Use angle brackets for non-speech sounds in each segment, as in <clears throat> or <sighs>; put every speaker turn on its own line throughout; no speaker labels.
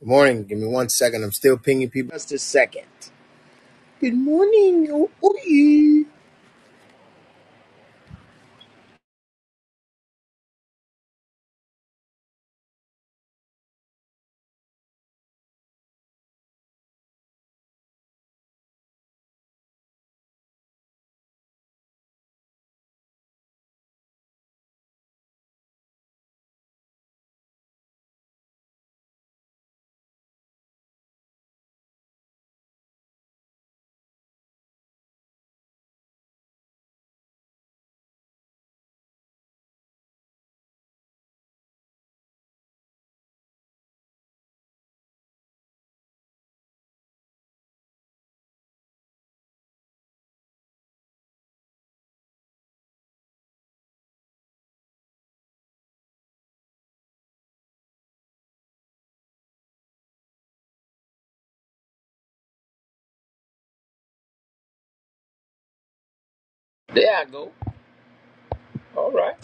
Good morning. Give me one second. I'm still pinging people. Just a second. Good morning. Oh, oh, yeah.
There I go. All right.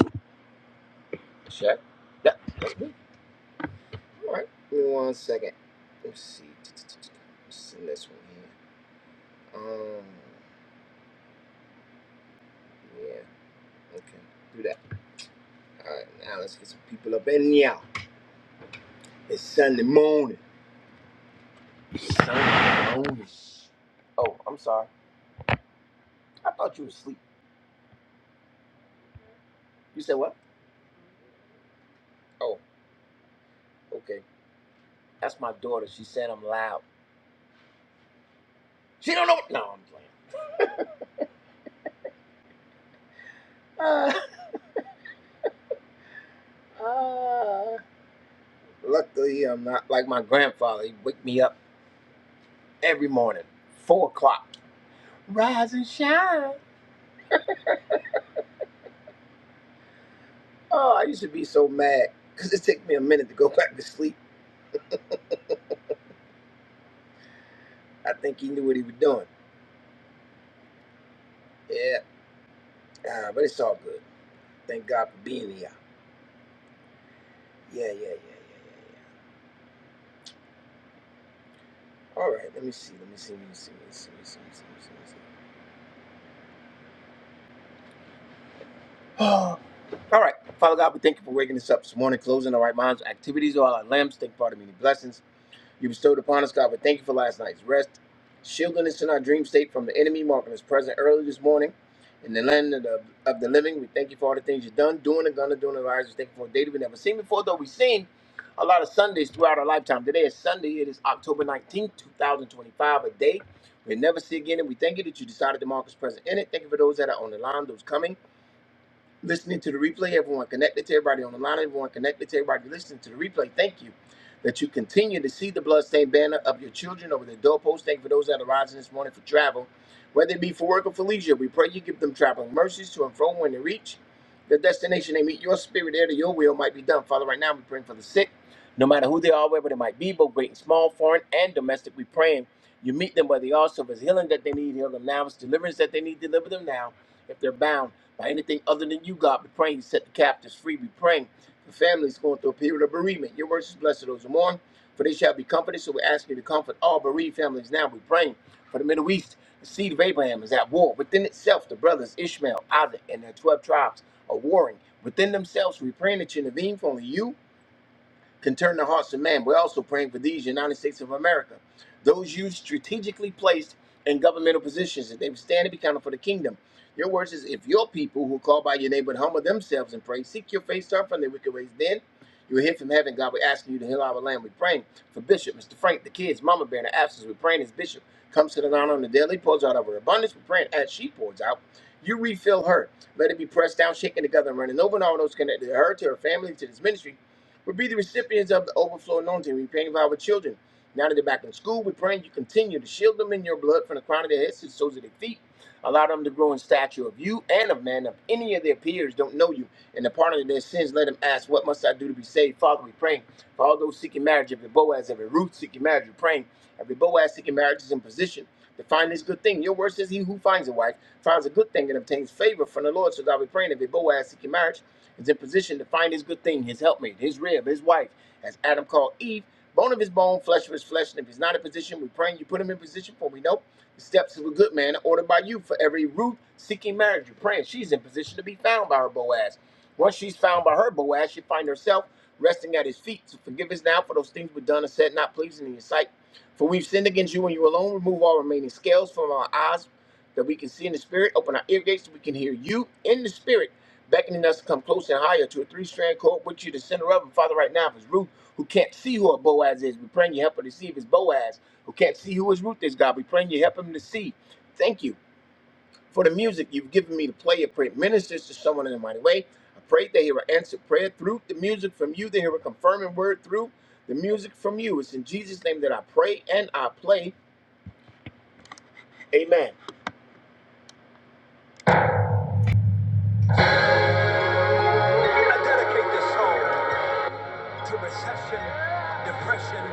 Check. That, that's me. All right. Give me one second. Let's see. Let's send this one here. Um, yeah. Okay. Do that. All right. Now let's get some people up in here. It's Sunday morning. It's Sunday morning. Oh, I'm sorry. I thought you were asleep. You said what? Oh, okay. That's my daughter. She said I'm loud. She don't know what. No, I'm playing. <laughs> Uh, uh. Luckily, I'm not like my grandfather. He'd wake me up. every morning, four o'clock. Rise and shine. Oh, I used to be so mad because it took me a minute to go <laughs> back to sleep. I think he knew what he was doing. Yeah, uh, but it's all good. Thank God for being here. Yeah, yeah, yeah, yeah, yeah, yeah. All right, let me see, let me see, let me see, let me see, let me see, let me see. Let me see. Let me see. <gasps> <sighs> all right, Father God, we thank you for waking us up this morning, closing our right minds, activities, all our limbs. Thank you for all the many blessings. You bestowed upon us, God. We thank you for last night's rest, shielding us in our dream state from the enemy, marking us present early this morning in the land of the, of the living. We thank you for all the things you've done, doing, and gonna do in our lives. We thank you for a day that we never seen before, though we've seen a lot of Sundays throughout our lifetime. Today is Sunday. It is October 19th, 2025, a day we will never see again. And we thank you that you decided to mark us present in it. Thank you for those that are on the line, those coming listening to the replay, everyone connected to everybody on the line, everyone connected to everybody listening to the replay. Thank you that you continue to see the bloodstained banner of your children over the doorpost. Thank you for those that are rising this morning for travel, whether it be for work or for leisure. We pray you give them traveling mercies to and from when they reach the destination. They meet your spirit there, that your will might be done. Father, right now we praying for the sick, no matter who they are, wherever they might be, both great and small, foreign and domestic. We praying you meet them where they are. So if it's healing that they need, heal them now. If it's deliverance that they need, deliver them now. If they're bound by anything other than you, God, we are praying you set the captives free. We are praying for families going through a period of bereavement. Your words is blessed are those who mourn, for they shall be comforted. So we ask you to comfort all bereaved families now. We are praying for the Middle East. The seed of Abraham is at war within itself. The brothers Ishmael, Isaac, and their twelve tribes are warring within themselves. We are praying that you intervene for only you can turn the hearts of man. We're also praying for these United States of America, those you strategically placed in governmental positions, that they would stand and be counted for the kingdom. Your word is if your people who call by your name would humble themselves and pray, seek your face, turn from their wicked ways, then you will hear from heaven. God, we're asking you to heal our land. We're praying for Bishop, Mr. Frank, the kids, Mama Bear, in the absence. We're praying as Bishop comes to the ground on the daily, pours out of her abundance. We're praying as she pours out. You refill her. Let it be pressed down, shaken together, and running over, and all those connected to her, to her family, to this ministry would be the recipients of the overflow anointing. We praying for our children. Now that they're back in school, we praying you continue to shield them in your blood from the crown of their heads to the soles of their feet. Allow them to grow in stature of you and of man. If any of their peers don't know you and the pardon of their sins, let them ask, What must I do to be saved? Father, we praying for all those seeking marriage, every Boaz, every Ruth seeking marriage, we praying. Every Boaz seeking marriage is in position. To find this good thing. Your word says he who finds a wife finds a good thing and obtains favor from the Lord. So God be praying that Boaz seeking marriage is in position to find his good thing, his helpmate, his rib, his wife, as Adam called Eve, bone of his bone, flesh of his flesh. And if he's not in position, we praying you put him in position for we know the steps of a good man are ordered by you for every root seeking marriage. You're praying she's in position to be found by her Boaz. Once she's found by her Boaz, she find herself resting at his feet. So forgive us now for those things we've done and said not pleasing in your sight for we've sinned against you and you alone. Remove all remaining scales from our eyes that we can see in the spirit. Open our ear gates so we can hear you in the spirit, beckoning us to come close and higher to a three strand cord, which you the center of. And Father, right now, if it's Ruth who can't see who her Boaz is, we praying you help her to see if it's Boaz who can't see who his Ruth is, God. We praying you help him to see. Thank you for the music you've given me to play. I pray it ministers to someone in a mighty way. I pray they hear an answered prayer through the music from you. They hear a confirming word through the music from you. It's in Jesus' name that I pray and I play. Amen. I dedicate this song to recession, depression,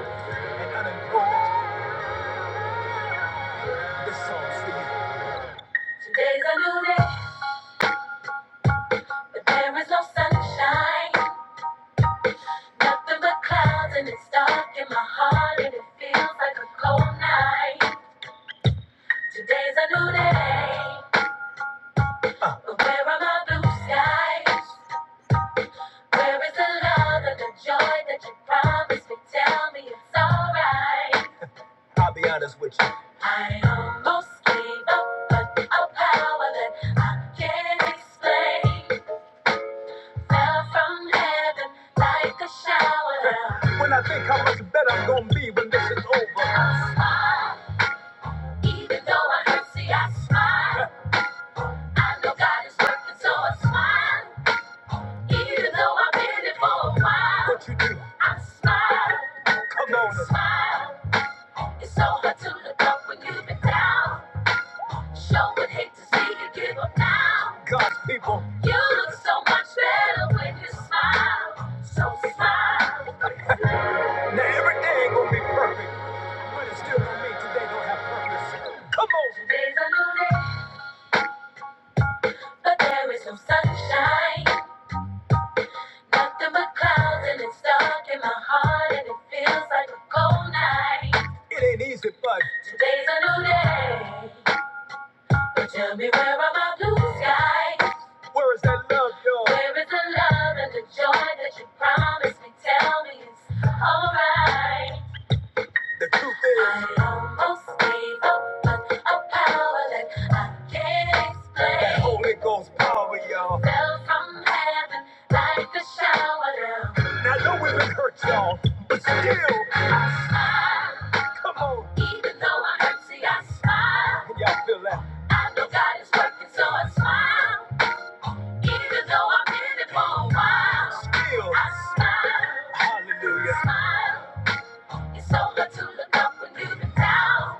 and unemployment. This song's for you. Today's a new day, but there is no sunshine. Nothing but clouds, and it's dark in my heart, and it feels like a cold night. Today's a new day. Uh. But where are my blue skies? Where is the love and the joy that you promised me? Tell me it's alright. I'll be honest with you. I almost gave up, but a power that I can't explain fell from heaven like a shower. When I think how much better I'm gonna be when this is over, I smile. Even though I hurt, see, I smile. I know God is working, so I smile. Even though I've been it for a while, what you do? I smile. Come on. Smile. It's so hard to look up when you've been down. Sure would hate to see you give up now. God's people. You look so much better when you smile. So smile. Now every day ain't gonna be perfect, but it still don't mean today don't have purpose. Come on. Today's a new day, but there is no sunshine. Nothing but clouds and it's dark in my heart and it feels like a cold night. It ain't easy, but today's a new day. But tell me where are my blue skies? Where is that love, y'all? Where is the love and the joy that you promised me? Tell me it's alright. The truth is, I almost gave up, but a power that I can't explain. That Holy Ghost power, y'all. Fell from heaven like a shower down. Now, I know it would hurt y'all, but still, I smile. Come on. Even though I'm empty, I smile. Can y'all feel that? I know God is working, so I smile. Even though I've been in it for a while. Still, I smile. Hallelujah. Smile. It's over to look up when you've been down.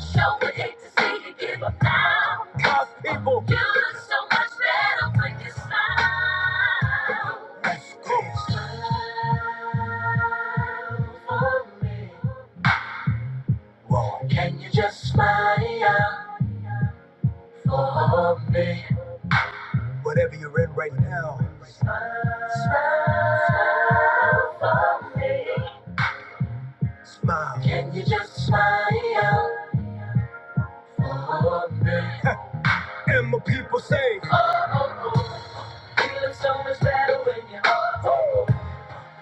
Show would hate to see you give up now. Cause people, you look so much better when you smile. Let's go. Smile for me. Well, can you just smile for me? Whatever you're in right now. Smile, smile for me. Smile. Can you just smile? <laughs> And my people say, Oh oh oh, Feeling so much better when you Oh oh, oh.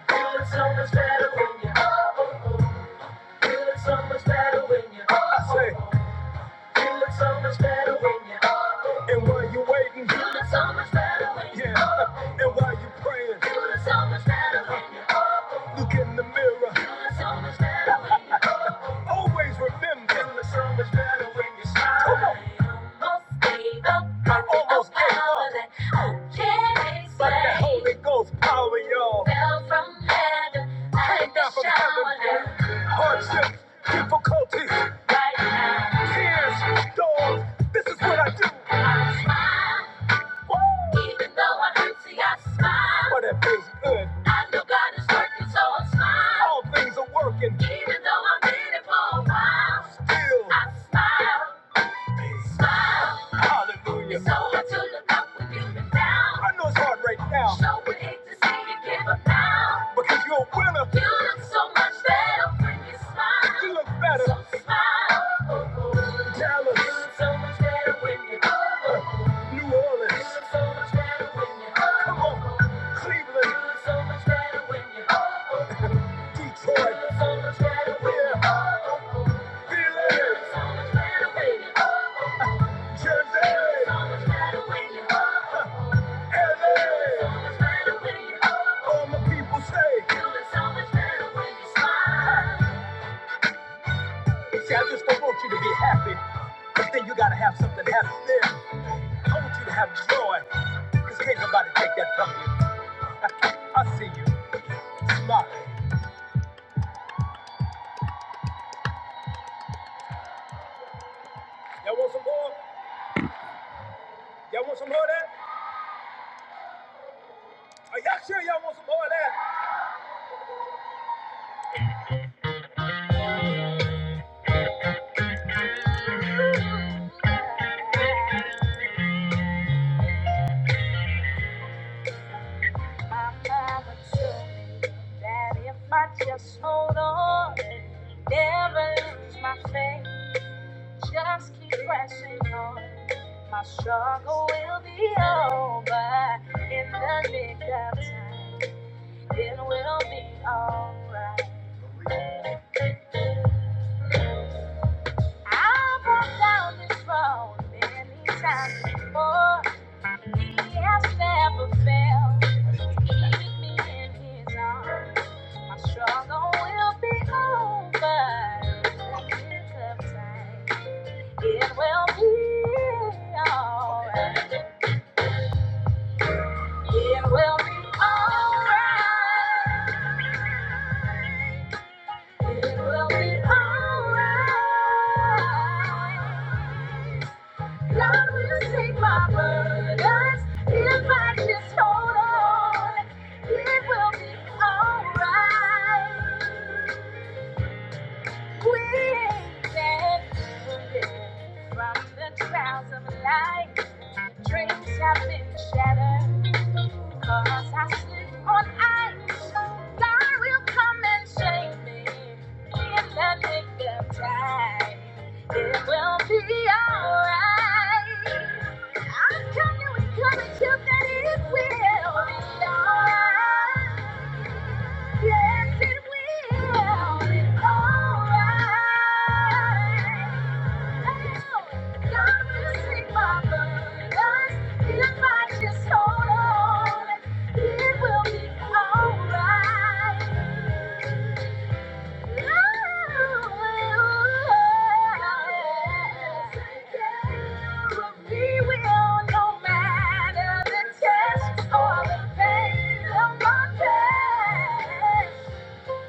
Feeling so much better when you Oh oh, oh. Feeling so much better when you Oh oh, oh. I say, you look so much better when you're up. And while you're waiting, you look so much better when you're yeah. up. And while you're praying, you look so much better when you're up. Look in the mirror, you look so much better when you're up. <laughs> Always remember, you look so much better when you're smiling. Almost gave up on the Almost gave power up. that I can't explain. But the Holy Ghost power, y'all. Fell from heaven, like Came down a from heaven. shower. Hardships, difficulties even though I'm empty, I smile. But it feels good. I know God is working, so I smile. All things are working, even though I'm in it for a while. Still, I smile. Smile. Hallelujah. So hard to look up when you look down. I know it's hard right now. Show would hate to see you give up now. Because you're a winner. You look so much better when you smile. You look better. So smile. Tell us. So New Orleans. so Come on. Cleveland. so Detroit. Feeling so Philly. Feeling so much so LA. so All my people say. Feeling so much better when you smile. See, I just don't want you to be happy. But then you gotta have something happen there. I want you to have joy, because can't nobody take that from you. <laughs> I see you. Smile. Y'all want some more? Y'all want some more of that? Are y'all sure y'all want some more of that? My father told me that if I just hold on, never lose my faith, just keep pressing on. My struggle will be over in the nick of time. It will be alright. I've walked down this road many times before. He has never failed. Keeping me in his arms. My struggle will be over in the nick of time. It will be alright. It will be alright. It will be alright. God will take my burdens if I just hold on. It will be alright. From the trials of life, the dreams have been shattered. Cause I slip on ice. Thy will come and shake me in the nick of time. It will be alright. I'm coming, we coming to that it will be alright. Yes, it will. It's alright. God will take my burdens if I just hold on. It will be alright.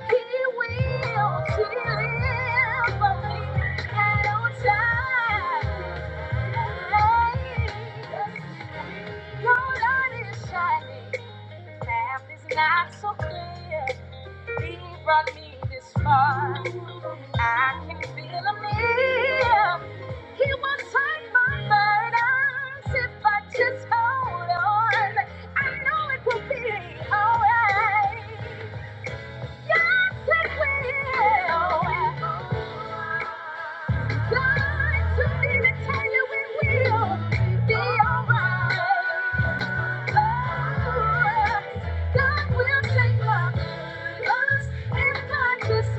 He will deliver at all times. Your light is shining. Path is not so clear. He brought me this far. I can feel him near. He will take my burdens if I just hold on. I know it will be alright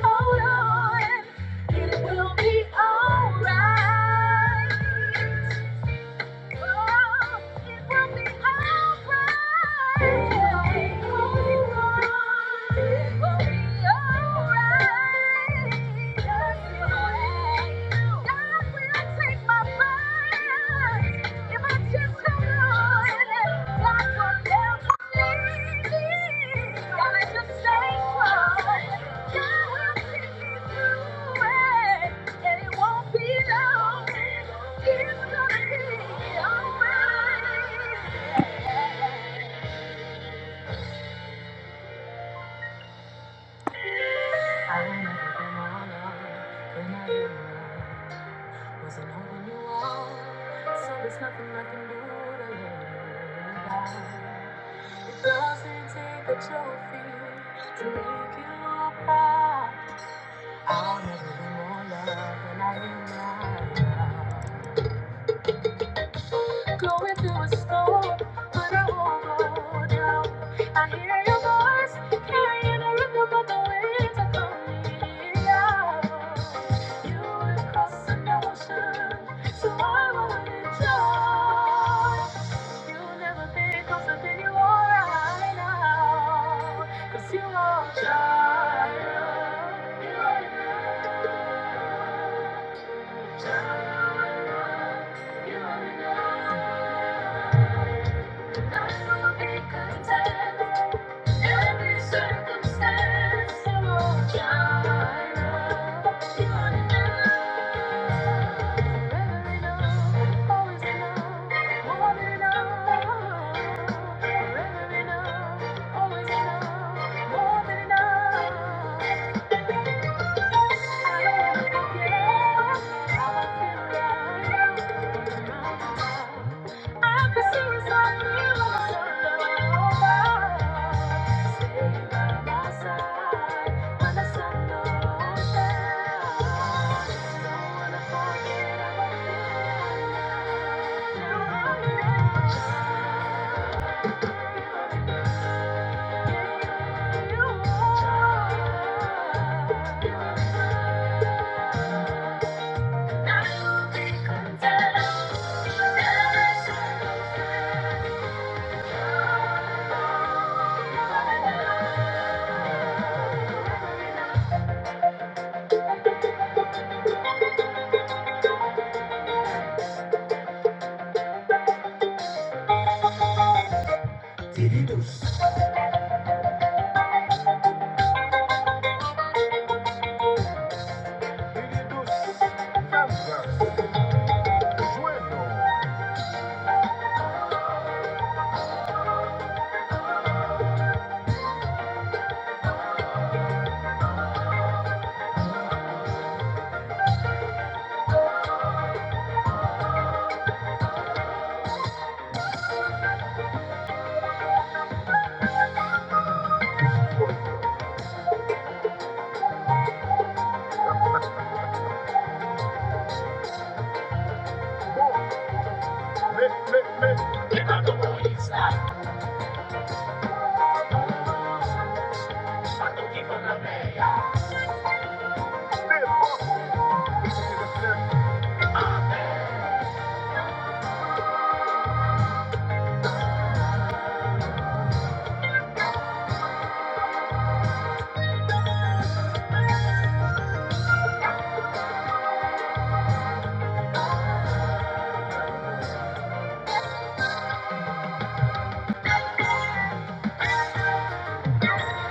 hold on, It will be alright. Gotta just stay close. God will see me through it. And it won't be long. It's gonna be alright. So there's nothing I can do to let you die. It doesn't take a trophy to make you proud. I'll never be more loved. Going through a storm, but I won't go down. I hear your voice, carrying a rhythm, but the winds are coming down. You would cross an ocean, so I wouldn't drown. You'll never be closer than you are right now, 'cause you are a child. You are enough. Thank you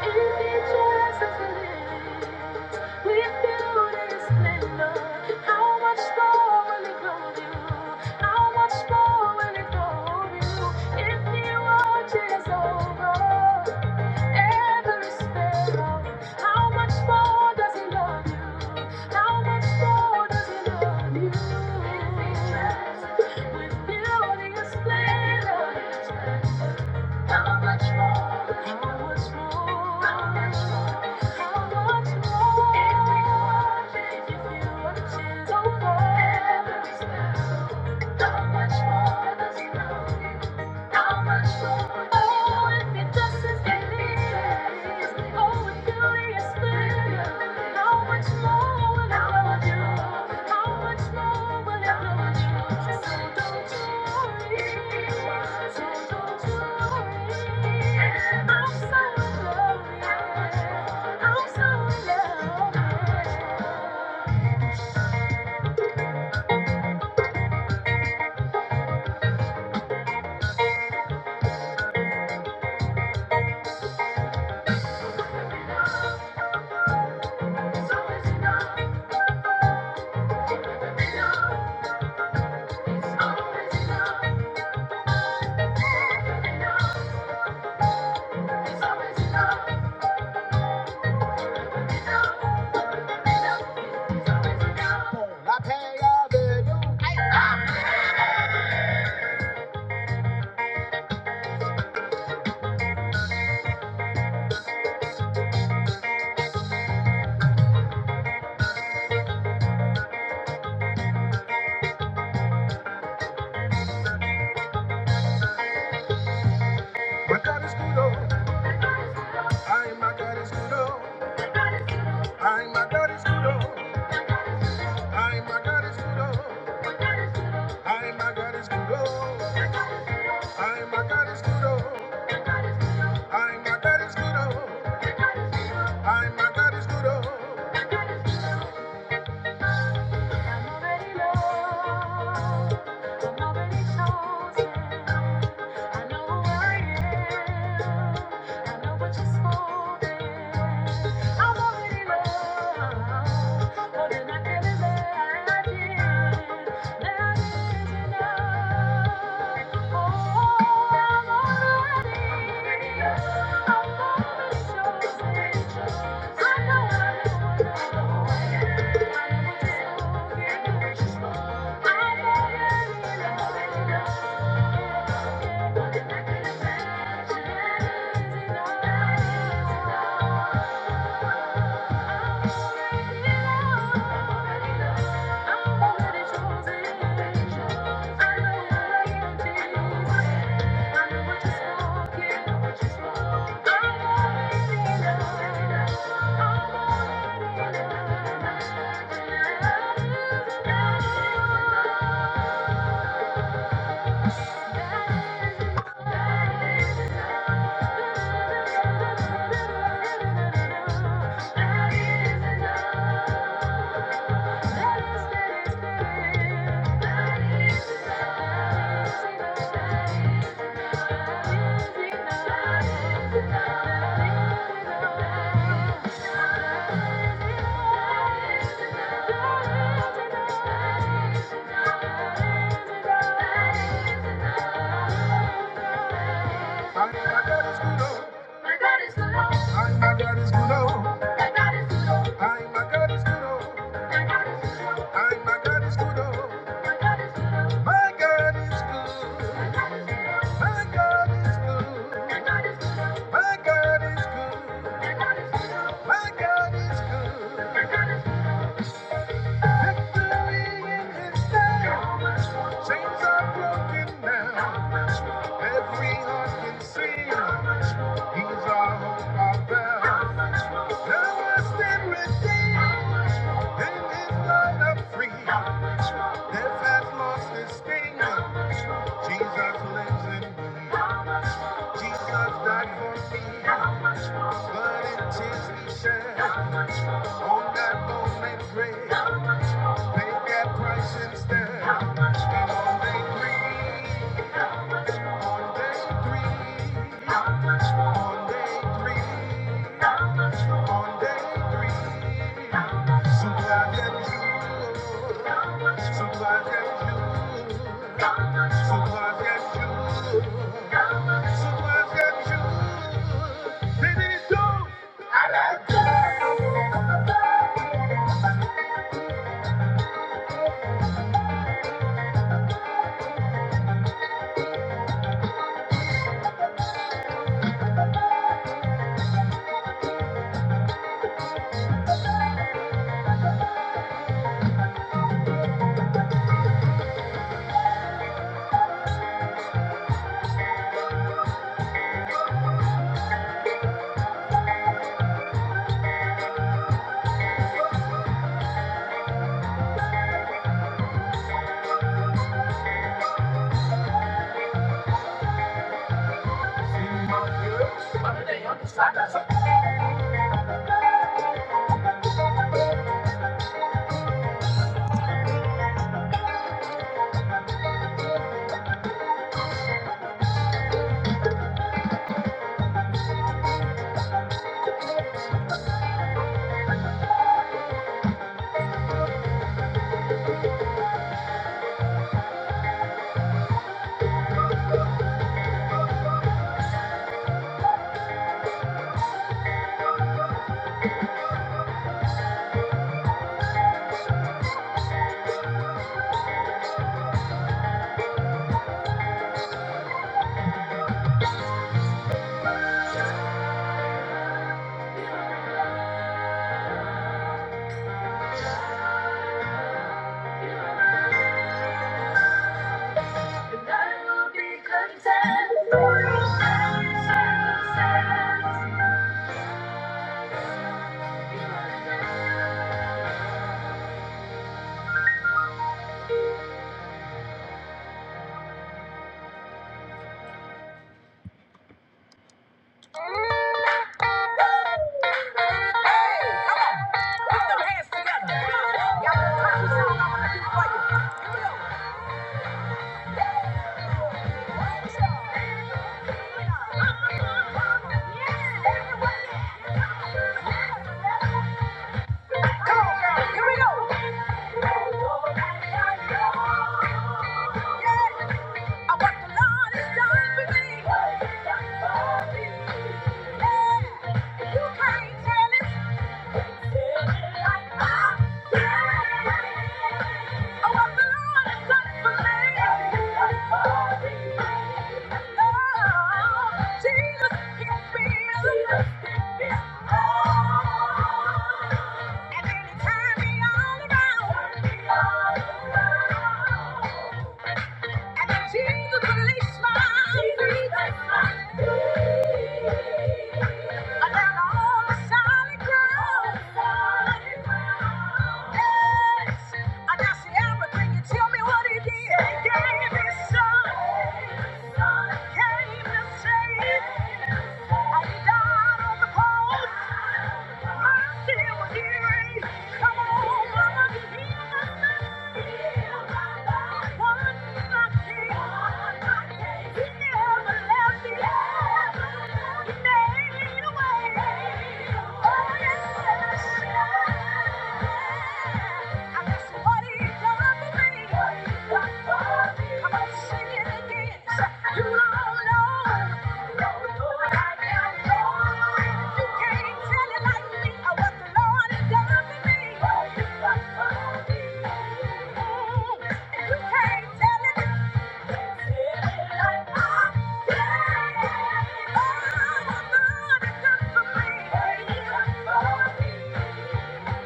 if you just as believe. With beauty and splendor, how much more will He clothe you? How much more will He clothe you? If He watches over every sparrow, how much more does He love you? How much more does He love you? with beauty and splendor. How much more? How much more? How much more? How much more? If you oh, every step. How much more does he love you? How much more? Oh, if it doesn't get oh, if you explain, how much more will I love How much more will I love So don't worry, so don't worry. I'm so in love, yeah. I'm so in love, yeah. It's always enough, it's always enough, it's always enough. It's always La pega de yo. Ay, my God is good. oh. my God is oh. I'm already loved. I'm already chosen. I know who I am. I know what you're I'm already loved. More than I can imagine. That is enough. Oh, I'm already, I'm already chosen. Thank you. Thank you. Thank love. And my God is good, oh. My God is good, oh. And my God is good, oh. My God is good, oh. And my God is good, oh. My God is good, oh. And my God is good, oh. My God is good. My God is good. My God is good. My God is good. Victory in His name. Chains are broken now. Every heart can sing. He's our hope, our bell. Thou hast been redeemed. In his blood i free. Death has lost its sting. Jesus lives in me. Jesus died for me. Blood and tears he shed. On that moment grave. Paid that price instead. How much more? And all they grieve. On day three, on day three, on day three, somebody and you, somebody and you, somebody and you, somebody and you. Baby, it's on. I like And I will be content. Hey, come on! Put them hands up! Y'all want to sing? Come on, girls! Here we go! Yeah, I know the Lord is done for me. Yeah, you can't tell it. Jesus, release my Jesus, release my Come on, mama, heal my mind. One you don't know.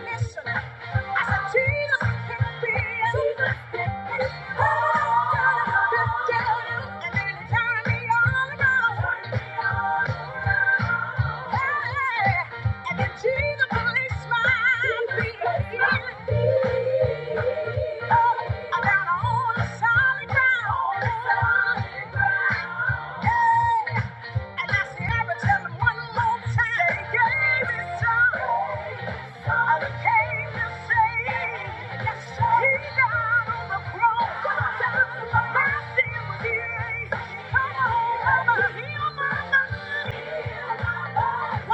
Listen down on the Solid ground. Hey, and I said, I would one more time. I came to Yes, He died on the cross. My sin was erased. Come on, come on, heal my mind.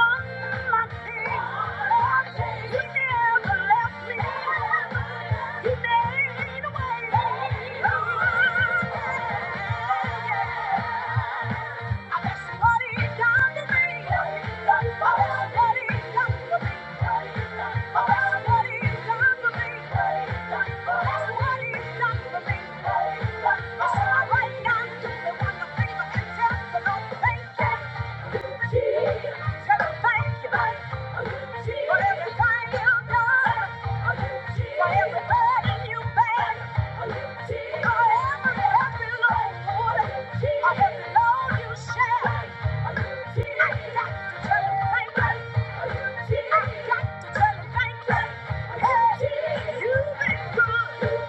One like thee. He never left me. Thank you. Thank you. you, you've been.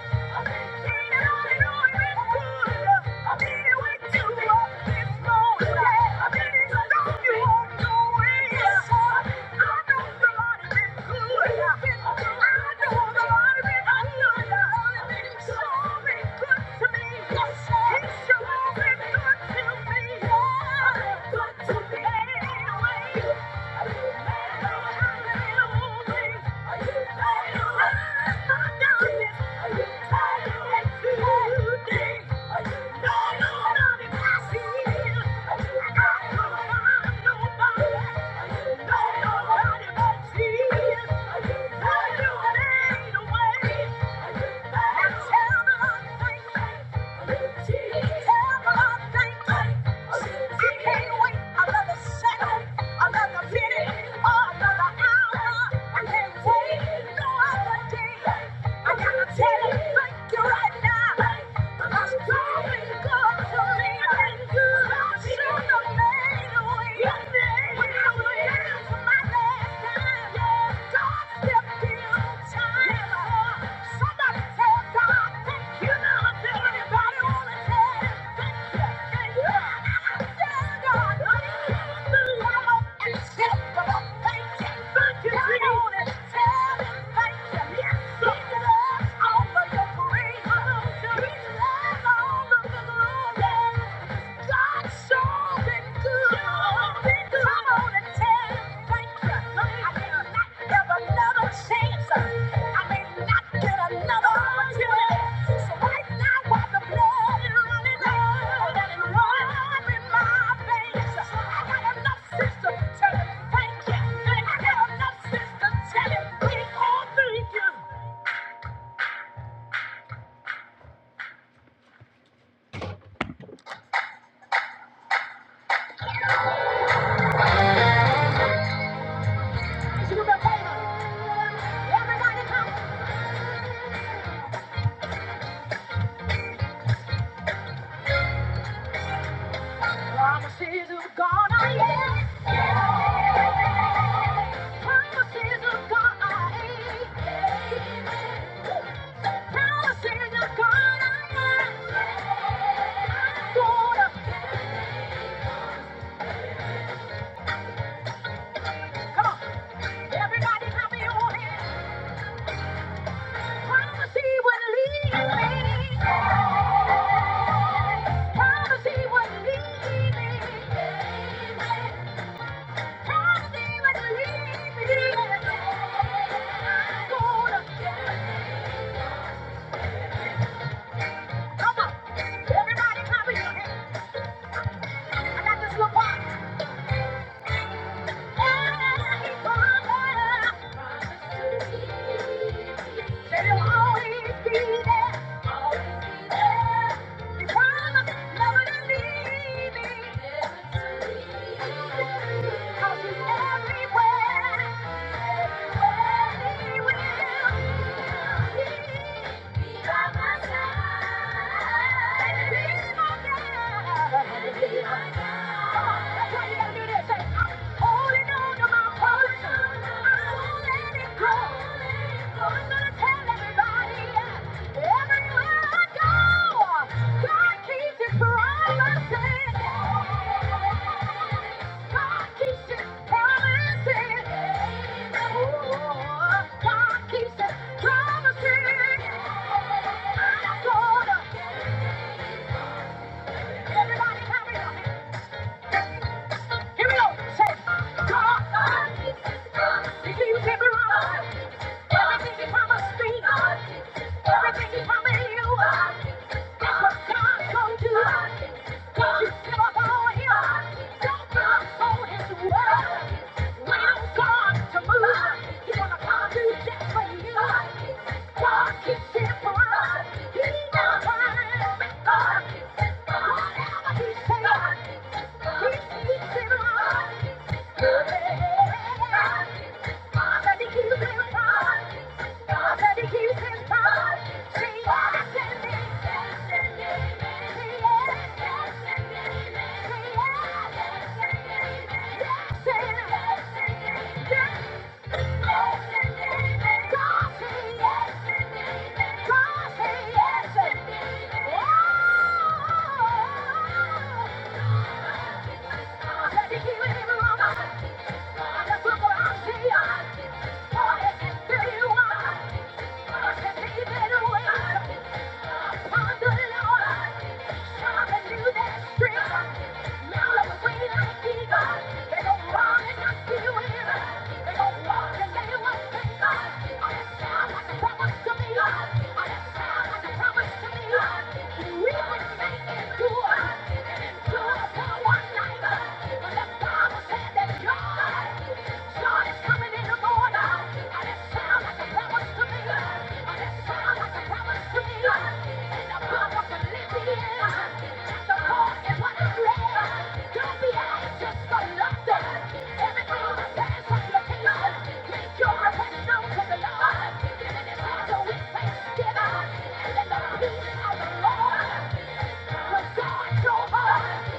good. Good to me. Thank you. I love the second another minute, or another hour. I can't wait no other day. I gotta tell you, thank you right now. Thank you. Thank you, Thank you. Thank you. Thank you. Thank you. I got enough sisters telling me, oh, thank you. Promises of God I am. Promises of God I am. Promises of God I am. I'm gonna. Come on. Everybody clap your hands. Promise he will lead me. Promise he will lead me. Cause he's everywhere, everywhere he will. Tell everybody, everywhere. Everybody, hurry up. Here we go. Say, God, everything you came around, everything you promised me, everything you promised you, that's what God's gonna do. Don't you give up on Him. Don't give up on His word. Wait on God to move. He's gonna come do just for you. God keeps His promise. He never turns back. Whatever He says. Yes. Promise to me, we will make it good. Thanksgiving and let the peace of the Lord. when God Lord, yeah.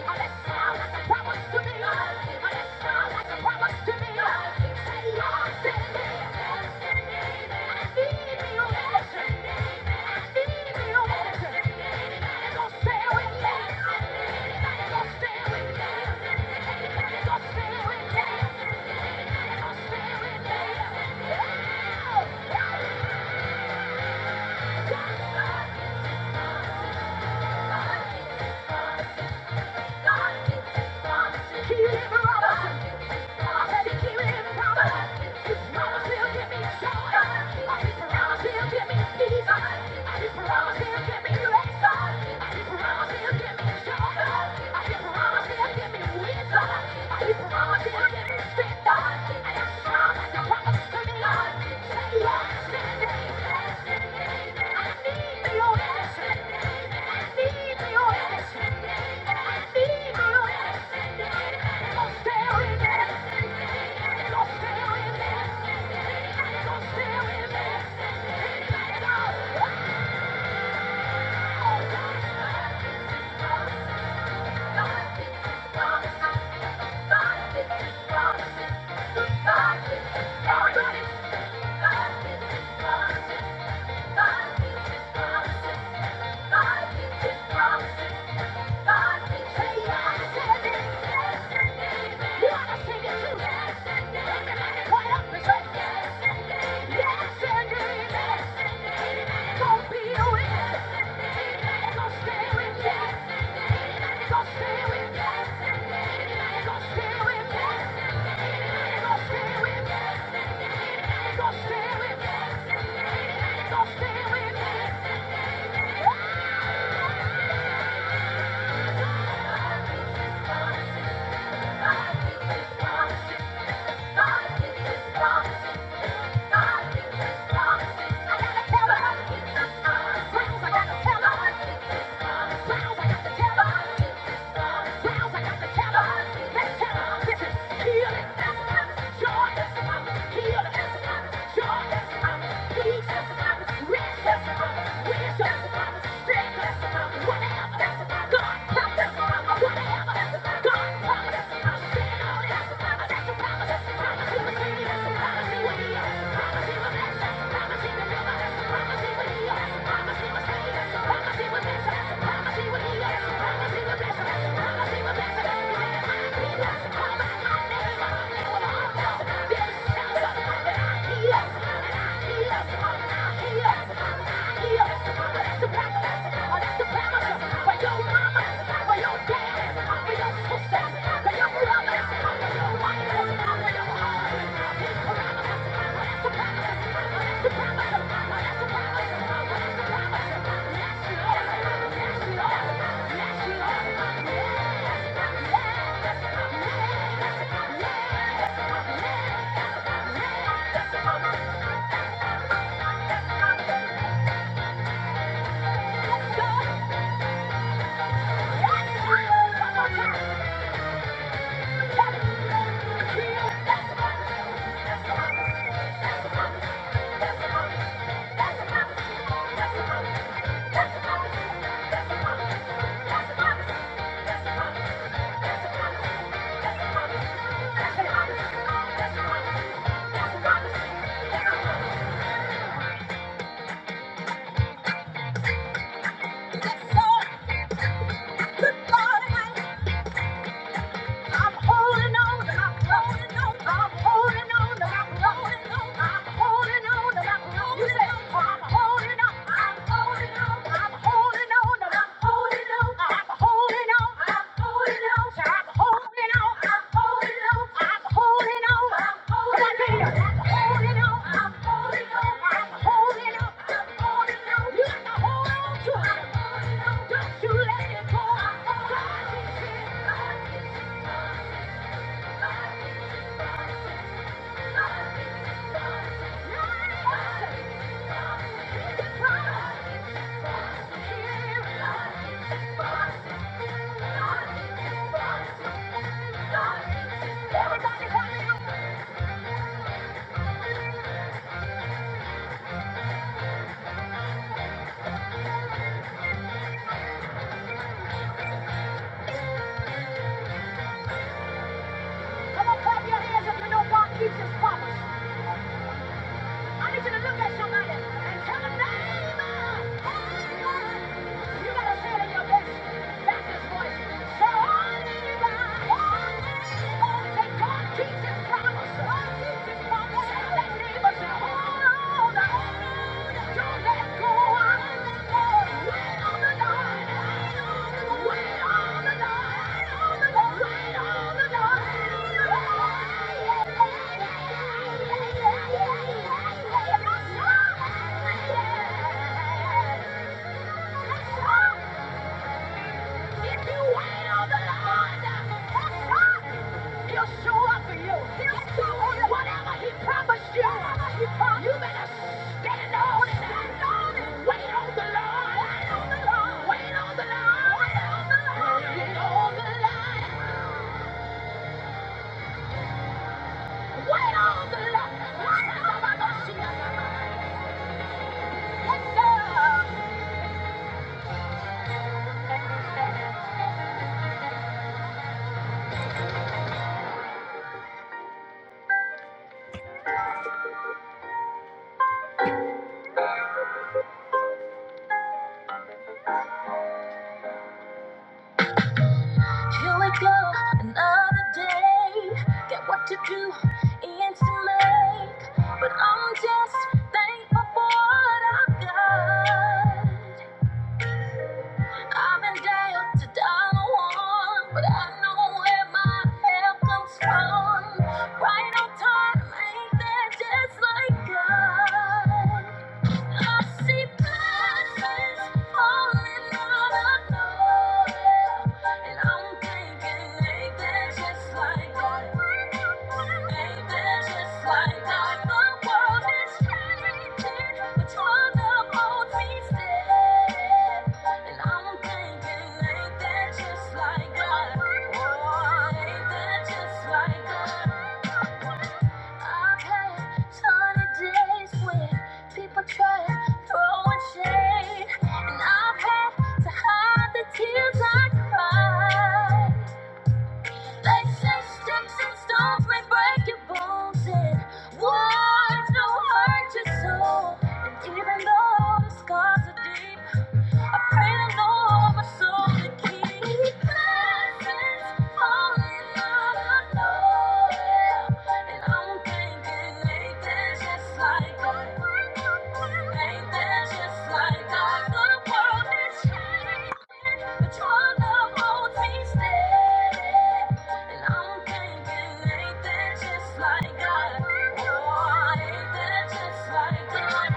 Yes, yes, yes. Thank you. Promises. promises, promises, promises. Yes! Rest as a promise, rest as a promise, strength. Yes. Yeah. That's a promise. Good God, I'm holding on and I'm holding on. I'm holding on and I'm holding on. I'm holding on and I'm holding You say, on. I'm holding on. I'm holding on. I'm holding on and I'm holding on. I'm holding on. I'm holding on. I'm holding on. I'm holding on. I'm holding on. I'm holding on. Come on, Peter. I'm holding on. I'm holding on. I'm holding on. I'm holding on. You got to hold on to it. I'm holding on. Don't you let it go. I'm holding on. God is here. Everybody clap your hands if you know God keeps his promise. I need you to look at somebody and tell them, neighbor, neighbor. You gotta say in your best, Baptist voice. Say, oh, neighbor, oh, neighbor. That God keeps his promise. God keeps his promise. Say, that neighbor, say, hold on. hold on let Yeah. If you wait on the Lord, He'll show up for you. He'll show whatever He promised you. You better stand on it. Stand on it. Wait on the Lord. Wait on the Lord. Wait on the Lord. Wait on the Lord. Wait on the Lord. Wait on the Lord. Wait on the Lord. Here we go, another day. Got what to do ends to make. But I'm just thankful for what I've got. I've been down to dollar one, but I know where my help comes from. Right on time, ain't that just like God? I see blessings falling out of nowhere, and I'm thinking, ain't that just like God? Ain't that just like God? The world is changing, but you're the old me still, and I'm thinking, ain't that just like God? Oh, ain't that just like God? I've had sunny days when people try to throw in shade, and I've had to hide the tears I cried. They say sticks and stones may break your bones, and words don't hurt your soul. And even though the scars are deep. I pray the Lord would soon keep his blessings And I'm thinking, ain't that just like God? Ain't that just like God? The world is changing, but your love won't steady. And I'm thinking, ain't that just like God? Oh, ain't that just like God?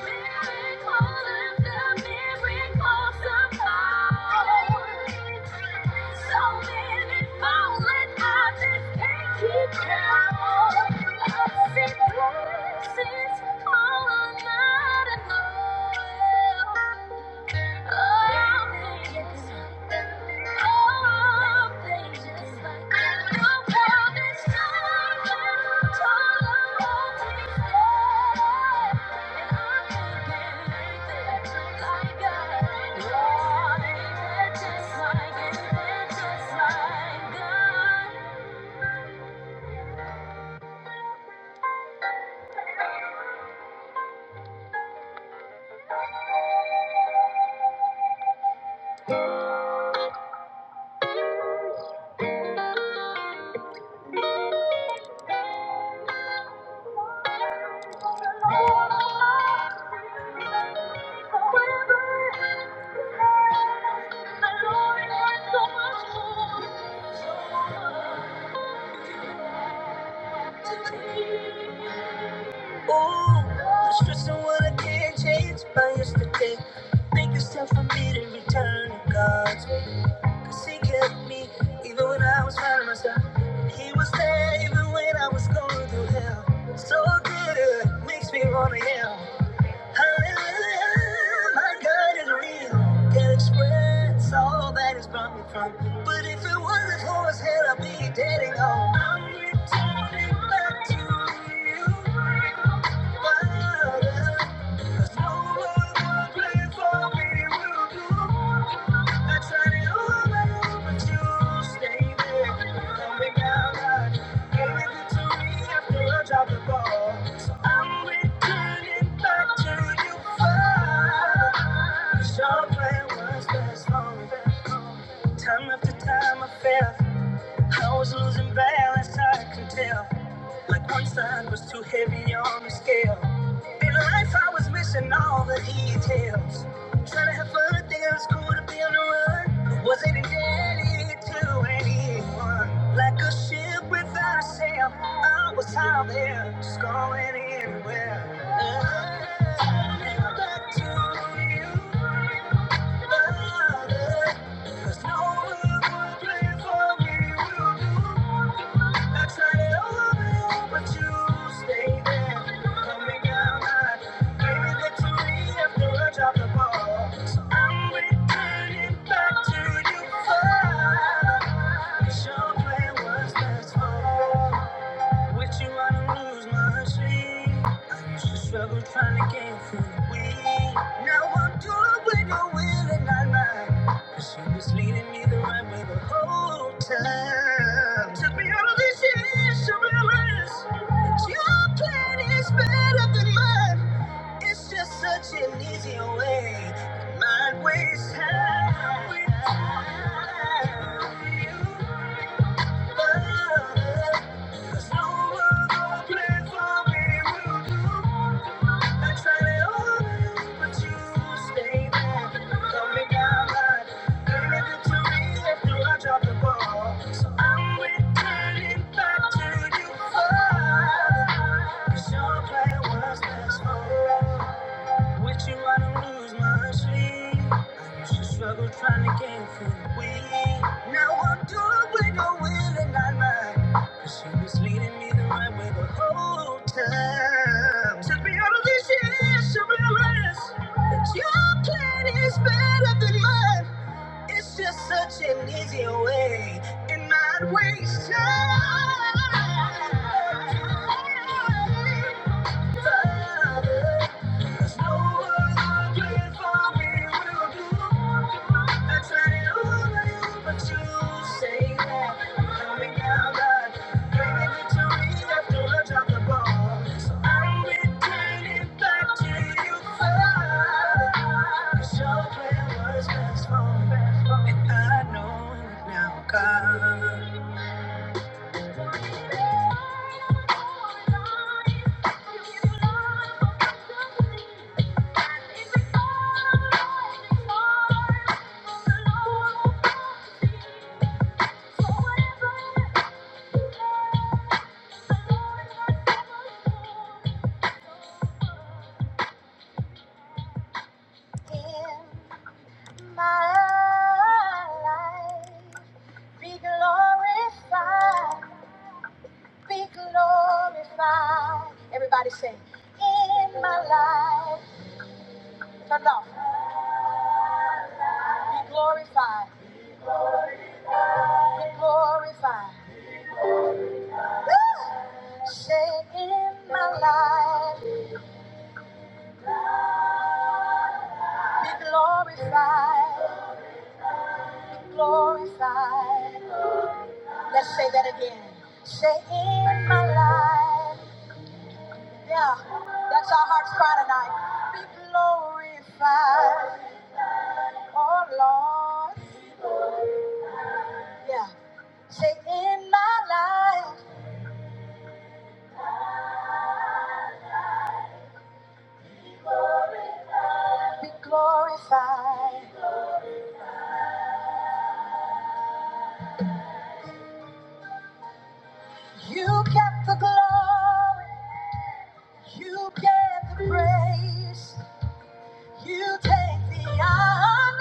Thank you. Ooh, the stress and what I can't change by yesterday. Make it's time for me to return to God's way. Cause He kept me even when I was finding myself. And He was there even when I was going through hell. So good, it makes me wanna yell. Hey, hey, hey, My God is real. Can't express all that He's brought me from. But if it wasn't for His hand, I'd be dead and gone. I'm returning back to you. Time after time I fell, I was losing balance, I can tell. My concern was too heavy on the scale. In life, I was missing all the details. Trying to have fun, thinking it was cool to be on the run. Wasn't indebted to anyone. Like a ship without a sail, I was out there, just going anywhere. I look back to you, but There's no other place for me will I turn it over, but you stay there. Coming down high, baby, look after I drop the ball. So I'm returning back to you. for it's your plan was last with you, I don't lose my sleep. I used to struggle trying to get through the week. Now I'm good when you're willing, I lie. Cause you was leading me the right way the whole time. Took me out of this years to realize that your plan is better than mine. It's just such an easier way. Mine ways time. with you. Your plan was best for us. With you, I don't lose my sleep. I used to struggle trying to get through the week. Now I'm doing with no will and not mine. Cause she was leading me the right way the whole time. Took me out of this years to realize that your plan is better than mine. It's just such an easier way and not waste time. God. In my life, be glorified, be glorified. Everybody say, in my life. Turn it off. Be glorified, be glorified. Woo! Say, in my life, be glorified, glorified. Let's say that again. Say in my life. Yeah, that's our heart's cry tonight. Be glorified, oh Lord. Yeah, say in my life. Be glorified. You get the glory. You get the praise. You take the honor.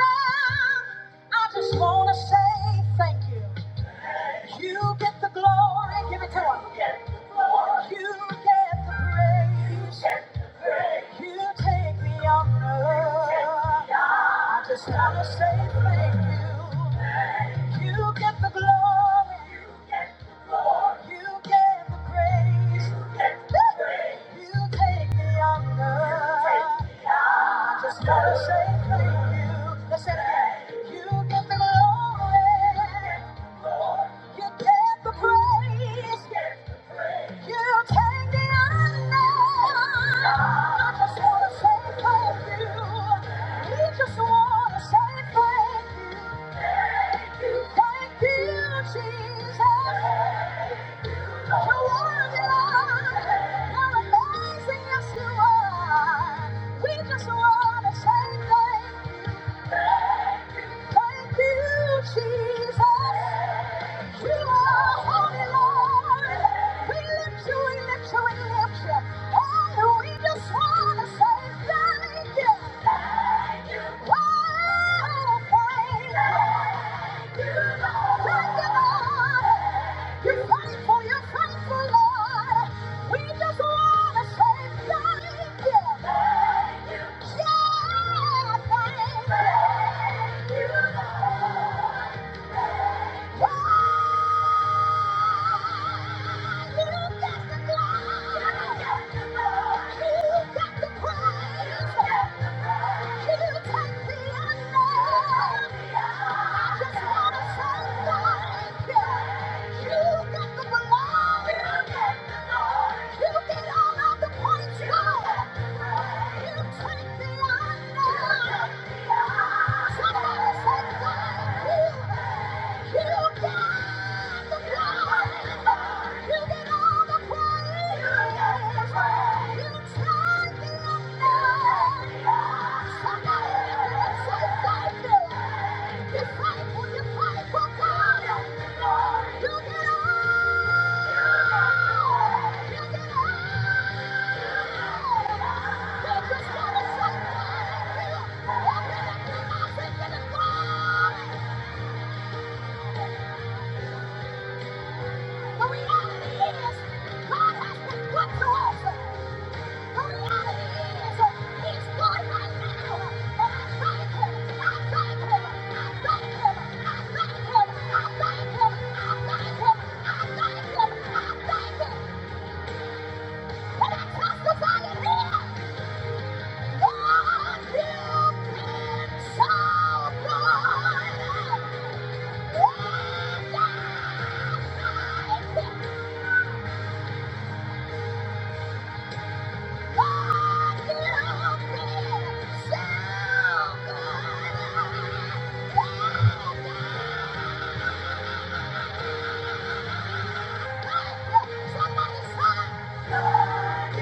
I just wanna say thank you. You get the glory, give it to him. You get the praise. You take the honor. I just wanna say thank you. You get the glory. You get the praise. You take the honor. I just wanna say thank you. Let's say that. You get the glory. You get the praise. You take the unknown. I just wanna say thank you. We just wanna say thank you. Thank you, Jesus. You're worthy, Lord. You're amazing, yes you are. We just wanna say thank you. Thank you, Jesus. You are holy, Lord. We lift you, we lift you, we lift you. And we just want to say thank you. Thank you. Wow, thank you. Thank you. Lord you You got to just wanna say thank Yeah. Thank you. You fight for your fight for God. You get all. I'm Thank you. good. Somebody sigh. Thank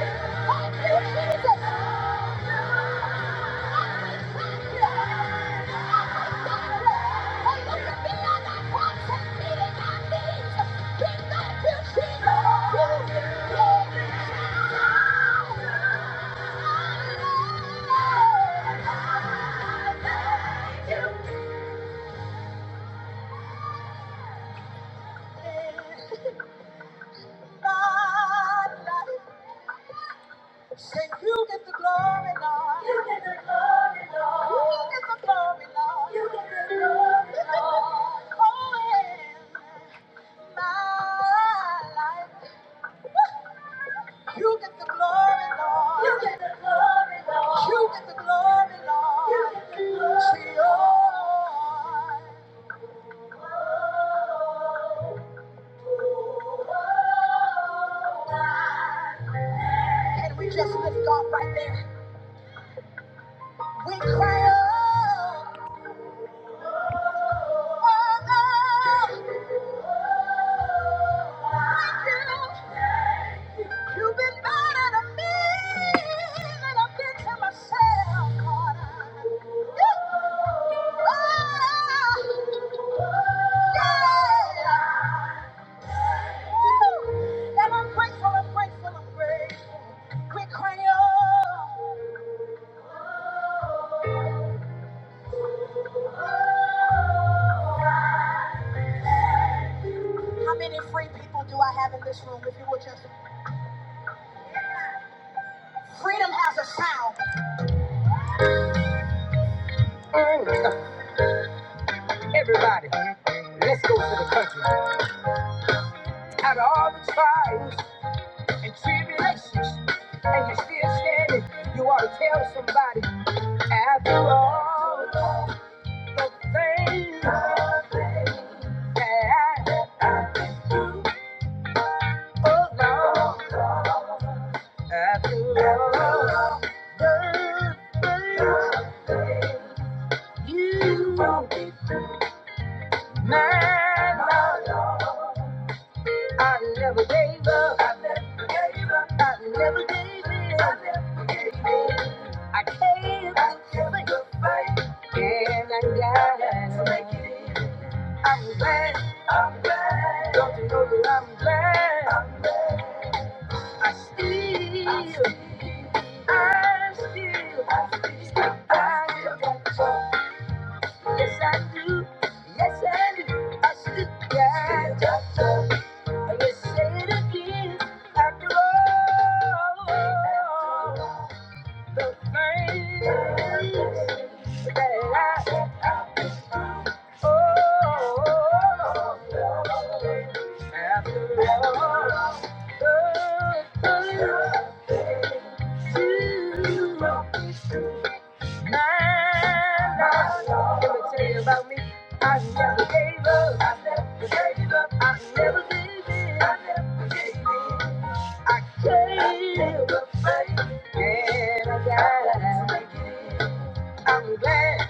you, Jesus. Say, you get the glory, Lord. You get the glory, Lord. You get the glory, Lord. You get the glory, Lord. <laughs> Oh, in my life. You get the glory, Lord. You get the, glory. you get the glory, Lord. You get the glory, See, oh. Can we just lift God right there? We cry out. How many free people have you all the things? I'm glad, I'm glad, don't you know that I'm glad? I still, I still, I still I got you. Yes, I do. Yes, I do. I still got you. I will say it again. After all, the things that I I'm glad,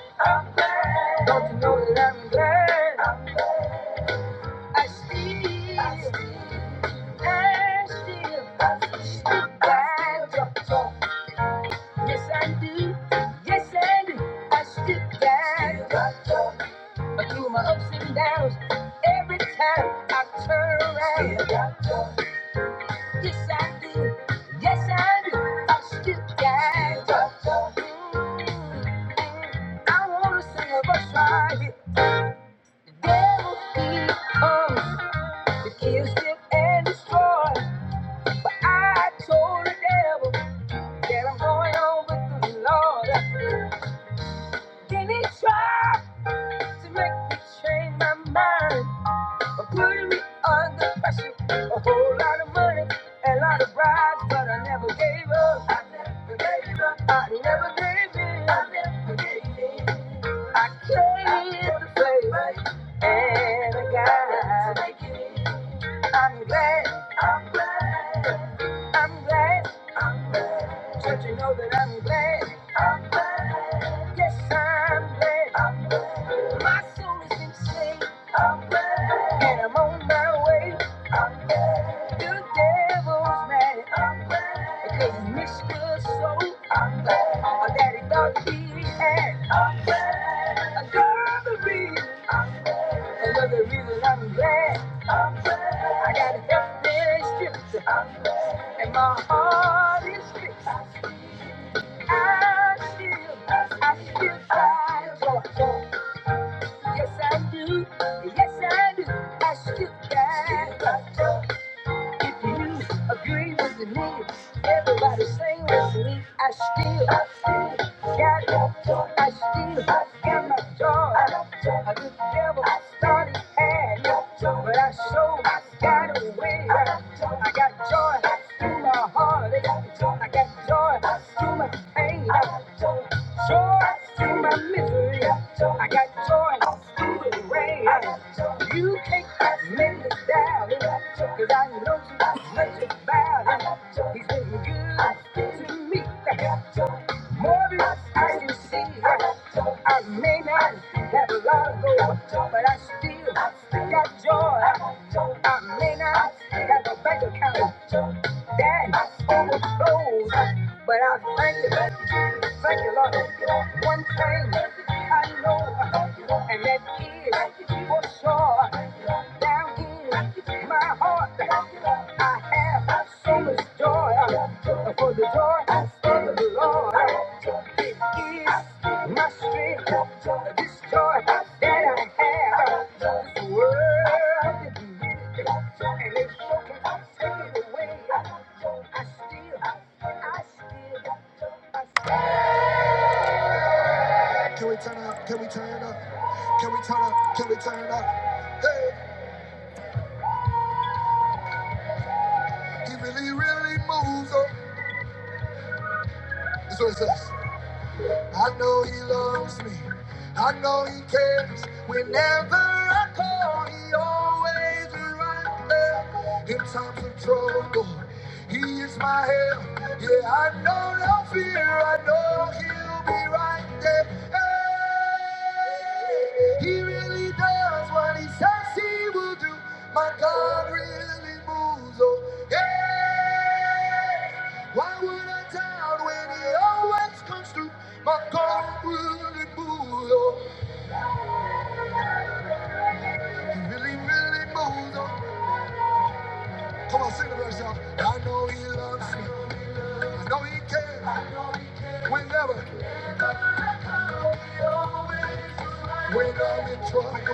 don't you know that I'm glad? I still, I still I stick by the door. Yes, I do. Yes, I do. I stick by the door. But through my ups and downs, every time I turn around. Yes, I do. Yes, I do. I stick by the door. Mm. I wanna sing a verse right here. The devil, he comes to kill, steal, and destroy. I told the devil that I'm going on with the Lord. Then he tried to make me change my mind by putting me under pressure. A whole lot of money, a lot of rides, but I never gave up. I never gave up. I never gave in. I never gave in. I came to play and I got. to make it. I'm glad, I'm glad, I'm glad, I'm glad. Don't you know that I'm glad? I'm glad. Yes, I'm glad. I'm glad. My soul is in saved. I'm glad. And I'm on my way. The devil's mad. I'm glad. Because he missed your soul. I'm glad. my daddy he thought he had. I'm glad. A girl to read. Another reason I'm glad. I'm glad. I got every scripture. I'm glad. And my heart is fixed. I still, I still got joy. Yes, I do. Yes, I do. I still got joy. If you agree with me, everybody sing with me. I still, I still got my joy. I still got my joy. I the devil started had no joy, but I so got away. I got joy in my heart. He's been good to me. Morning, I can see her. I may not have a lot of gold, but I still got joy. I may not have a bank account that overflows, but I thank you. Thank you, Lord. One thing I know, and that is for sure. Down in my heart, I have so much joy. For the joy I stand of the Lord it is my strength. This joy that I have is worth it. And if you can take it away, I still, I still, I still. Can we turn up? Can we turn up? Can we turn up? Can we turn up? Hey, he really, really moves on. That's what it says. I know he loves me. I know he cares. Whenever I call, he always is right there. In times of trouble, he is my help. Yeah, I know no fear. I know he'll be right there. Hey. He really does what he says he will do. My God really moves. Oh, yeah. Why would I doubt when he always comes through? My God really moves. Oh, he really, really moves. Oh, come on, sing it to yourself. I know he loves me. I know he cares. Whenever. When I'm in trouble, He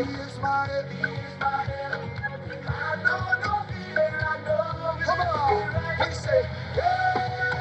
is my help. I know no fear, I know. Come on, he said. yeah.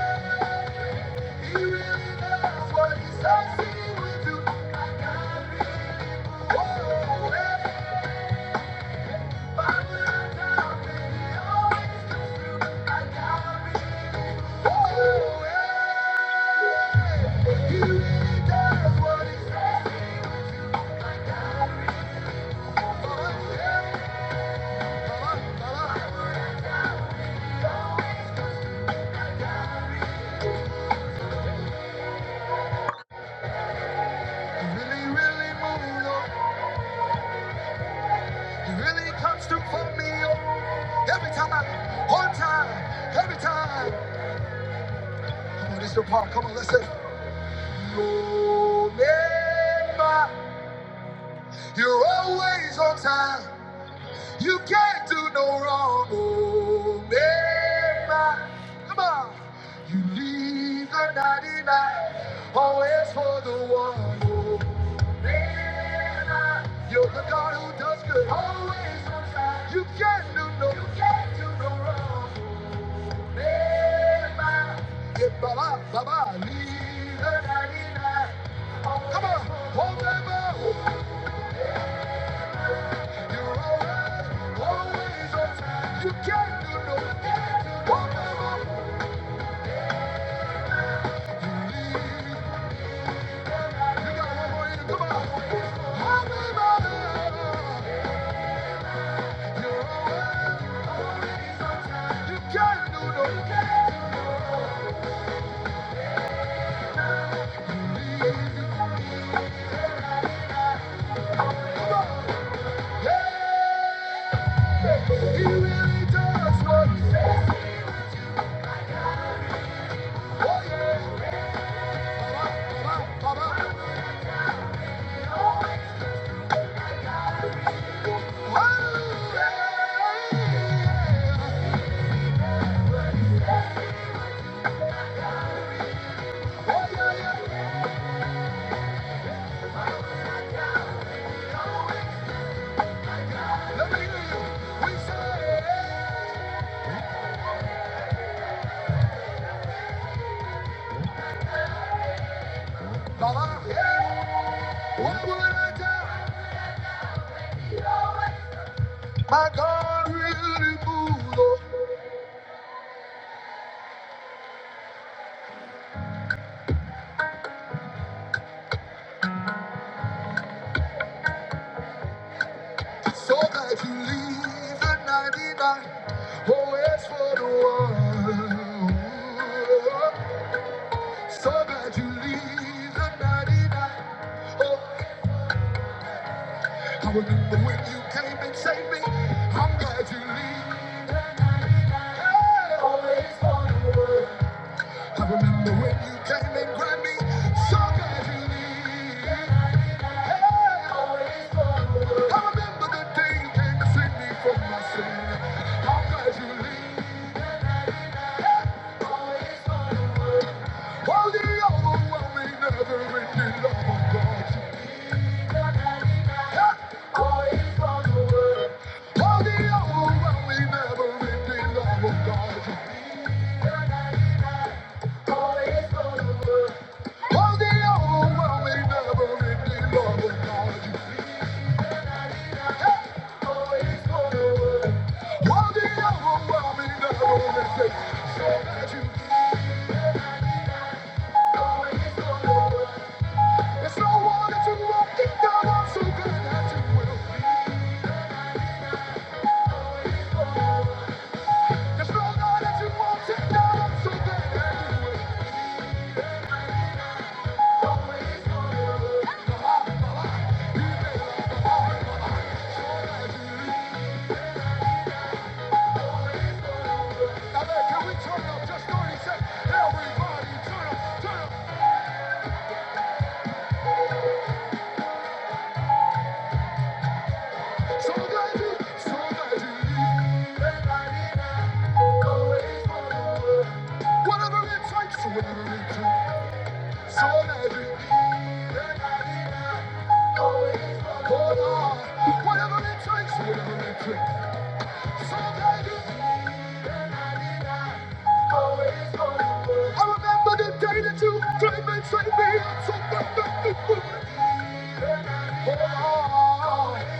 He really, really moves on. He really comes through for me oh. Every time, I, on time, every time. Come on, this is your part. Come on, let's say, Omega, you're always on time. You can't do no wrong, oh man. Come on. You leave the 99, always for the one, oh man. You're the God who does good, always on time. You can't do no, you can't do no wrong, oh man. Yeah, Baba, Baba, leave the 99. always Come on, hold them up. Baba, yeah. What would I do? My God will move. oh. So that you leave the 99 always for the one. So that you leave the 99. Oh, I remember when you came and saved me. I'm glad you leave it always for the one. I remember when you came and grabbed me. So glad you leave it always for the one. I remember the day you came to save me from my sin. I'm glad you leave. How the overwhelming, never-ending love of God. How the overwhelming, never-ending love of God. How the overwhelming, never-ending love of God. How the overwhelming, never-ending so that you. There's no one that you won't get down on so good that you will. There's no God that you won't take down on so good that you will. I remember the day that you came and saved me. I'm so thankful. Oh, oh.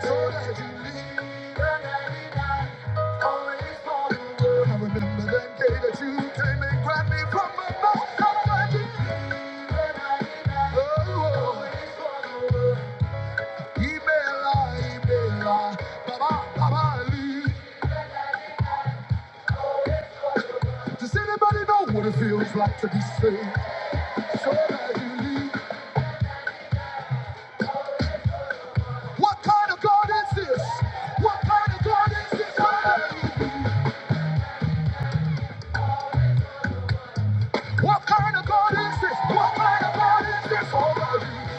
So that you leave the 99 always for the world. I remember that day that you came and grabbed me from the most Oh, always for the world. Email, I, Baba, Baba, leave. Does anybody know what it feels like to be saved? So that you leave. What kind of God is this? What kind of God is this? What kind of God is this? What kind of God is this? What kind All of you.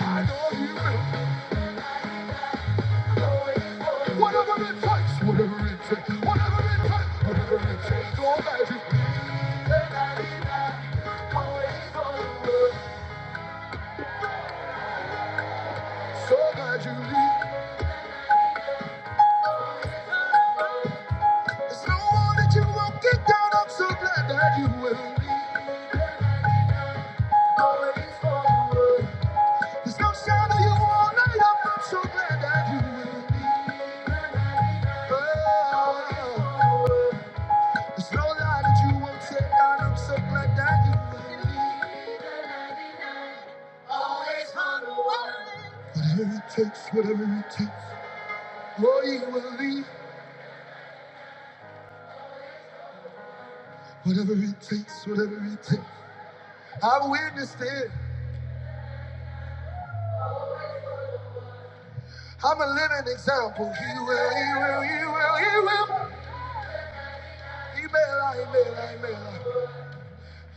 I know you. will. Whatever it takes, whatever it takes, whatever it takes, whatever it takes. So glad you leave, and I always follow. So glad you leave. There's no one that you won't get down. I'm so glad that you will leave. and I'm Always follow. There's no shadow you won't light up. I'm so glad that you will leave. Oh. It's no lie that you won't take, that I'm so glad that you made me. Always on the way. Whatever it takes, whatever it takes, oh, you will leave. Whatever it takes, whatever it takes. I've witnessed it. I'm a living example. He will, he will, he will, he will. He may lie, he may lie, he may lie.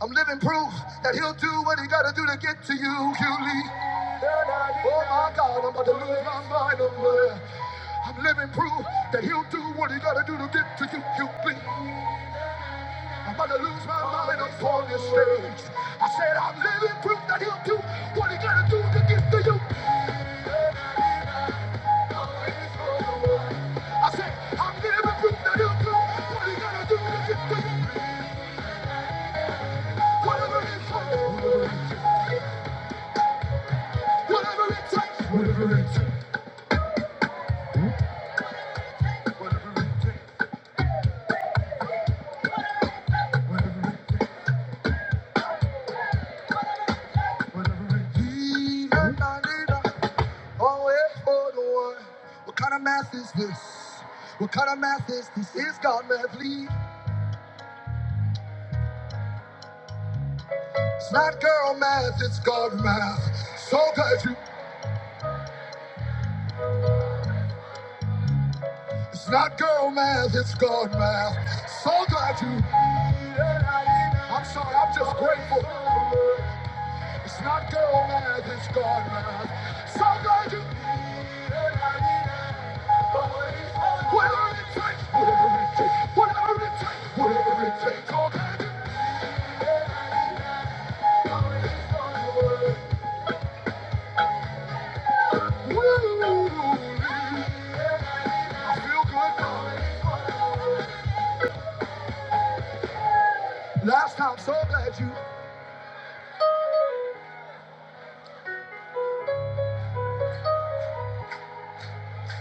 I'm living proof that he'll do what he gotta do to get to you, Julie. Oh my God, I'm about to lose my mind. I'm, uh, I'm living proof that he'll do what he gotta do to get to you, you be. I'm about to lose my mind up on this stage. I said I'm living proof that he'll do what he gotta do to get to you. I said I'm living proof that he'll do what he gotta do to get to you. Whatever it takes, whatever it takes. What kind of math is this? What kind of math is this? It's God math, lead. It's not girl math, it's God math. So glad you. It's not girl math, it's God math. So glad you. I'm sorry, I'm just grateful. It's not girl math, it's God math. So glad you. Whatever it takes, whatever it takes, whatever it takes, whatever it takes, okay? I feel good, darling. Last time, so glad you,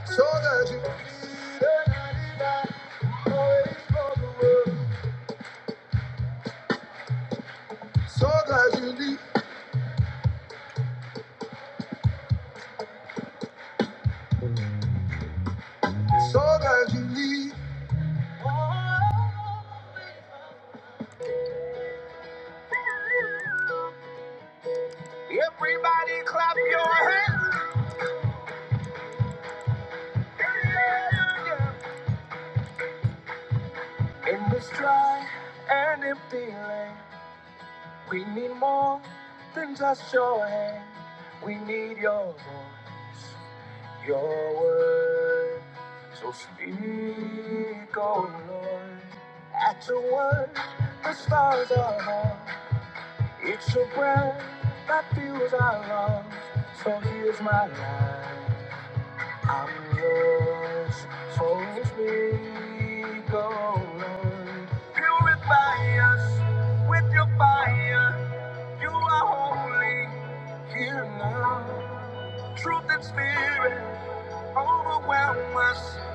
so glad you. I'm yours, so sweet. Purify us with your fire. You are holy. Give us.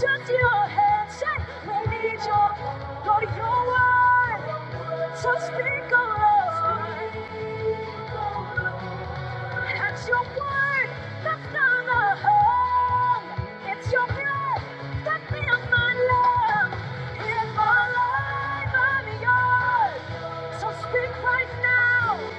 Just your hand, shake. We need your, Lord, your word. So speak, O Lord. That's your word that's not a home. It's your breath that fills my lungs. If my life I'm yours, so speak right now.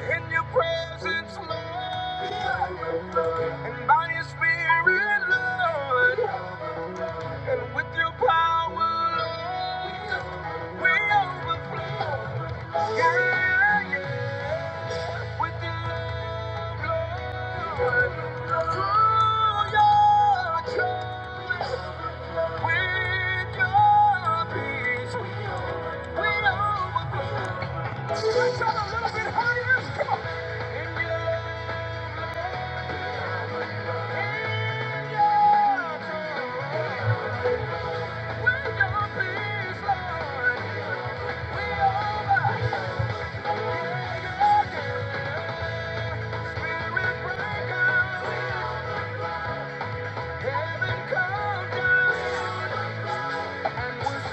In your presence, Lord, by your spirit, Lord. with your power, Lord, we overflow. Yeah, yeah. With your love, with your peace, we overflow. Stretch out a little bit higher. In your with your peace, Lord, we overflow. Yeah, yeah, yeah. Spirit breaker, heaven come down. One more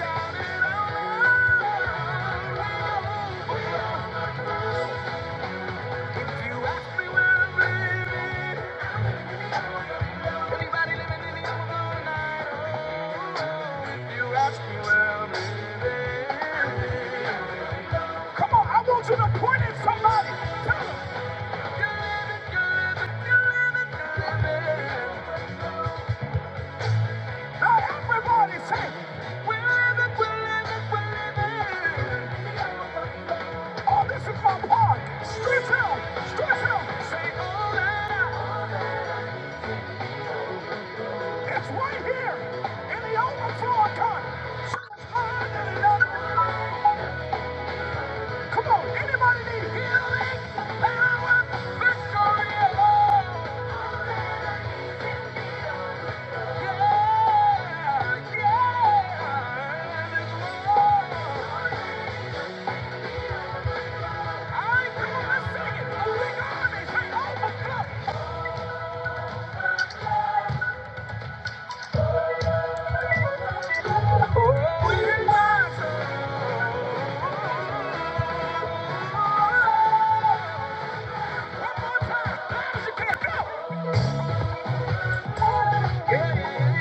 Yeah. yeah, yeah,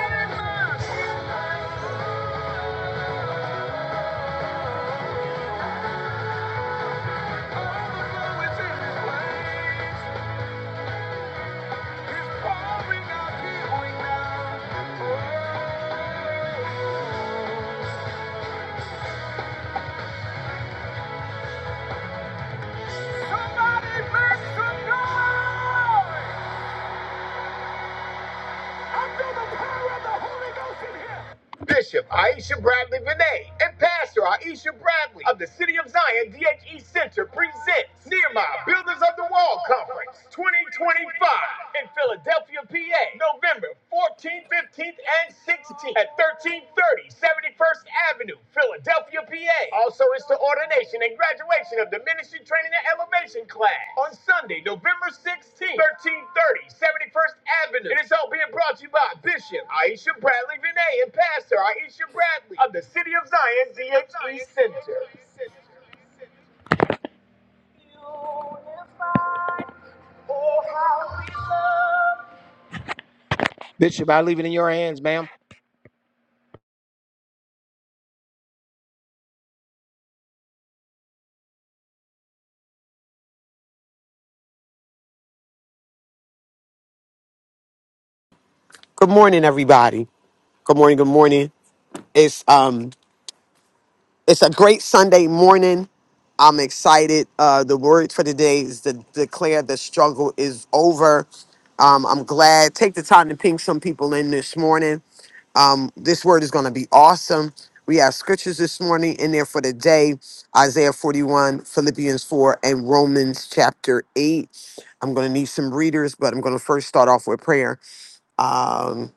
yeah, yeah. Bishop Aisha Bradley Vinay and Pastor Aisha Bradley of the City of Zion DHE Center presents Nehemiah Builders of the Wall Conference 2025 in Philadelphia, PA, November 14th, 15th, and 16th at 1330 71st Avenue, Philadelphia, PA. Also, it's the ordination and graduation of the Ministry Training and Elevation class on Sunday, November 16th, 1330 71st Avenue. And it's all being brought to you by Bishop Aisha Bradley Vinay and Pastor Aisha Bradley of the City of Zion DHE Center. Bishop, I leave it in your hands, ma'am.
Good morning, everybody. Good morning. Good morning. It's um, it's a great Sunday morning. I'm excited. Uh, the word for today is to declare the struggle is over. Um, I'm glad. Take the time to ping some people in this morning. Um, this word is going to be awesome. We have scriptures this morning in there for the day Isaiah 41, Philippians 4, and Romans chapter 8. I'm going to need some readers, but I'm going to first start off with prayer. Um,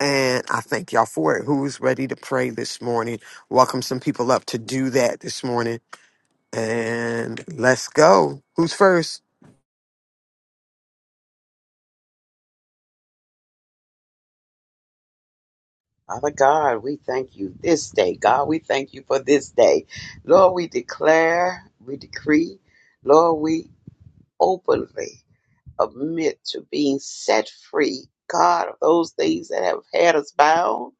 And I thank y'all for it. Who's ready to pray this morning? Welcome some people up to do that this morning. And let's go. Who's first?
Father God, we thank you this day. God, we thank you for this day. Lord, we declare, we decree, Lord, we openly admit to being set free, God, of those things that have had us bound.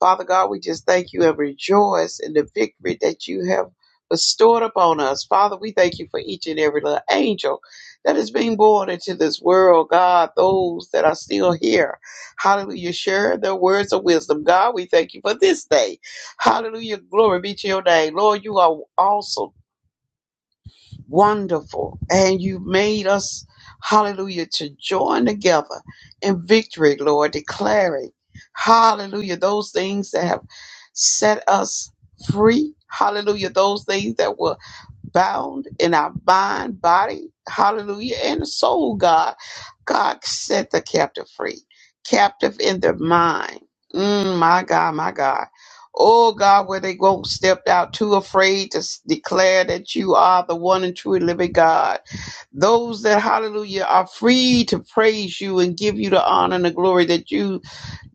Father God, we just thank you and rejoice in the victory that you have bestowed upon us. Father, we thank you for each and every little angel that is being born into this world. God, those that are still here. Hallelujah. Share their words of wisdom. God, we thank you for this day. Hallelujah. Glory be to your name. Lord, you are awesome wonderful. And you made us, hallelujah, to join together in victory, Lord, declaring, hallelujah, those things that have set us free. Hallelujah, those things that were bound in our mind, body, hallelujah, and soul, God. God set the captive free, captive in the mind. Mm, my God, my God. Oh God, where they won't step out too afraid to s- declare that you are the one and true and living God. Those that, hallelujah, are free to praise you and give you the honor and the glory that you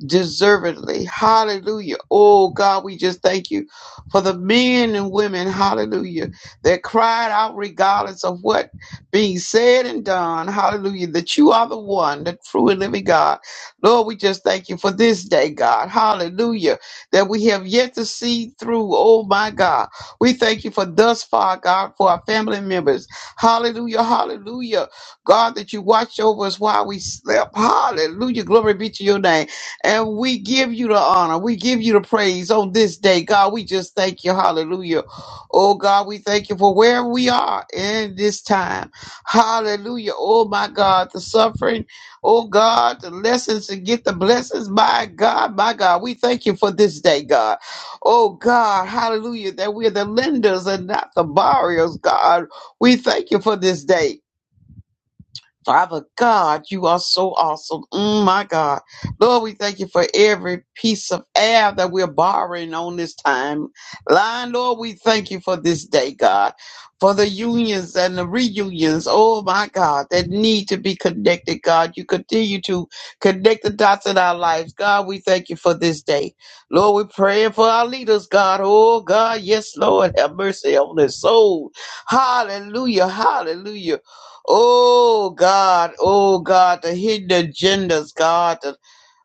deservedly. Hallelujah. Oh God, we just thank you for the men and women, hallelujah, that cried out regardless of what being said and done. Hallelujah. That you are the one, the true and living God. Lord, we just thank you for this day, God. Hallelujah. That we have yet to see through. Oh my God. We thank you for thus far, God, for our family members. Hallelujah. Hallelujah. God, that you watched over us while we slept. Hallelujah. Glory be to your name. And we give you the honor. We give you the praise on this day. God, we just thank you. Hallelujah. Oh, God, we thank you for where we are in this time. Hallelujah. Oh, my God, the suffering. Oh, God, the lessons to get the blessings. My God, my God, we thank you for this day, God. Oh, God, hallelujah, that we're the lenders and not the borrowers, God. We thank you for this day. Father God, you are so awesome. Mm, my God. Lord, we thank you for every piece of air that we're borrowing on this time. Line, Lord, we thank you for this day, God, for the unions and the reunions. Oh, my God, that need to be connected, God. You continue to connect the dots in our lives. God, we thank you for this day. Lord, we're praying for our leaders, God. Oh, God, yes, Lord, have mercy on their soul. Hallelujah, hallelujah. Oh God, oh God, the hidden agendas, God. The,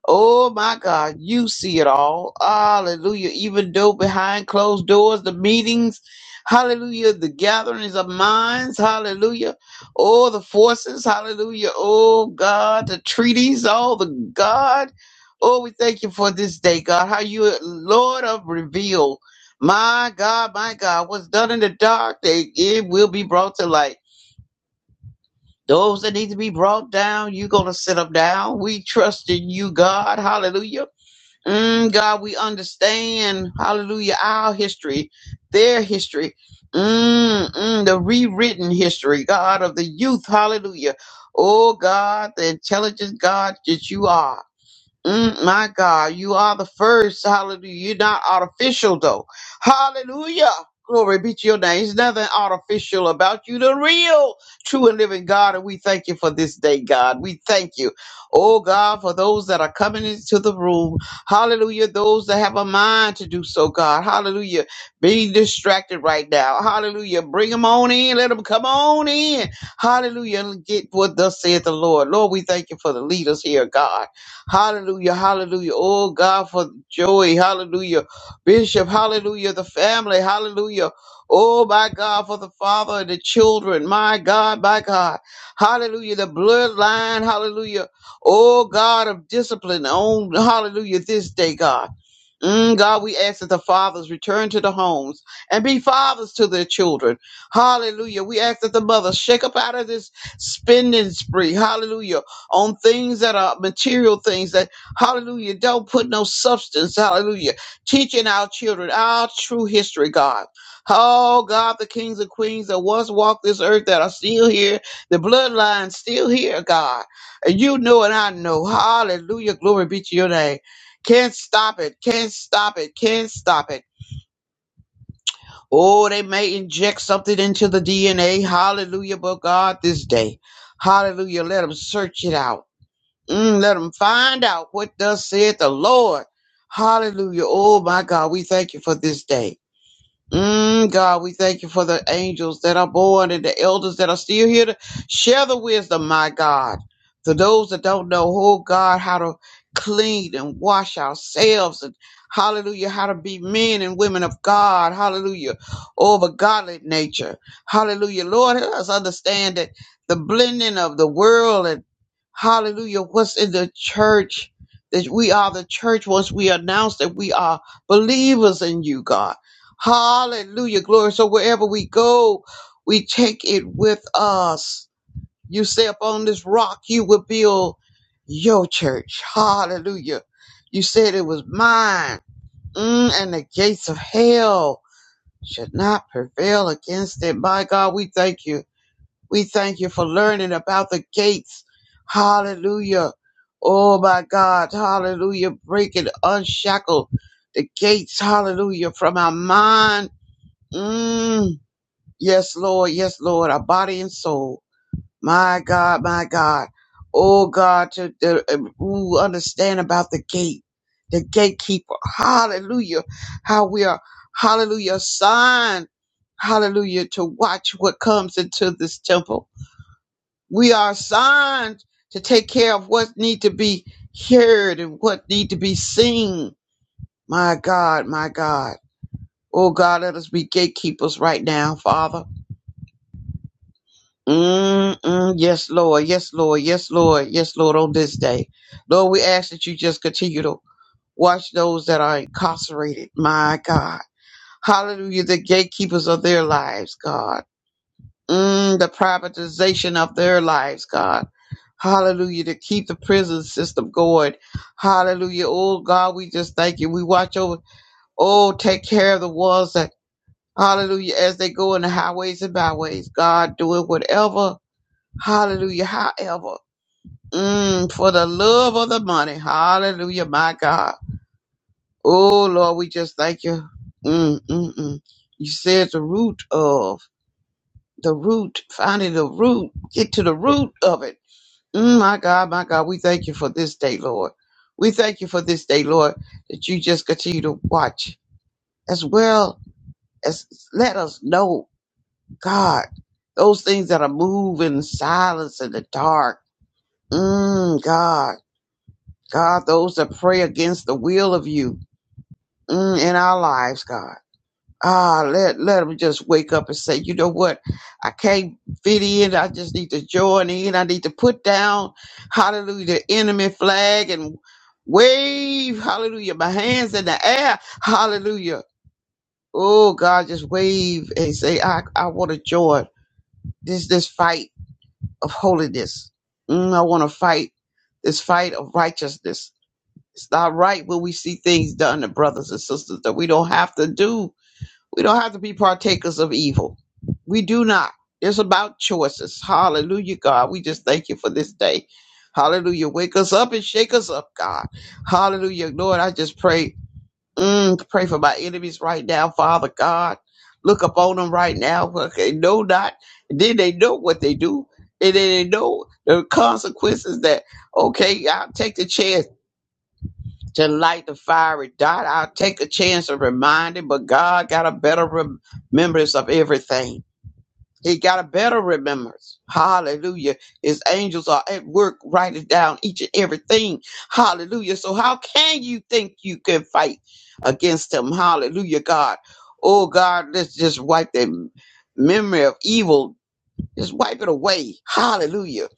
oh my God, you see it all. Hallelujah. Even though behind closed doors, the meetings, hallelujah, the gatherings of minds, hallelujah. Oh, the forces, hallelujah. Oh God, the treaties, all the God. Oh, we thank you for this day, God. How you, Lord of reveal. My God, my God, what's done in the dark, they, it will be brought to light. Those that need to be brought down, you're going to sit them down. We trust in you, God. Hallelujah. Mm, God, we understand, hallelujah, our history, their history, mm, mm, the rewritten history, God, of the youth. Hallelujah. Oh, God, the intelligent God that you are. Mm, my God, you are the first. Hallelujah. You're not artificial, though. Hallelujah. Glory be to your name. There's nothing artificial about you, the real, true, and living God. And we thank you for this day, God. We thank you, oh God, for those that are coming into the room. Hallelujah. Those that have a mind to do so, God. Hallelujah. Being distracted right now. Hallelujah. Bring them on in. Let them come on in. Hallelujah. And Get what thus saith the Lord. Lord, we thank you for the leaders here, God. Hallelujah, hallelujah. Oh God, for joy, hallelujah. Bishop, hallelujah. The family, hallelujah. Oh my God, for the father and the children, my God, my God. Hallelujah. The bloodline, hallelujah. Oh God of discipline on, hallelujah, this day, God. Mm, God, we ask that the fathers return to the homes and be fathers to their children. Hallelujah. We ask that the mothers shake up out of this spending spree. Hallelujah. On things that are material things that, hallelujah, don't put no substance. Hallelujah. Teaching our children our true history, God. Oh, God, the kings and queens that once walked this earth that are still here, the bloodline still here, God. And you know and I know. Hallelujah. Glory be to your name. Can't stop it. Can't stop it. Can't stop it. Oh, they may inject something into the DNA. Hallelujah, but God, this day. Hallelujah. Let them search it out. Mm, let them find out what thus saith the Lord. Hallelujah. Oh, my God, we thank you for this day. Mm, God, we thank you for the angels that are born and the elders that are still here to share the wisdom, my God. To those that don't know, oh God, how to clean and wash ourselves and hallelujah, how to be men and women of God, hallelujah, over godly nature. Hallelujah. Lord, let us understand that the blending of the world and hallelujah, what's in the church, that we are the church once we announce that we are believers in you, God. Hallelujah. Glory. So wherever we go, we take it with us. You say upon this rock, you will build your church. Hallelujah. You said it was mine. Mm, and the gates of hell should not prevail against it. My God, we thank you. We thank you for learning about the gates. Hallelujah. Oh my God. Hallelujah. Break and unshackle the gates. Hallelujah. From our mind Mm, yes, Lord. Yes, Lord. Our body and soul. My God, my God. Oh God, to, to uh, who understand about the gate, the gatekeeper. Hallelujah. How we are, hallelujah, signed. Hallelujah. To watch what comes into this temple. We are signed to take care of what need to be heard and what need to be seen. My God, my God. Oh God, let us be gatekeepers right now, Father. Mm-mm. Yes, Lord. Yes, Lord. Yes, Lord. Yes, Lord, on this day. Lord, we ask that you just continue to watch those that are incarcerated. My God. Hallelujah. The gatekeepers of their lives, God. Mm, the privatization of their lives, God. Hallelujah. To keep the prison system going. Hallelujah. Oh, God, we just thank you. We watch over. Oh, take care of the ones that, hallelujah, as they go in the highways and byways. God, do it whatever. Hallelujah. However, mm, for the love of the money. Hallelujah, my God. Oh, Lord, we just thank you. Mm, mm, mm. You said the root of the root, finding the root, get to the root of it. Mm, my God, my God, we thank you for this day, Lord. We thank you for this day, Lord, that you just continue to watch as well as let us know, God, those things that are moving in silence in the dark. Mm, God. God, those that pray against the will of you mm, in our lives, God. Ah, let, let them just wake up and say, you know what? I can't fit in. I just need to join in. I need to put down, hallelujah, the enemy flag and wave, hallelujah, my hands in the air, hallelujah. Oh, God, just wave and say, I, I want to join this, this fight of holiness. Mm, I want to fight this fight of righteousness. It's not right when we see things done to brothers and sisters that we don't have to do. We don't have to be partakers of evil. We do not. It's about choices. Hallelujah, God. We just thank you for this day. Hallelujah. Wake us up and shake us up, God. Hallelujah. Lord, I just pray. Mm, pray for my enemies right now, Father God. Look upon them right now. Look, They know not. Then they know what they do. And then they know the consequences that, okay, I'll take the chance to light the fiery dot. I'll take a chance of reminding, but God got a better rem- remembrance of everything. He got a better remembrance. Hallelujah. His angels are at work writing down each and everything. Hallelujah. So how can you think you can fight against him? Hallelujah, God. Oh God, let's just wipe the memory of evil. Just wipe it away. Hallelujah.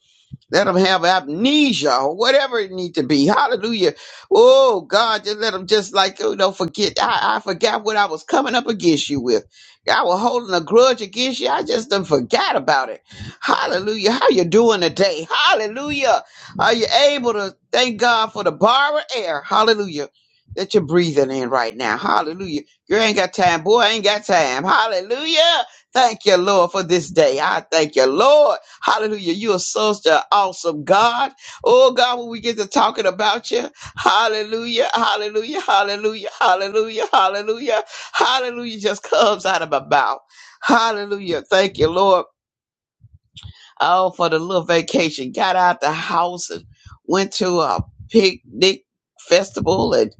Let them have amnesia or whatever it need to be. Hallelujah. Oh God, just let them just like you know forget. I, I forgot what I was coming up against you with. I was holding a grudge against you. I just done forgot about it. Hallelujah. How you doing today? Hallelujah. Are you able to thank God for the borrowed air? Hallelujah. That you're breathing in right now. Hallelujah. You ain't got time, boy. I ain't got time. Hallelujah. Thank you, Lord, for this day. I thank you, Lord. Hallelujah. You are such an awesome God. Oh, God, when we get to talking about you, hallelujah, hallelujah, hallelujah, hallelujah, hallelujah, hallelujah just comes out of my mouth. Hallelujah. Thank you, Lord. Oh, for the little vacation. Got out the house and went to a picnic festival at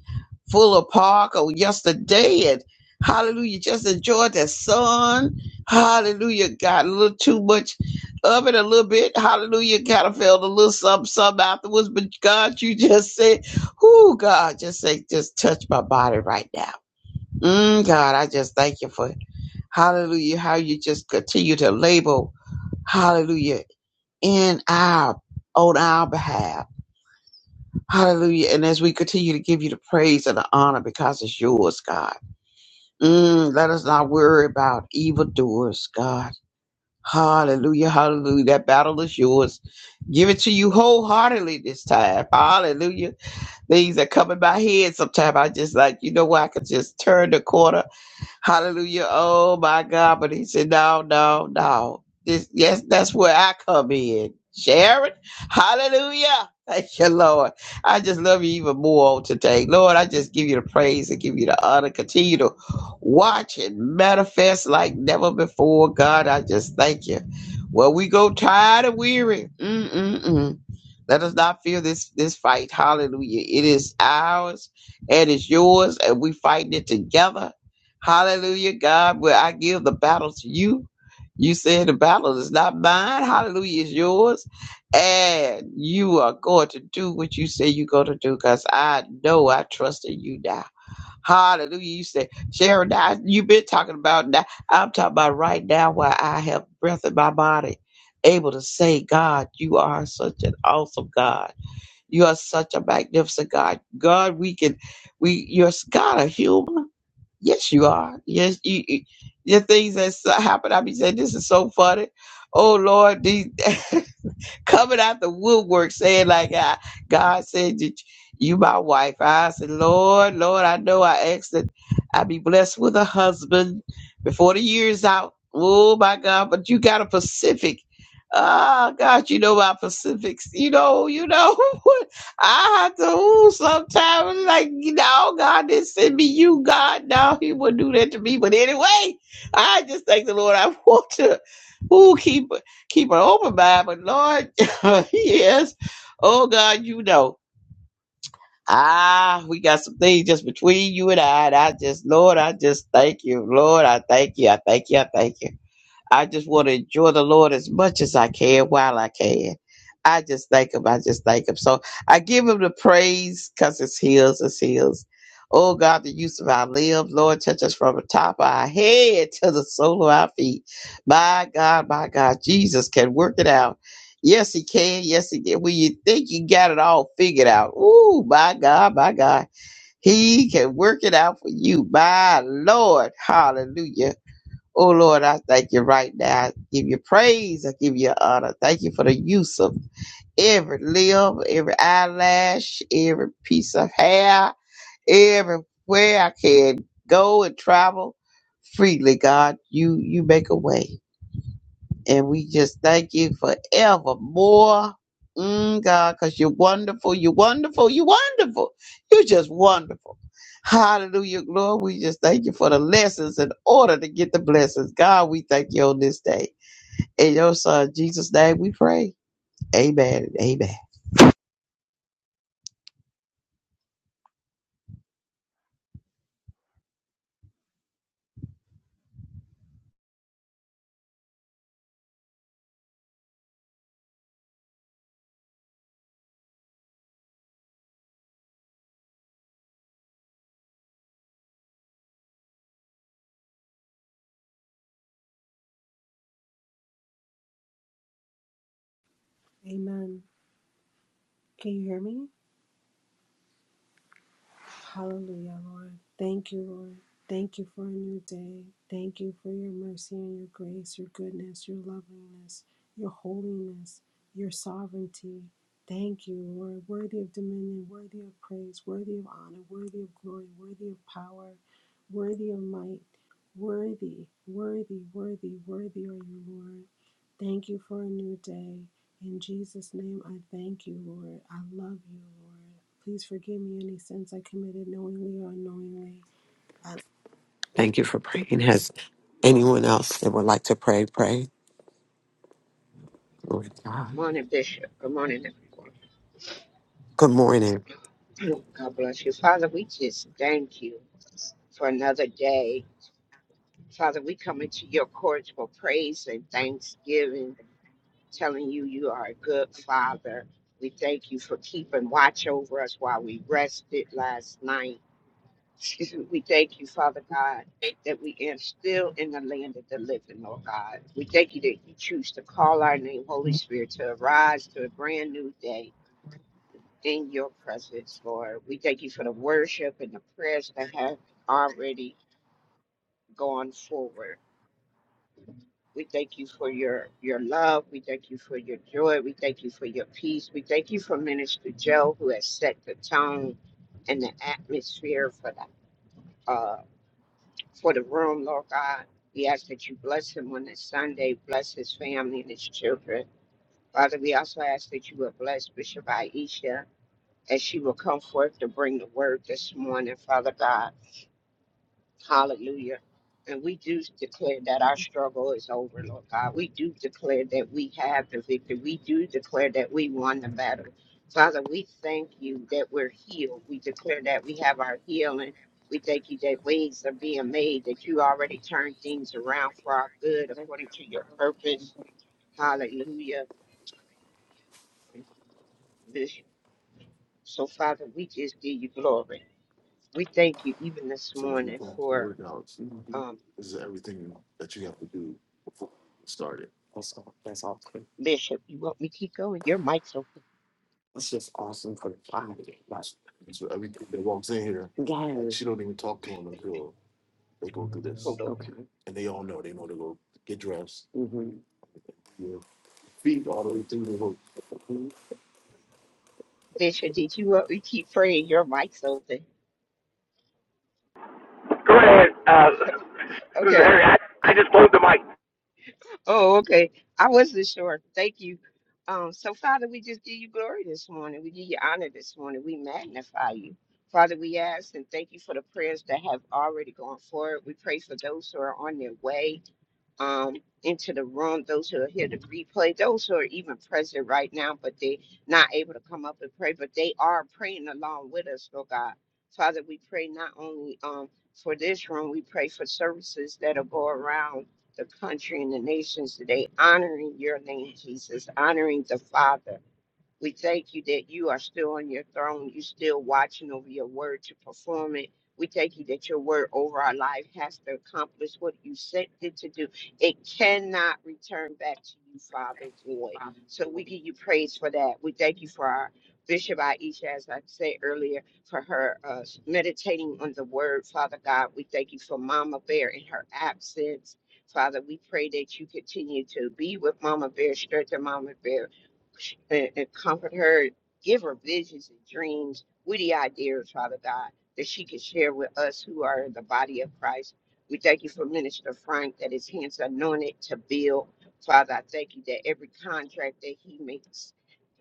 Fuller Park on yesterday and hallelujah, just enjoyed the sun. Hallelujah, got a little too much of it a little bit. Hallelujah, kind of felt a little something, something afterwards. But God, you just said, whoo, God, just say, just touch my body right now. Mm, God, I just thank you for it. hallelujah, how you just continue to label. Hallelujah in our on our behalf. Hallelujah. And as we continue to give you the praise and the honor because it's yours, God. Mm, let us not worry about evildoers, God. Hallelujah. Hallelujah. That battle is yours. Give it to you wholeheartedly this time. Hallelujah. Things are coming my head sometimes. I just like, you know what? I could just turn the corner Hallelujah. Oh my God. But he said, no, no, no. This, yes, that's where I come in. Sharon. Hallelujah. Thank you, Lord. I just love you even more on today. Lord, I just give you the praise and give you the honor. Continue to watch and manifest like never before. God, I just thank you. Well, we go tired and weary. Mm-mm-mm. Let us not fear this this fight. Hallelujah. It is ours and it's yours, and we fighting it together. Hallelujah, God. Where I give the battle to you. You said the battle is not mine. Hallelujah, it's yours. And you are going to do what you say you're going to do because I know I trust in you now. Hallelujah. You say, Sharon, I, you've been talking about that. I'm talking about right now where I have breath in my body, able to say, God, you are such an awesome God. You are such a magnificent God. God, we can, we, you're s- God a human. Yes, you are. Yes, you, you the things that happen. I be saying, this is so funny. Oh Lord, these <laughs> <laughs> coming out the woodwork saying like I, God said that you my wife. I said, Lord, Lord, I know I asked that I be blessed with a husband before the year's out. Oh my God, but you got a Pacific. Oh God, you know my Pacifics. You know, you know <laughs> I have to ooh sometimes like no, God didn't send me you, God. No, he wouldn't do that to me. But anyway, I just thank the Lord. I <laughs> want to Ooh, keep keep an open mind, but Lord, <laughs> yes, oh God, you know. Ah, we got some things just between you and I. And I just, Lord, I just thank you. Lord, I thank you. I thank you. I thank you. I just want to enjoy the Lord as much as I can while I can. I just thank Him. I just thank Him. So I give Him the praise because it's His, it's His. Oh God, the use of our limbs, Lord, touch us from the top of our head to the sole of our feet. My God, my God, Jesus can work it out. Yes, He can. Yes, He can. When you think you got it all figured out, ooh, my God, my God, He can work it out for you. My Lord, Hallelujah. Oh Lord, I thank you right now. I give you praise. I give you honor. Thank you for the use of every limb, every eyelash, every piece of hair, everywhere I can go and travel freely, God. You you make a way. And we just thank you forevermore. Mm, God, because you're wonderful, you're wonderful, you're wonderful. You're just wonderful. Hallelujah, Lord. We just thank you for the lessons in order to get the blessings. God, we thank you on this day. In your son, Jesus' name, we pray. Amen and amen.
Amen. Can you hear me? Hallelujah, Lord. Thank you, Lord. Thank you for a new day. Thank you for your mercy and your grace, your goodness, your loveliness, your holiness, your sovereignty. Thank you, Lord. Worthy of dominion, worthy of praise, worthy of honor, worthy of glory, worthy of power, worthy of might. Worthy, worthy, worthy, worthy are you, Lord. Thank you for a new day. In Jesus' name, I thank you, Lord. I love you, Lord. Please forgive me any sins I committed knowingly or unknowingly. I-
Thank you for praying. Has anyone else that would like to pray, pray? Glory to God.
Morning, Bishop. Good morning,
Good morning.
everyone. <clears throat> God bless you. Father, we just thank you for another day. Father, we come into your courts for praise and thanksgiving, telling you you are a good father. We thank you for keeping watch over us while we rested last night. <laughs> Excuse me. We thank you, Father God, that we are still in the land of the living, Lord God. We thank you that you choose to call our name, Holy Spirit, to arise to a brand new day. in your presence, Lord. We thank you for the worship and the prayers that have already gone forward. We thank you for your your love. We thank you for your joy. We thank you for your peace. We thank you for Minister Joe who has set the tone and the atmosphere for the uh for the room, Lord God. We ask that you bless him on this Sunday, bless his family and his children. Father, we also ask that you will bless Bishop Aisha as she will come forth to bring the word this morning, Father God. Hallelujah. And we do declare that our struggle is over, Lord God. We do declare that we have the victory. We do declare that we won the battle. Father, we thank you that we're healed. We declare that we have our healing. We thank you that ways are being made, that you already turned things around for our good according to your purpose. Hallelujah. This- So, Father, we just give you glory. We thank you even this morning for um, Bishop. You want me to keep going? Your mic's open.
That's just awesome for the Friday. Like, guys. She don't even talk to him until.
Hold on.
Okay. hmm
Bishop, did you want me keep praying? Your mic's open.
Go ahead, uh, <laughs>
Okay.
Mary. I, I just closed the mic.
Oh, okay. I wasn't sure. Thank you. Um, so, Father, we just give you glory this morning. We give you honor this morning. We magnify you. Father, we ask and thank you for the prayers that have already gone forward. We pray for those who are on their way. um, into the room, those who are here to replay, those who are even present right now, but they're not able to come up and pray, but they are praying along with us, Lord God. Father, we pray not only um, for this room, we pray for services that'll go around the country and the nations today, honoring your name, Jesus, honoring the Father we thank you that you are still on your throne. You're still watching over your word to perform it. We thank you that your word over our life has to accomplish what you sent it to do. It cannot return back to you, Father void. So we give you praise for that. We thank you for our Bishop Aisha, as I said earlier, for her uh, meditating on the word, Father God. We thank you for Mama Bear in her absence. Father, we pray that you continue to be with Mama Bear, strengthen Mama Bear, and, and comfort her, give her visions and dreams, witty ideas, Father God, that she can share with us who are in the body of Christ. We thank you for Minister Frank that his hands are anointed to build. Father, I thank you that every contract that he makes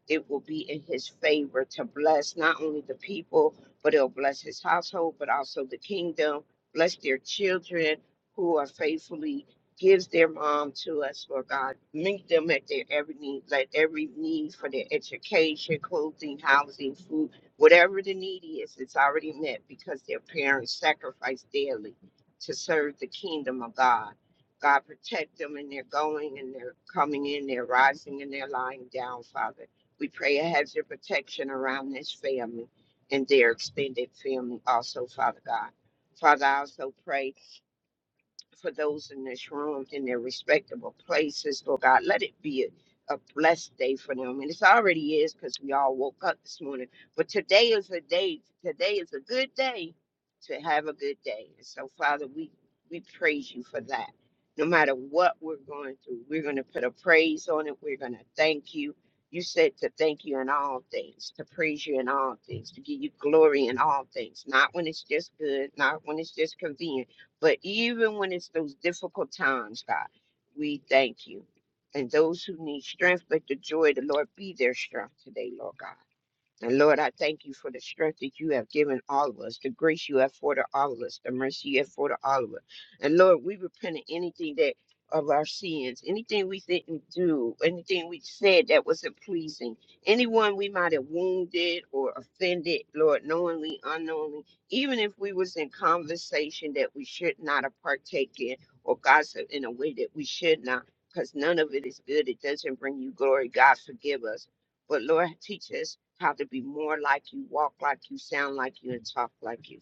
it will be in his favor to bless not only the people, but it'll bless his household, but also the kingdom, bless their children who are faithfully gives their mom to us, Lord God. Meet them at their every need, let every need for their education, clothing, housing, food, whatever the need is, it's already met because their parents sacrifice daily to serve the kingdom of God. God protect them in their going and their coming in, their rising and their lying down, Father we pray a hedge of protection around this family and their extended family also, Father God. Father, I also pray for those in this room in their respectable places, Lord God. Let it be a, a blessed day for them. And it already is because we all woke up this morning. But today is a day, today is a good day to have a good day. And so, Father, we, we praise you for that. No matter what we're going through, we're going to put a praise on it. We're going to thank you. You said to thank you in all things, to praise you in all things, to give you glory in all things, not when it's just good, not when it's just convenient but even when it's those difficult times, God, we thank you. And those who need strength, let the joy of the Lord be their strength today, Lord God. And Lord, I thank you for the strength that you have given all of us, the grace you have for all of us, the mercy you have for all of us. And Lord, we repent of anything that of our sins, anything we didn't do, anything we said that wasn't pleasing, anyone we might have wounded or offended, Lord, knowingly, unknowingly, even if we was in conversation that we should not have partake in or gossip in a way that we should not, because none of it is good. It doesn't bring you glory. God forgive us. But Lord, teach us how to be more like you, walk like you, sound like you, and talk like you.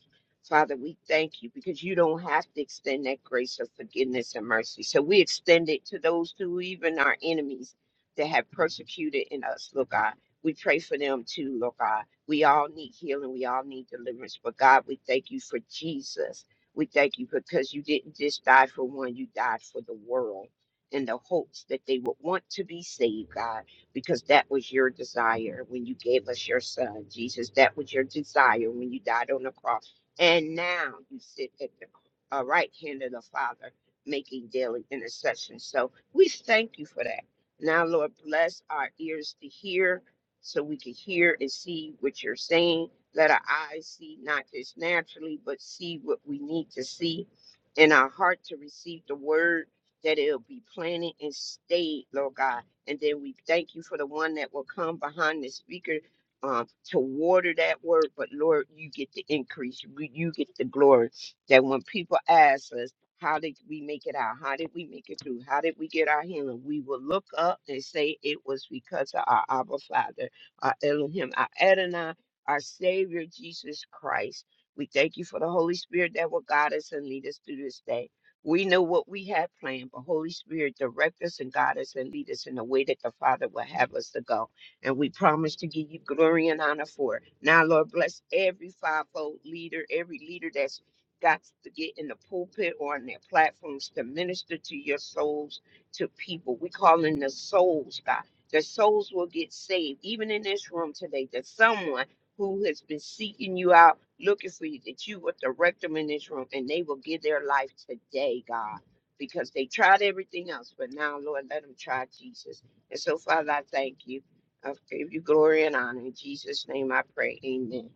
Father, we thank you because you don't have to extend that grace of forgiveness and mercy. So we extend it to those who, even our enemies, that have persecuted in us, Lord God. We pray for them too, Lord God. We all need healing. We all need deliverance. But God, we thank you for Jesus. We thank you because you didn't just die for one, you died for the world in the hopes that they would want to be saved, God because that was your desire when you gave us your son, Jesus. That was your desire when you died on the cross. And now you sit at the uh, right hand of the Father making daily intercession. So we thank you for that. Now, Lord, bless our ears to hear so we can hear and see what you're saying. Let our eyes see, not just naturally, but see what we need to see, and our heart to receive the word that it'll be planted and stayed, Lord God and then we thank you for the one that will come behind the speaker um, to water that word. But Lord, you get the increase, you you get the glory. That when people ask us, how did we make it out? How did we make it through? How did we get our healing? We will look up and say it was because of our Abba Father, our Elohim, our Adonai, our Savior, Jesus Christ. We thank you for the Holy Spirit that will guide us and lead us through this day. We know what we have planned, but Holy Spirit, direct us and guide us and lead us in the way that the Father will have us to go. And we promise to give you glory and honor for it. Now, Lord, bless every fivefold leader, every leader that's got to get in the pulpit or on their platforms to minister to your souls, to people. We call in the souls, God. The souls will get saved, even in this room today, that someone who has been seeking you out, looking for you, that you will direct them in this room and they will give their life today, God, because they tried everything else. But now, Lord, let them try Jesus. And so, Father, I thank you. I give you glory and honor. In Jesus' name I pray. Amen.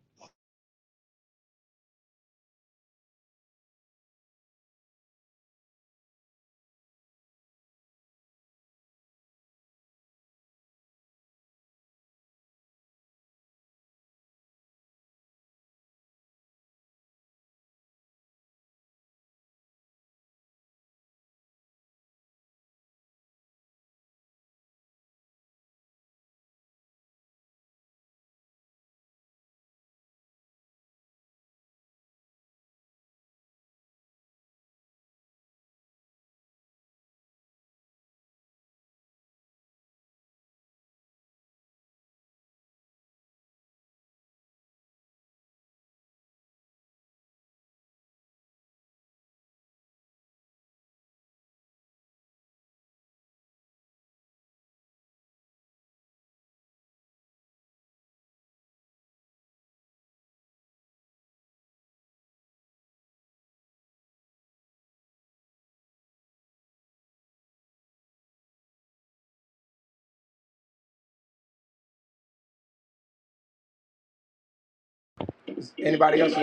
Anybody else? like?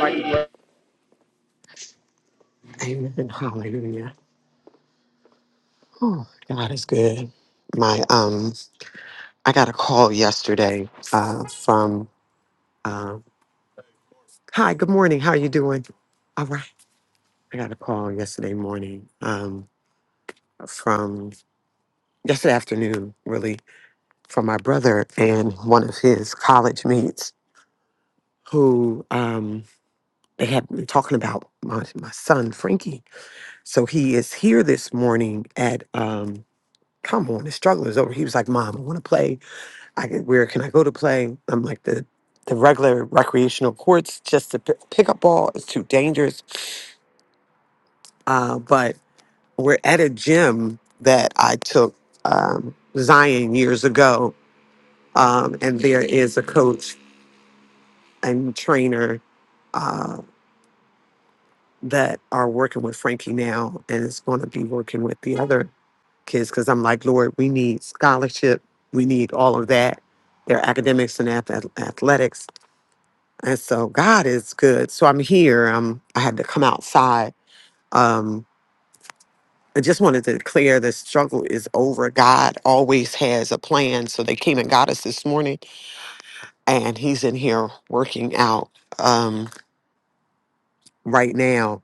Amen. Hallelujah. Oh, God is good. My um, I got a call yesterday uh, from um, Hi, good morning. How are you doing? All right. I got a call yesterday morning um, from yesterday afternoon, really, from my brother and one of his college mates who um, they had been talking about my, my son, Frankie. So he is here this morning at, um, come on, the struggle is over. He was like, Mom, I want to play. I, can- where can I go to play? I'm like, the the regular recreational courts, just the p- pick up ball is too dangerous. Uh, but We're at a gym that I took um, Zion years ago, um, and there is a coach and trainer uh, that are working with Frankie now, and is going to be working with the other kids because I'm like, Lord, we need scholarship, we need all of that, their academics and ath- athletics, and so God is good. So I'm here. Um, I had to come outside. Um, I just wanted to declare the struggle is over. God always has a plan. So they came and got us this morning, and He's in here working out um, right now.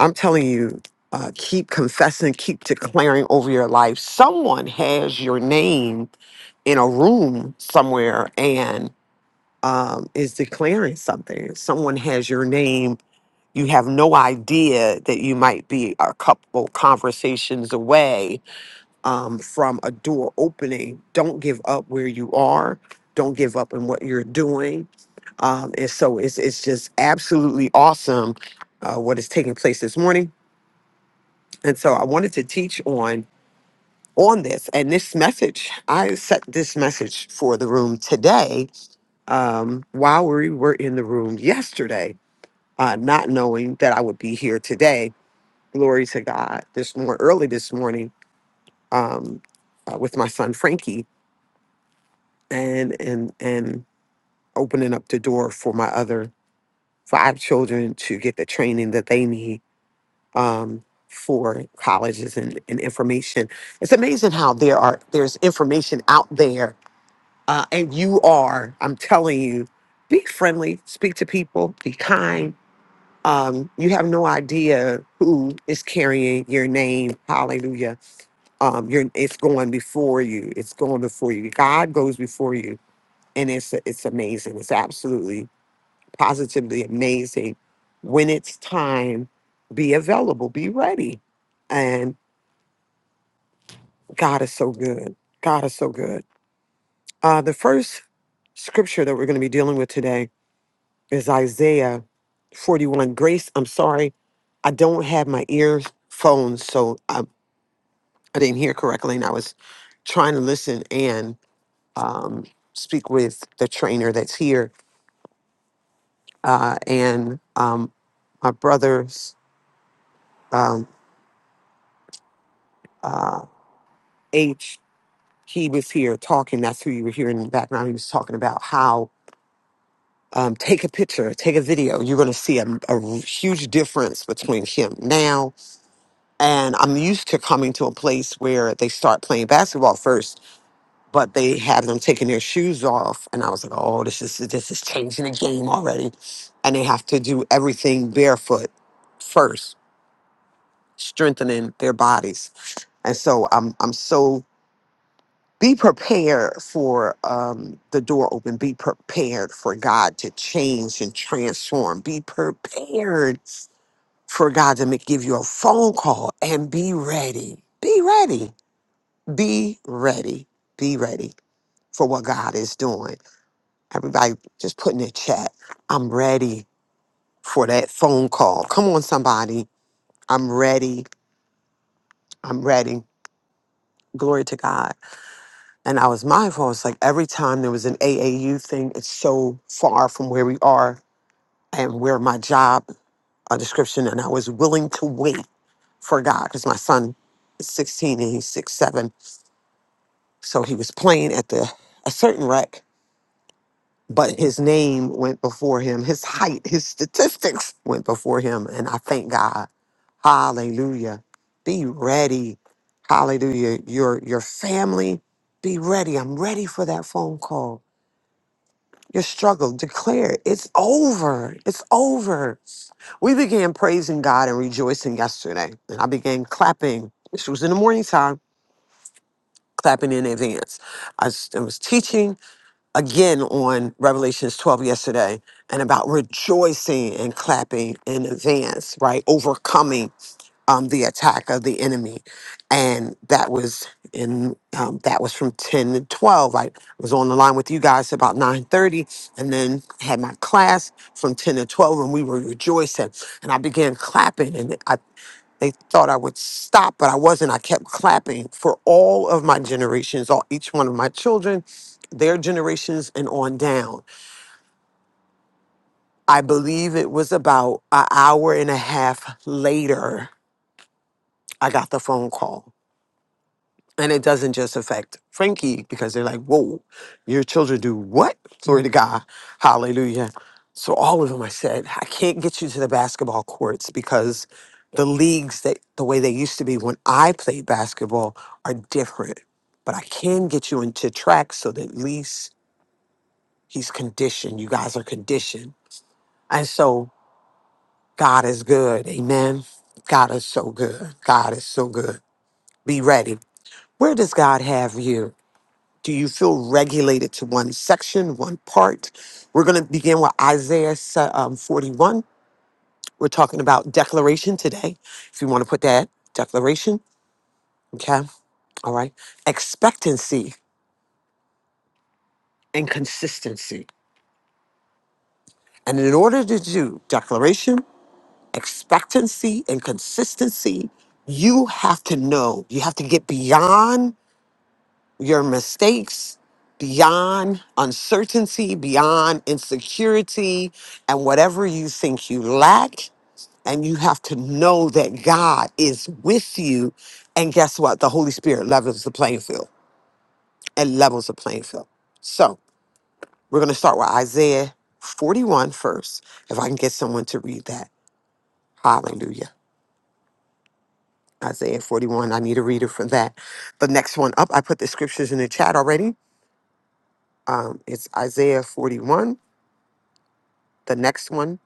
I'm telling you, uh, keep confessing, keep declaring over your life. Someone has your name in a room somewhere and um, is declaring something. Someone has your name. You have no idea that you might be a couple conversations away um, from a door opening. Don't give up where you are. Don't give up in what you're doing. Um, and so it's it's just absolutely awesome uh, what is taking place this morning. And so I wanted to teach on on this and this message. I set this message for the room today um, while we were in the room yesterday, uh, not knowing that I would be here today. Glory to God! This more early this morning um, uh, with my son Frankie and and and opening up the door for my other for our children to get the training that they need um, for colleges and, and information. It's amazing how there are there's information out there, uh, and you are. I'm telling you, be friendly, speak to people, be kind. Um, you have no idea who is carrying your name. Hallelujah. Um, you're, it's going before you. It's going before you. God goes before you and it's it's amazing. It's absolutely positively amazing. When it's time, be available, be ready. And God is so good. God is so good. Uh, the first scripture that we're going to be dealing with today is Isaiah 41. Grace, I'm sorry, I don't have my earphones, so I, I didn't hear correctly, and I was trying to listen and um, speak with the trainer that's here uh, and um, my brother's um, uh, H. He was here talking. That's who you were hearing in the background. He was talking about how um, take a picture, take a video. You're going to see a, a huge difference between him now and I'm used to coming to a place where they start playing basketball first, but they have them taking their shoes off, and I was like, oh, this is this is changing the game already, and they have to do everything barefoot first strengthening their bodies. And so I'm I'm so be prepared for um, the door open. Be prepared for God to change and transform. Be prepared for God to make, give you a phone call and be ready. Be ready. Be ready. Be ready for what God is doing. Everybody just put in the chat. I'm ready for that phone call. Come on, somebody. I'm ready. I'm ready. Glory to God. And I was mindful. It's like every time there was an AAU thing, it's so far from where we are and where my job uh, description. And I was willing to wait for God because my son is 16 and he's six seven. So he was playing at the a certain rec, but his name went before him. His height, his statistics went before him. And I thank God. Hallelujah. Be ready. Hallelujah. Your your family, be ready. I'm ready for that phone call. Your struggle, declare it. it's over. It's over. We began praising God and rejoicing yesterday, and I began clapping. This was in the morning time, clapping in advance. I s- I was teaching again on Revelations 12 yesterday and about rejoicing and clapping in advance, right? Overcoming um, the attack of the enemy, and that was in um, that was from ten to twelve. Like, I was on the line with you guys about nine thirty, and then had my class from ten to twelve, and we were rejoicing, and I began clapping, and I. They thought I would stop, but I wasn't. I kept clapping for all of my generations, all each one of my children, their generations, and on down. I believe it was about an hour and a half later. I got the phone call And it doesn't just affect Frankie because they're like, whoa, your children do what? Glory to God. Hallelujah. So all of them, I said, I can't get you to the basketball courts because the leagues that the way they used to be when I played basketball are different. But I can get you into track so that at least he's conditioned. You guys are conditioned. And so God is good. Amen. God is so good. God is so good. Be ready. Where does God have you? Do you feel regulated to one section, one part? We're going to begin with Isaiah se- um, 41. We're talking about declaration today. If you want to put that declaration, okay? All right. Expectancy and consistency. And in order to do declaration, expectancy, and consistency, you have to know, you have to get beyond your mistakes beyond uncertainty, beyond insecurity, and whatever you think you lack. And you have to know that God is with you. And guess what? The Holy Spirit levels the playing field and levels the playing field. So we're going to start with Isaiah 41 first. If I can get someone to read that. Hallelujah. Isaiah 41. I need a reader for that. The next one up, I put the scriptures in the chat already. Um, it's Isaiah 41 The next one,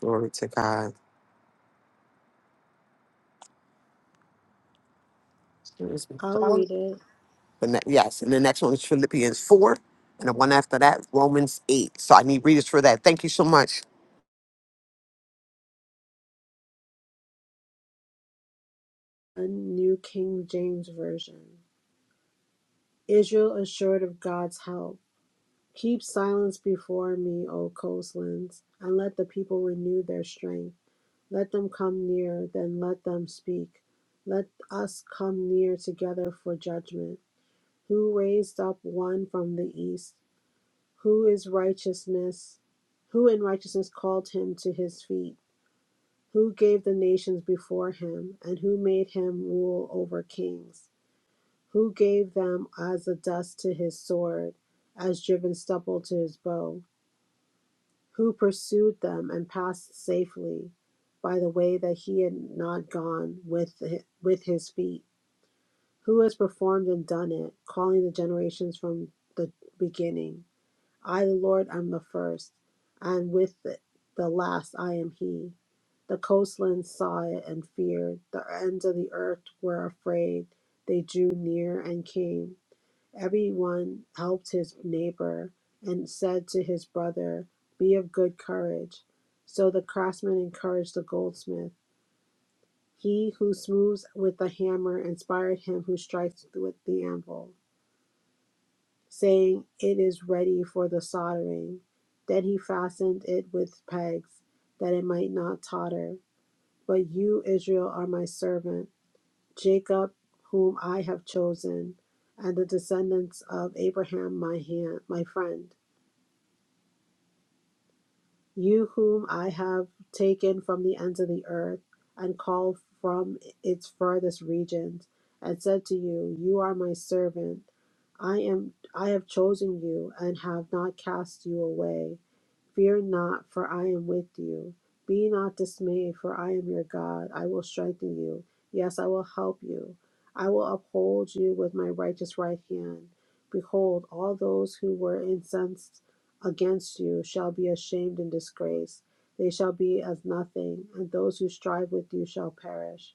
glory to God.
I'll read
The
it.
ne- yes, and the next one is Philippians 4, and the one after that, Romans 8. So I need readers for that. Thank you so much.
A New King James Version. Israel assured of God's help. Keep silence before me, O coastlands, and let the people renew their strength. Let them come near, then let them speak. Let us come near together for judgment. Who raised up one from the east? Who is righteousness? Who in righteousness called him to his feet? Who gave the nations before him, and who made him rule over kings? Who gave them as the dust to his sword, as driven stubble to his bow? Who pursued them and passed safely by the way that he had not gone with, hi- with his feet? Who has performed and done it, calling the generations from the beginning? I, the Lord, am the first, and with it, the last I am He. The coastlands saw it and feared. The ends of the earth were afraid. They drew near and came. Every one helped his neighbor and said to his brother, Be of good courage. So the craftsman encouraged the goldsmith. He who smooths with the hammer inspired him who strikes with the anvil saying, It is ready for the soldering. Then he fastened it with pegs, that it might not totter. But you, Israel, are my servant, Jacob, whom I have chosen, and the descendants of Abraham, my hand, my friend. You whom I have taken from the ends of the earth and called from its furthest regions, and said to you, You are my servant. I am I have chosen you and have not cast you away. Fear not, for I am with you. Be not dismayed, for I am your God. I will strengthen you. Yes, I will help you. I will uphold you with my righteous right hand. Behold, all those who were incensed against you shall be ashamed and disgraced. They shall be as nothing, and those who strive with you shall perish.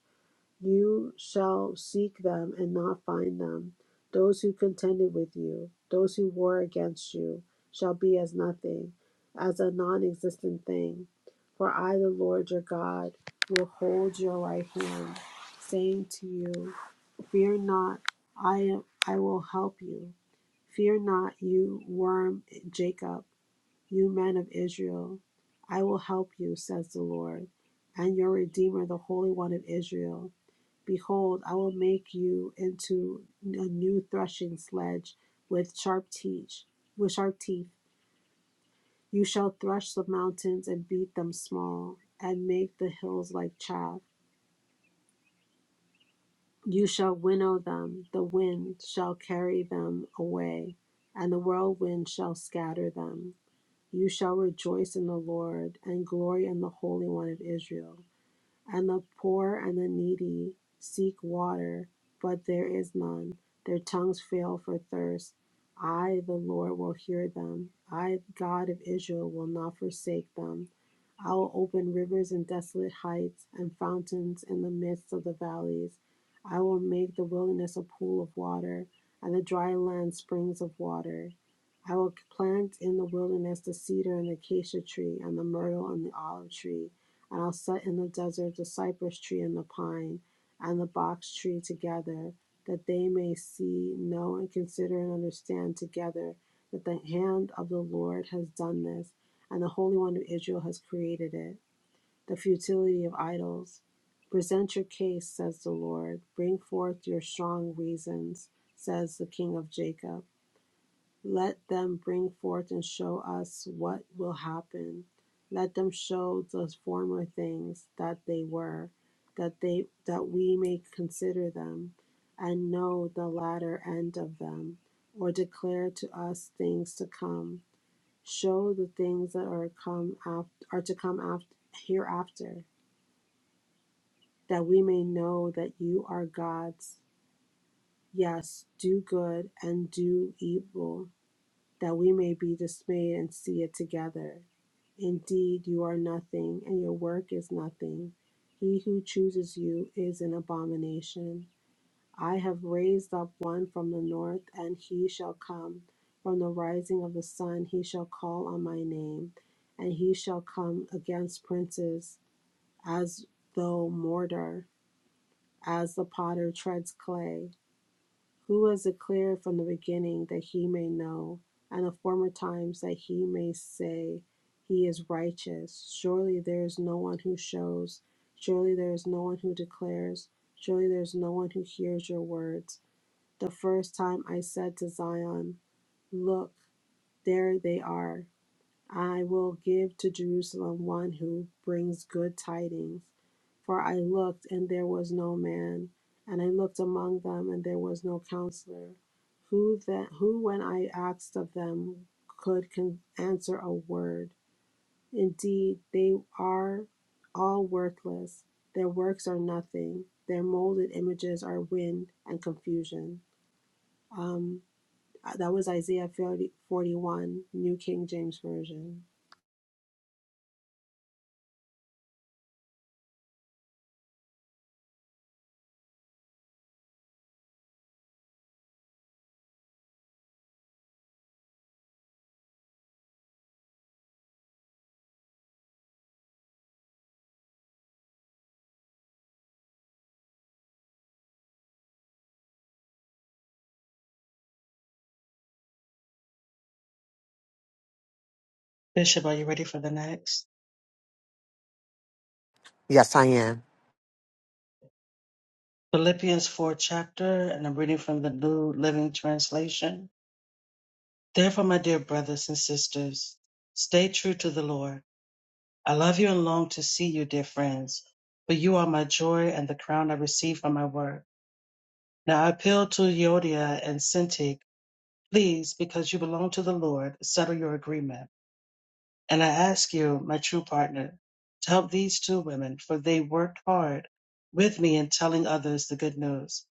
You shall seek them and not find them. Those who contended with you, those who war against you, shall be as nothing, as a non existent thing. For I, the Lord your God, will hold your right hand, saying to you, Fear not, I, am, I will help you. Fear not, you worm Jacob. You men of Israel, I will help you, says the Lord, and your Redeemer, the Holy One of Israel. Behold, I will make you into a new threshing sledge with sharp teeth. With sharp teeth, you shall thresh the mountains and beat them small, and make the hills like chaff. You shall winnow them; the wind shall carry them away, and the whirlwind shall scatter them. You shall rejoice in the Lord and glory in the Holy One of Israel. And the poor and the needy seek water, but there is none. Their tongues fail for thirst. I, the Lord, will hear them. I, God of Israel, will not forsake them. I will open rivers in desolate heights and fountains in the midst of the valleys. I will make the wilderness a pool of water and the dry land springs of water. I will plant in the wilderness the cedar and the acacia tree and the myrtle and the olive tree and I'll set in the desert the cypress tree and the pine and the box tree together, that they may see, know, and consider and understand together that the hand of the Lord has done this, and the Holy One of Israel has created it. The futility of idols. Present your case, says the Lord. Bring forth your strong reasons, says the King of Jacob. Let them bring forth and show us what will happen. Let them show those former things that they were, that they that we may consider them, and know the latter end of them, or declare to us things to come. Show the things that are come after, are to come after hereafter, that we may know that you are God's. Yes, do good and do evil that we may be dismayed and see it together. Indeed, you are nothing, and your work is nothing. He who chooses you is an abomination. I have raised up one from the north, and he shall come. From the rising of the sun, he shall call on my name, and he shall come against princes as though mortar, as the potter treads clay who was declared from the beginning that he may know, and of former times that he may say, He is righteous. Surely there is no one who shows, surely there is no one who declares, surely there is no one who hears your words. The first time I said to Zion, Look, there they are. I will give to Jerusalem one who brings good tidings. For I looked, and there was no man, and I looked among them, and there was no counselor, who that who when I asked of them could con- answer a word. Indeed, they are all worthless. Their works are nothing. Their molded images are wind and confusion. Um, that was Isaiah 40, 41, New King James Version.
Bishop, are you ready for the next?
Yes, I am.
Philippians 4 chapter, and I'm reading from the New Living Translation. Therefore, my dear brothers and sisters, stay true to the Lord. I love you and long to see you, dear friends, for you are my joy and the crown I receive from my work. Now I appeal to Euodia and Syntyche. Please, because you belong to the Lord, settle your agreement. And I ask you, my true partner, to help these two women, for they worked hard with me in telling others the good news.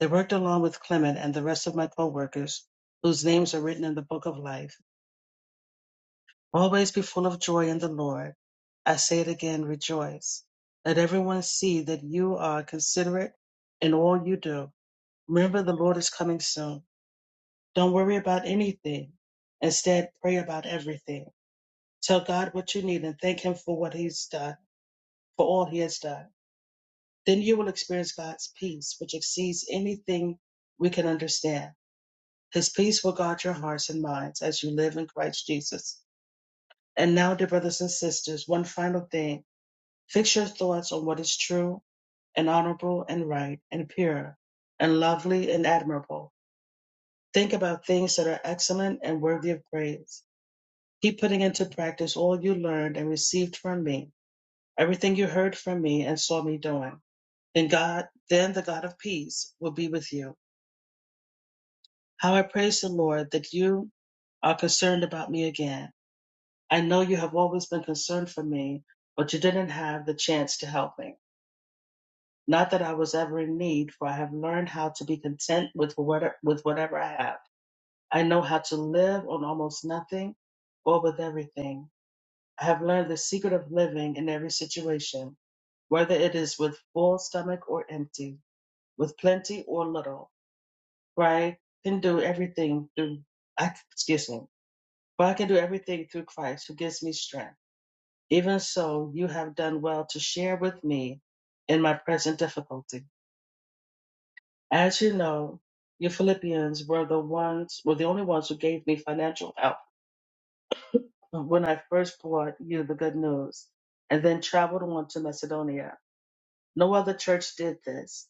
They worked along with Clement and the rest of my co-workers, whose names are written in the book of life. Always be full of joy in the Lord. I say it again, rejoice. Let everyone see that you are considerate in all you do. Remember the Lord is coming soon. Don't worry about anything. Instead, pray about everything. Tell God what you need and thank Him for what He's done for all he has done. Then you will experience God's peace, which exceeds anything we can understand. His peace will guard your hearts and minds as you live in Christ Jesus. And now, dear brothers and sisters, one final thing. Fix your thoughts on what is true and honorable and right and pure and lovely and admirable. Think about things that are excellent and worthy of praise. Keep putting into practice all you learned and received from me, everything you heard from me and saw me doing Then God, then the God of peace will be with you. How I praise the Lord that you are concerned about me again. I know you have always been concerned for me, but you didn't have the chance to help me. Not that I was ever in need, for I have learned how to be content with whatever, with whatever I have. I know how to live on almost nothing or with everything. I have learned the secret of living in every situation, whether it is with full stomach or empty, with plenty or little. right? Can do everything through, I, excuse me, but I can do everything through Christ who gives me strength. Even so, you have done well to share with me in my present difficulty. As you know, you Philippians were the ones, were the only ones who gave me financial help when I first brought you the good news and then traveled on to Macedonia. No other church did this.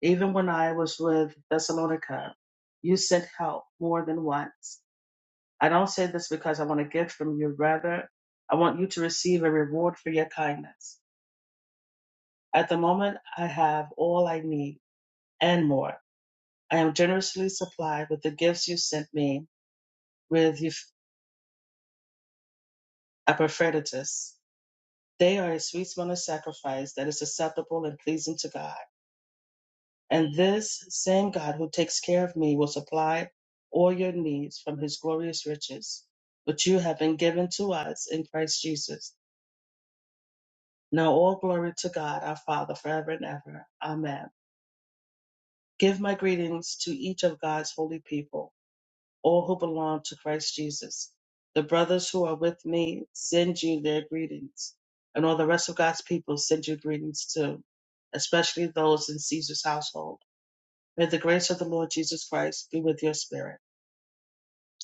Even when I was with Thessalonica, you sent help more than once I don't say this because I want a gift from you. Rather, I want you to receive a reward for your kindness. At the moment, I have all I need and more. I am generously supplied with the gifts you sent me with Epaphroditus. Epaphroditus. They are a sweet smelling sacrifice that is acceptable and pleasing to God. And this same God who takes care of me will supply all your needs from his glorious riches, which you have been given to us in Christ Jesus. Now all glory to God, our Father, forever and ever. Amen. Give my greetings to each of God's holy people, all who belong to Christ Jesus. The brothers who are with me send you their greetings, and all the rest of God's people send you greetings too, especially those in Caesar's household. May the grace of the Lord Jesus Christ be with your spirit.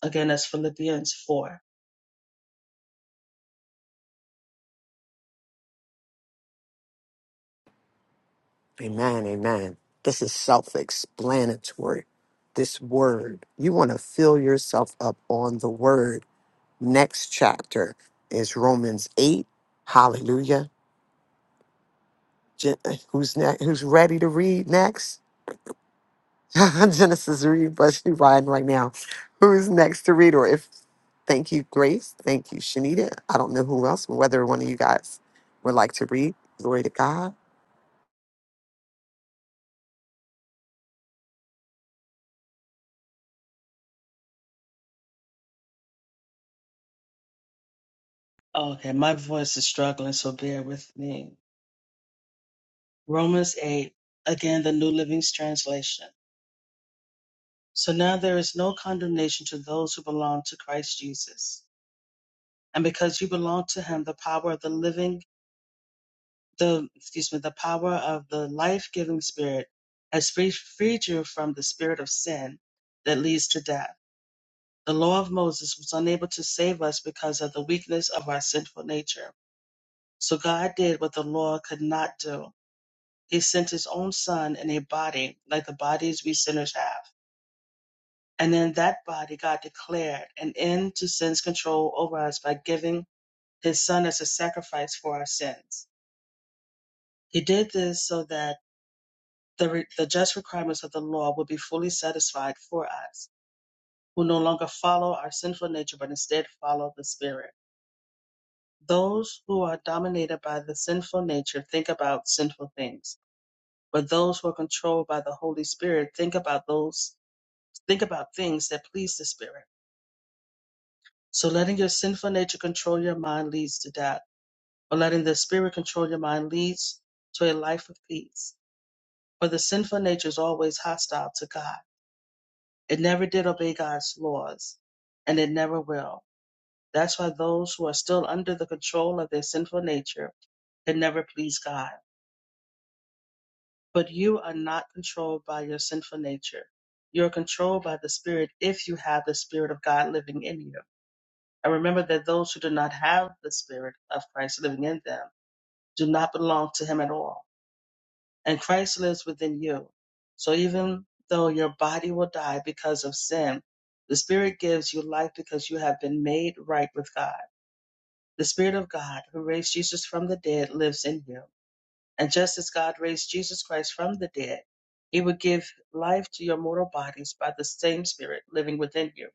Again, that's Philippians 4.
Amen, amen. This is self explanatory. This word, you want to fill yourself up on the word. Next chapter is Romans 8. Hallelujah. Je- Who's next? Who's ready to read next? <laughs> Genesis read, but she riding right now. Who's next to read? Or if thank you, Grace. Thank you, Shanita. I don't know who else, whether one of you guys would like to read. Glory to God.
Okay, my voice is struggling, so bear with me. Romans 8, again, the New Living Translation. So now there is no condemnation to those who belong to Christ Jesus. And because you belong to him, the power of the living, the excuse me, the power of the life-giving spirit has free- freed you from the spirit of sin that leads to death. The law of Moses was unable to save us because of the weakness of our sinful nature. So God did what the law could not do. He sent his own son in a body like the bodies we sinners have And in that body, God declared an end to sin's control over us by giving his son as a sacrifice for our sins. He did this so that the, re- the just requirements of the law would be fully satisfied for us, who no longer follow our sinful nature, but instead follow the Spirit. Those who are dominated by the sinful nature think about sinful things, but those who are controlled by the Holy Spirit think about those think about things that please the Spirit. So letting your sinful nature control your mind leads to death or letting the spirit control your mind leads to a life of peace. For the sinful nature is always hostile to God. It never did obey God's laws, and it never will. That's why those who are still under the control of their sinful nature can never please God. But you are not controlled by your sinful nature. You're controlled by the Spirit if you have the Spirit of God living in you. And remember that those who do not have the Spirit of Christ living in them do not belong to Him at all and Christ lives within you. So even though your body will die because of sin, the Spirit gives you life because you have been made right with God. The Spirit of God, who raised Jesus from the dead, lives in you. And just as God raised Jesus Christ from the dead, He will give life to your mortal bodies by the same Spirit living within you.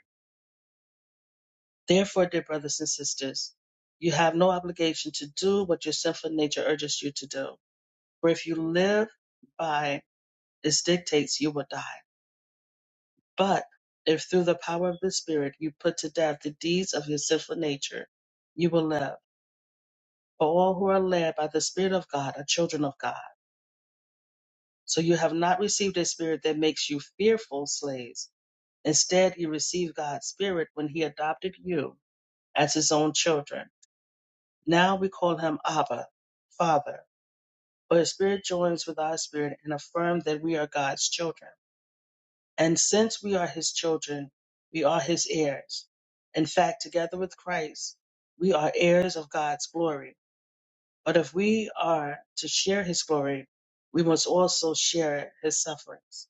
Therefore, dear brothers and sisters, you have no obligation to do what your sinful nature urges you to do. For if you live by its dictates, you will die. But if through the power of the Spirit you put to death the deeds of your sinful nature, you will live. For all who are led by the Spirit of God are children of God. So you have not received a spirit that makes you fearful slaves. Instead, you received God's Spirit when He adopted you as His own children. Now we call Him Abba, Father. For His Spirit joins with our spirit and affirms that we are God's children. And since we are his children, we are his heirs. In fact, together with Christ, we are heirs of God's glory. But if we are to share his glory, we must also share his sufferings.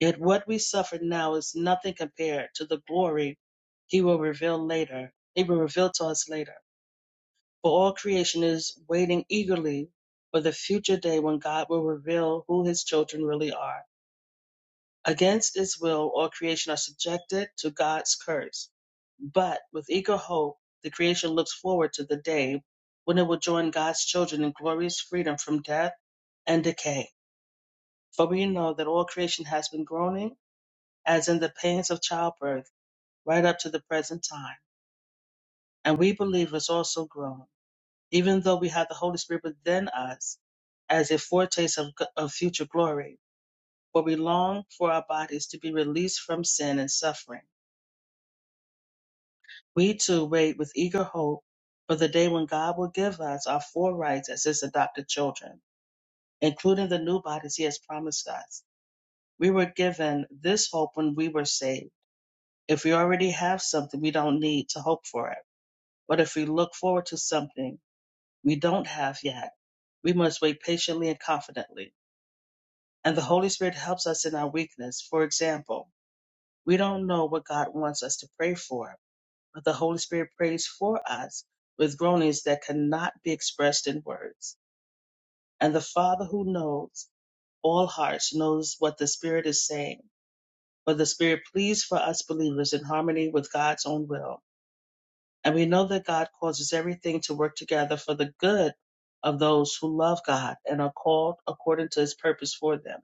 Yet what we suffer now is nothing compared to the glory he will reveal later. He will reveal to us later. For all creation is waiting eagerly for the future day when God will reveal who his children really are. against its will, all creation are subjected to God's curse. But with eager hope, the creation looks forward to the day when it will join God's children in glorious freedom from death and decay. For we know that all creation has been groaning, as in the pains of childbirth, right up to the present time. And we believers also groan, even though we have the Holy Spirit within us as a foretaste of, of future glory. For we long for our bodies to be released from sin and suffering We too wait with eager hope for the day when God will give us our full rights as His adopted children, including the new bodies He has promised us. We were given this hope when we were saved. If we already have something, we don't need to hope for it. But if we look forward to something we don't have yet, we must wait patiently and confidently. And the Holy Spirit helps us in our weakness. For example, we don't know what God wants us to pray for, but the Holy Spirit prays for us with groanings that cannot be expressed in words. And the Father who knows all hearts knows what the Spirit is saying, for the Spirit pleads for us believers in harmony with God's own will. And we know that God causes everything to work together for the good of those who love God and are called according to his purpose for them.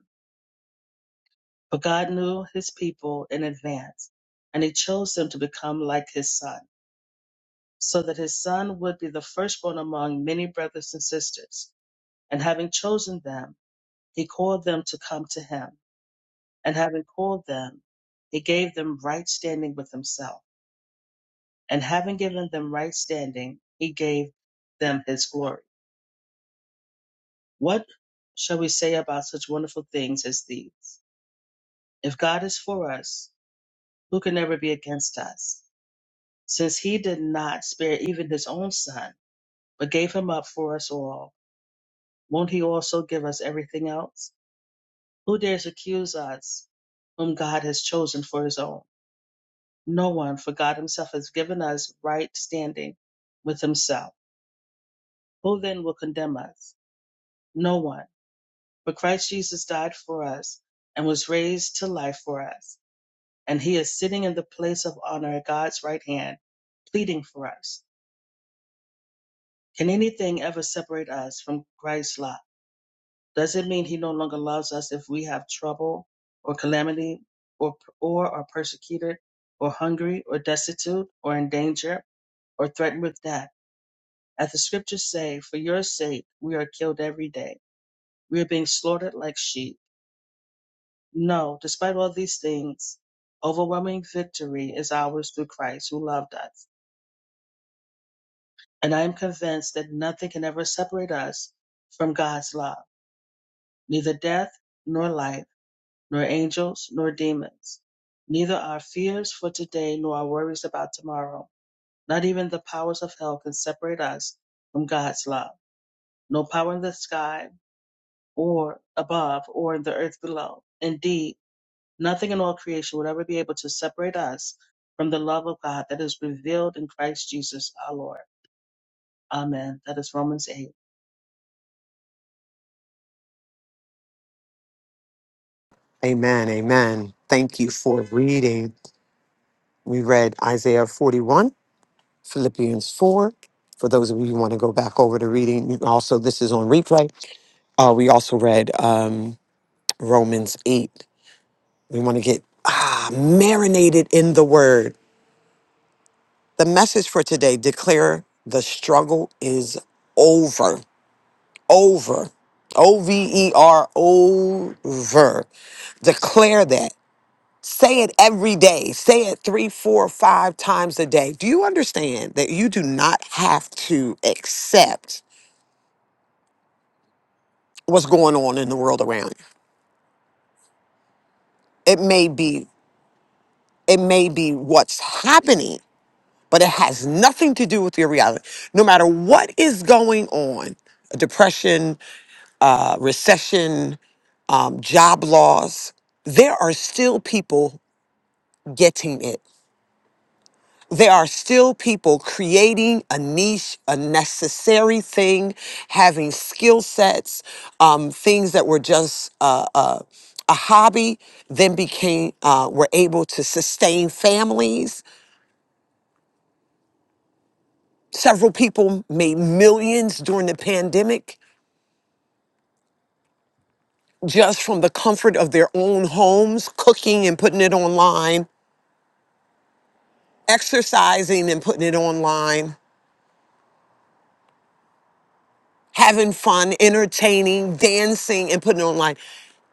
But God knew his people in advance, and he chose them to become like his son so that his son would be the firstborn among many brothers and sisters. And having chosen them, he called them to come to him. And having called them, he gave them right standing with himself. And having given them right standing, he gave them his glory. What shall we say about such wonderful things as these? If God is for us, who can ever be against us? Since he did not spare even his own son, but gave him up for us all, won't he also give us everything else? Who dares accuse us whom God has chosen for his own? No one, for God himself has given us right standing with himself. Who then will condemn us? No one. For Christ Jesus died for us and was raised to life for us. And he is sitting in the place of honor at God's right hand, pleading for us. Can anything ever separate us from Christ's love? Doesn't mean he no longer loves us if we have trouble or calamity or, or are persecuted or hungry or destitute or in danger or threatened with death. As the scriptures say, for your sake we are killed every day. We are being slaughtered like sheep. No, despite all these things, overwhelming victory is ours through Christ who loved us. And I am convinced that nothing can ever separate us from God's love, neither death nor life nor angels, nor demons. Neither our fears for today nor our worries about tomorrow. Not even the powers of hell can separate us from God's love. No power in the sky or above or in the earth below. Indeed, nothing in all creation would ever be able to separate us from the love of God that is revealed in Christ Jesus our Lord. Amen. That is Romans 8.
Amen. Amen. Thank you for reading. We read Isaiah 41, Philippians 4. For those of you who want to go back over the reading, you can also this is on replay. Uh, we also read um, Romans 8. We want to get ah, marinated in the word The message for today declare the struggle is over. Over. O V E R, over. Declare that. Say it every day. Say it three, four, five times a day. Do you understand that you do not have to accept what's going on in the world around you? It may be, it may be what's happening, but it has nothing to do with your reality. No matter what is going on, depression, uh, recession, um, job loss, there are still people getting it. There are still people creating a niche, a necessary thing, having skill sets, um, things that were just uh, uh, a hobby, then became, uh, were able to sustain families. Several people made millions during the pandemic just from the comfort of their own homes, cooking and putting it online exercising and putting it online, having fun, entertaining, dancing and putting it online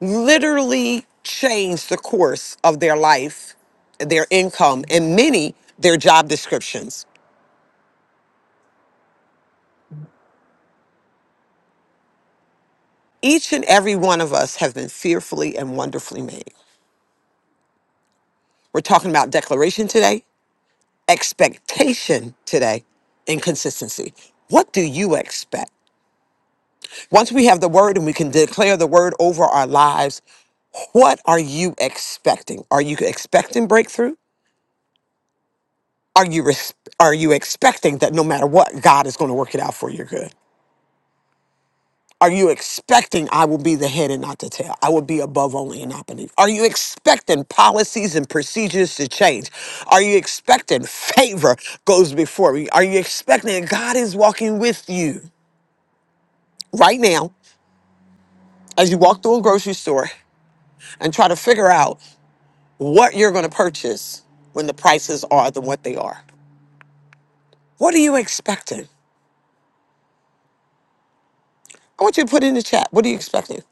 literally changed the course of their life, their income, and many their job descriptions. Each and every one of us have been fearfully and wonderfully made. We're talking about declaration today, expectation today, and consistency. What do you expect? Once we have the word and we can declare the word over our lives, What are you expecting? Are you expecting breakthrough? Are you res- are you expecting that no matter what, God is going to work it out for your good? Are you expecting I will be the head and not the tail? I will be above only and not beneath. Are you expecting policies and procedures to change? Are you expecting favor goes before you? Are you expecting that God is walking with you right now as you walk through a grocery store and try to figure out what you're going to purchase when the prices are than what they are? What are you expecting? I want you to put in the chat. What are you expecting?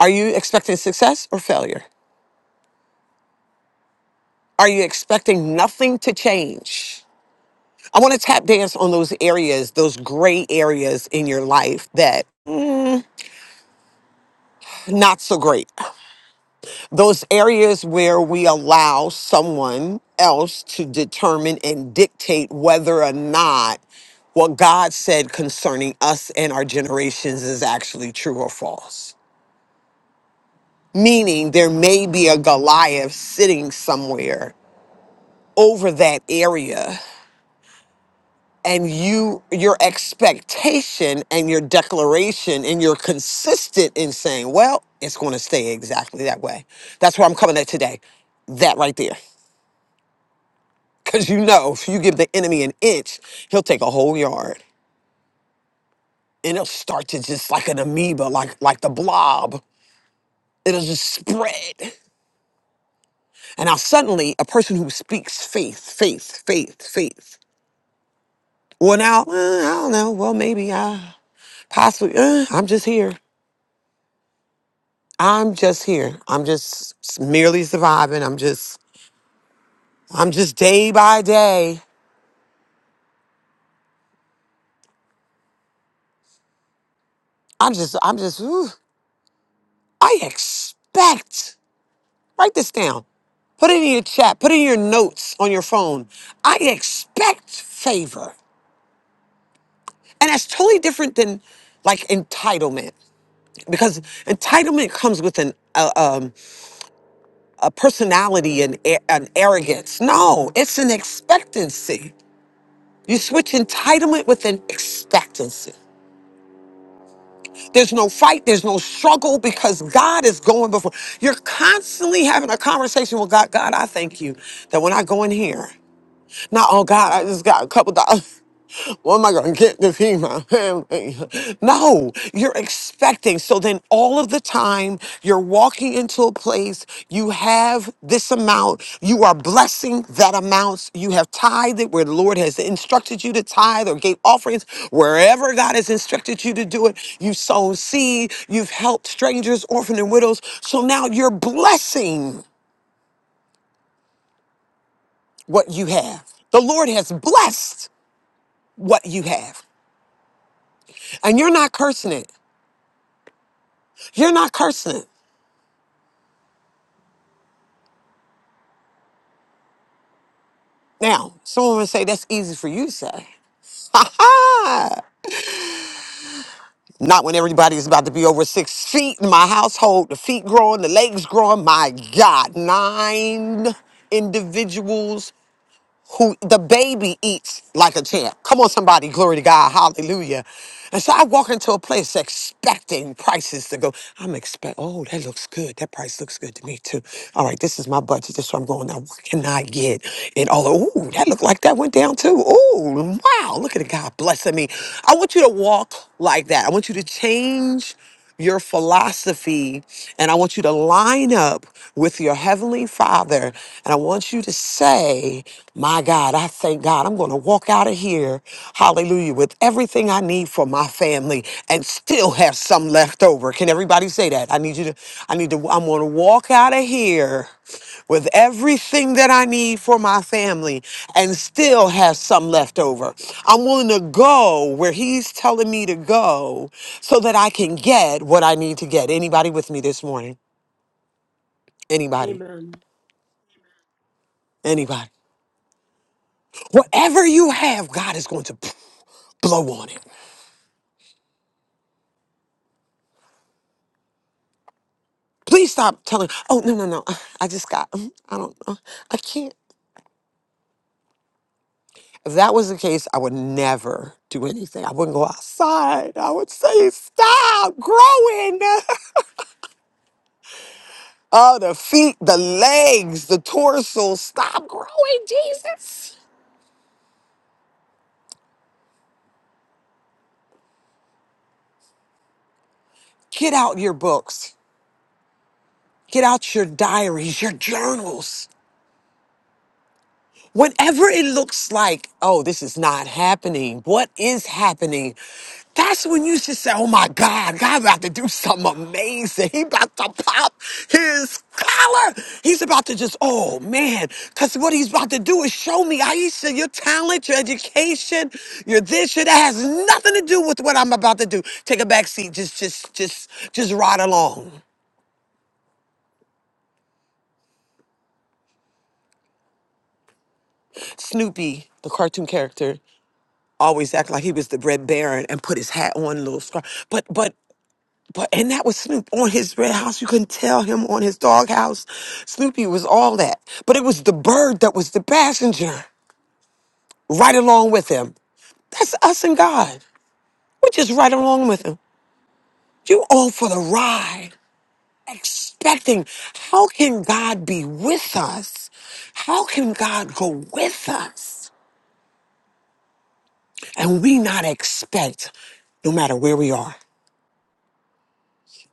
Are you expecting success or failure? Are you expecting nothing to change? I want to tap dance on those areas, those gray areas in your life that not so great. Those areas where we allow someone else to determine and dictate whether or not what God said concerning us and our generations is actually true or false. meaning there may be a Goliath sitting somewhere over that area and you your expectation and your declaration and you're consistent in saying well it's going to stay exactly that way that's where i'm coming at today that right there because you know if you give the enemy an inch he'll take a whole yard and it'll start to just like an amoeba like like the blob it'll just spread and now suddenly a person who speaks faith faith faith faith Well, now, uh, I don't know. Well, maybe I possibly, uh, I'm just here. I'm just here. I'm just s- merely surviving. I'm just, I'm just day by day. I'm just, I'm just, ooh, I expect, write this down. Put it in your chat. Put it in your notes on your phone. I expect favor. And that's totally different than like entitlement because entitlement comes with an, a. a personality and a- an arrogance. No, it's an expectancy. You switch entitlement with an expectancy. There's no fight, there's no struggle because God is going before. You're constantly having a conversation with God. God, I thank you that when I go in here, not oh God, I just got a couple dollars. <laughs> What am I going to get to feed my family? <laughs> No, you're expecting. So then all of the time you're walking into a place, you have this amount, you are blessing that amount. You have tithed it where the Lord has instructed you to tithe or gave offerings, wherever God has instructed you to do it. You've sown seed, you've helped strangers, orphans, and widows. So now you're blessing what you have. The Lord has blessed what you have, and you're not cursing it. You're not cursing. Now, someone would say that's easy for you to say. Ha ha! Not when everybody is about to be over six feet in my household, the feet growing, the legs growing. My God, nine individuals who the baby eats like a champ. Come on, somebody, glory to God, hallelujah. And so I walk into a place expecting prices to go. I'm expect. Oh, that looks good. That price looks good to me too. All right, this is my budget. This is what I'm going. Now, what can I get? And all. Oh, that looked like that went down too. Oh, wow! Look at it, God blessing me. I want you to walk like that. I want you to change your philosophy and I want you to line up with your heavenly father and I want you to say, "My God, I thank God. I'm going to walk out of here, hallelujah, with everything I need for my family and still have some left over." Can everybody say that? I need you to I need to I'm going to walk out of here with everything that I need for my family and still have some left over. I'm willing to go where he's telling me to go so that I can get what I need to get. Anybody with me this morning? Anybody?
Amen.
Anybody? Whatever you have, God is going to blow on it. Please stop telling, oh, no, no, no. I just got, I don't know. I can't. If that was the case, I would never do anything. I wouldn't go outside. I would say, stop growing. <laughs> Oh, the feet, the legs, the torso. Stop growing, Jesus. Get out your books. Get out your diaries, your journals. Whenever it looks like, oh, this is not happening. What is happening? That's when you should say, oh my God, God about to do something amazing. He about to pop his collar. He's about to just, oh man, because what he's about to do is show me, Aisha, your talent, your education, your this, your that has nothing to do with what I'm about to do. Take a back seat. Just, just, just, just ride along. Snoopy, the cartoon character. always act like he was the Red Baron and put his hat on, little scarf. But but but and that was Snoop on his red house. You couldn't tell him on his doghouse. Snoopy was all that. But it was the bird that was the passenger right along with him. That's us and God. We're just right along with him. You all for the ride, expecting. How can God be with us? How can God go with us? And we not expect, no matter where we are.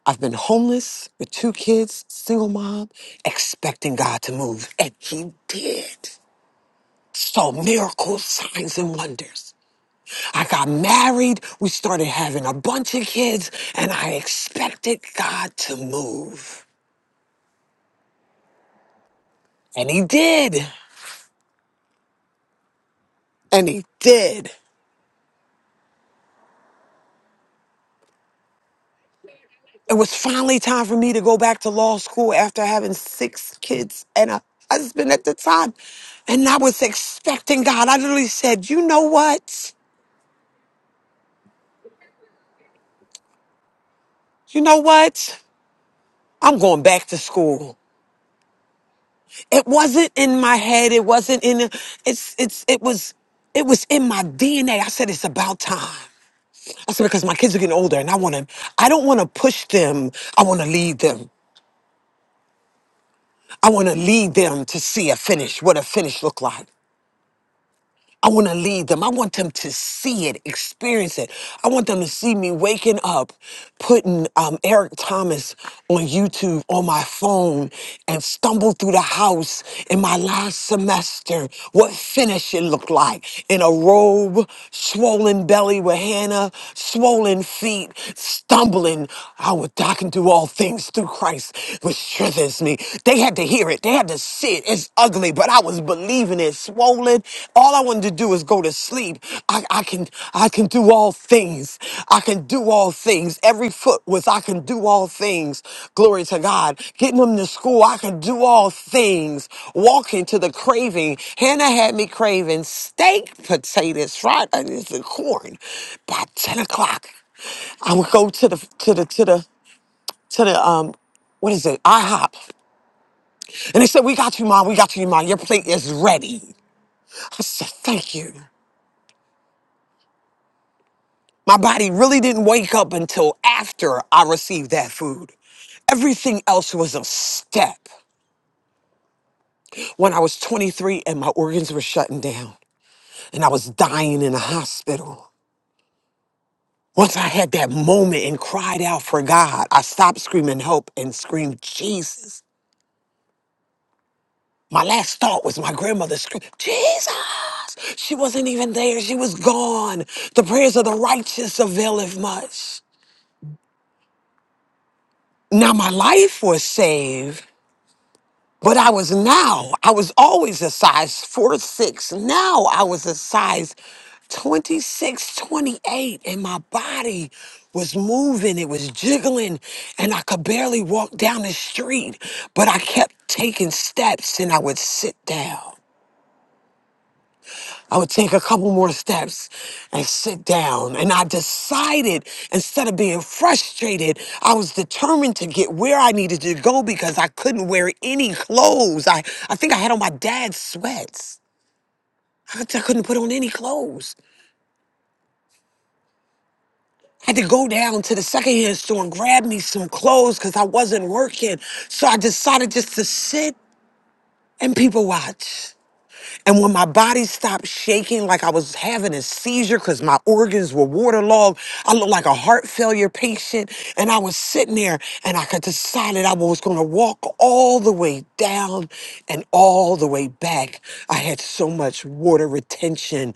I've been homeless with two kids, single mom, expecting God to move. And He did. So miracles, signs, and wonders. I got married. We started having a bunch of kids, and I expected God to move. And He did. And He did. It was finally time for me to go back to law school after having six kids and a husband at the time. And I was expecting God. I literally said, You know what? You know what? I'm going back to school. It wasn't in my head. It wasn't in it's it's it was it was in my DNA. I said it's about time. I said because my kids are getting older and I want to I don't want to push them. I want to lead them. I want to lead them to see a finish, what a finish look like. I want to lead them. I want them to see it, experience it. I want them to see me waking up, putting um, Eric Thomas on YouTube on my phone and stumble through the house in my last semester. What finish it looked like in a robe, swollen belly with Hannah, swollen feet, stumbling. I would I can do all things through Christ, which strengthens me. They had to hear it. They had to sit. It's ugly, but I was believing it. Swollen. All I wanted to do is go to sleep. I, I can, I can do all things. I can do all things. Every foot was, I can do all things. Glory to God. Getting them to school, I can do all things. Walking to the craving. Hannah had me craving steak, potatoes, fried onions, and corn. By 10 o'clock, I would go to the, to the, to the, to the, um, what is it? IHOP. And they said, We got you, Mom. We got you, Mom. Your plate is ready. I said, Thank you. My body really didn't wake up until after I received that food. Everything else was a step. When I was 23 and my organs were shutting down and I was dying in a hospital. Once I had that moment and cried out for God, I stopped screaming help and screamed Jesus. My last thought was my grandmother screamed, Jesus! She wasn't even there. She was gone. The prayers of the righteous availeth much. Now my life was saved, but I was now, I was always a size 4 6. Now I was a size 26, 28, and my body was moving. It was jiggling, and I could barely walk down the street, but I kept taking steps and I would sit down. I would take a couple more steps and sit down. And I decided, instead of being frustrated, I was determined to get where I needed to go because I couldn't wear any clothes. I, I think I had on my dad's sweats. I, I couldn't put on any clothes. I had to go down to the secondhand store and grab me some clothes because I wasn't working. So I decided just to sit and people watch. And when my body stopped shaking, like I was having a seizure because my organs were waterlogged, I looked like a heart failure patient. And I was sitting there and I could decided I was going to walk all the way down and all the way back. I had so much water retention.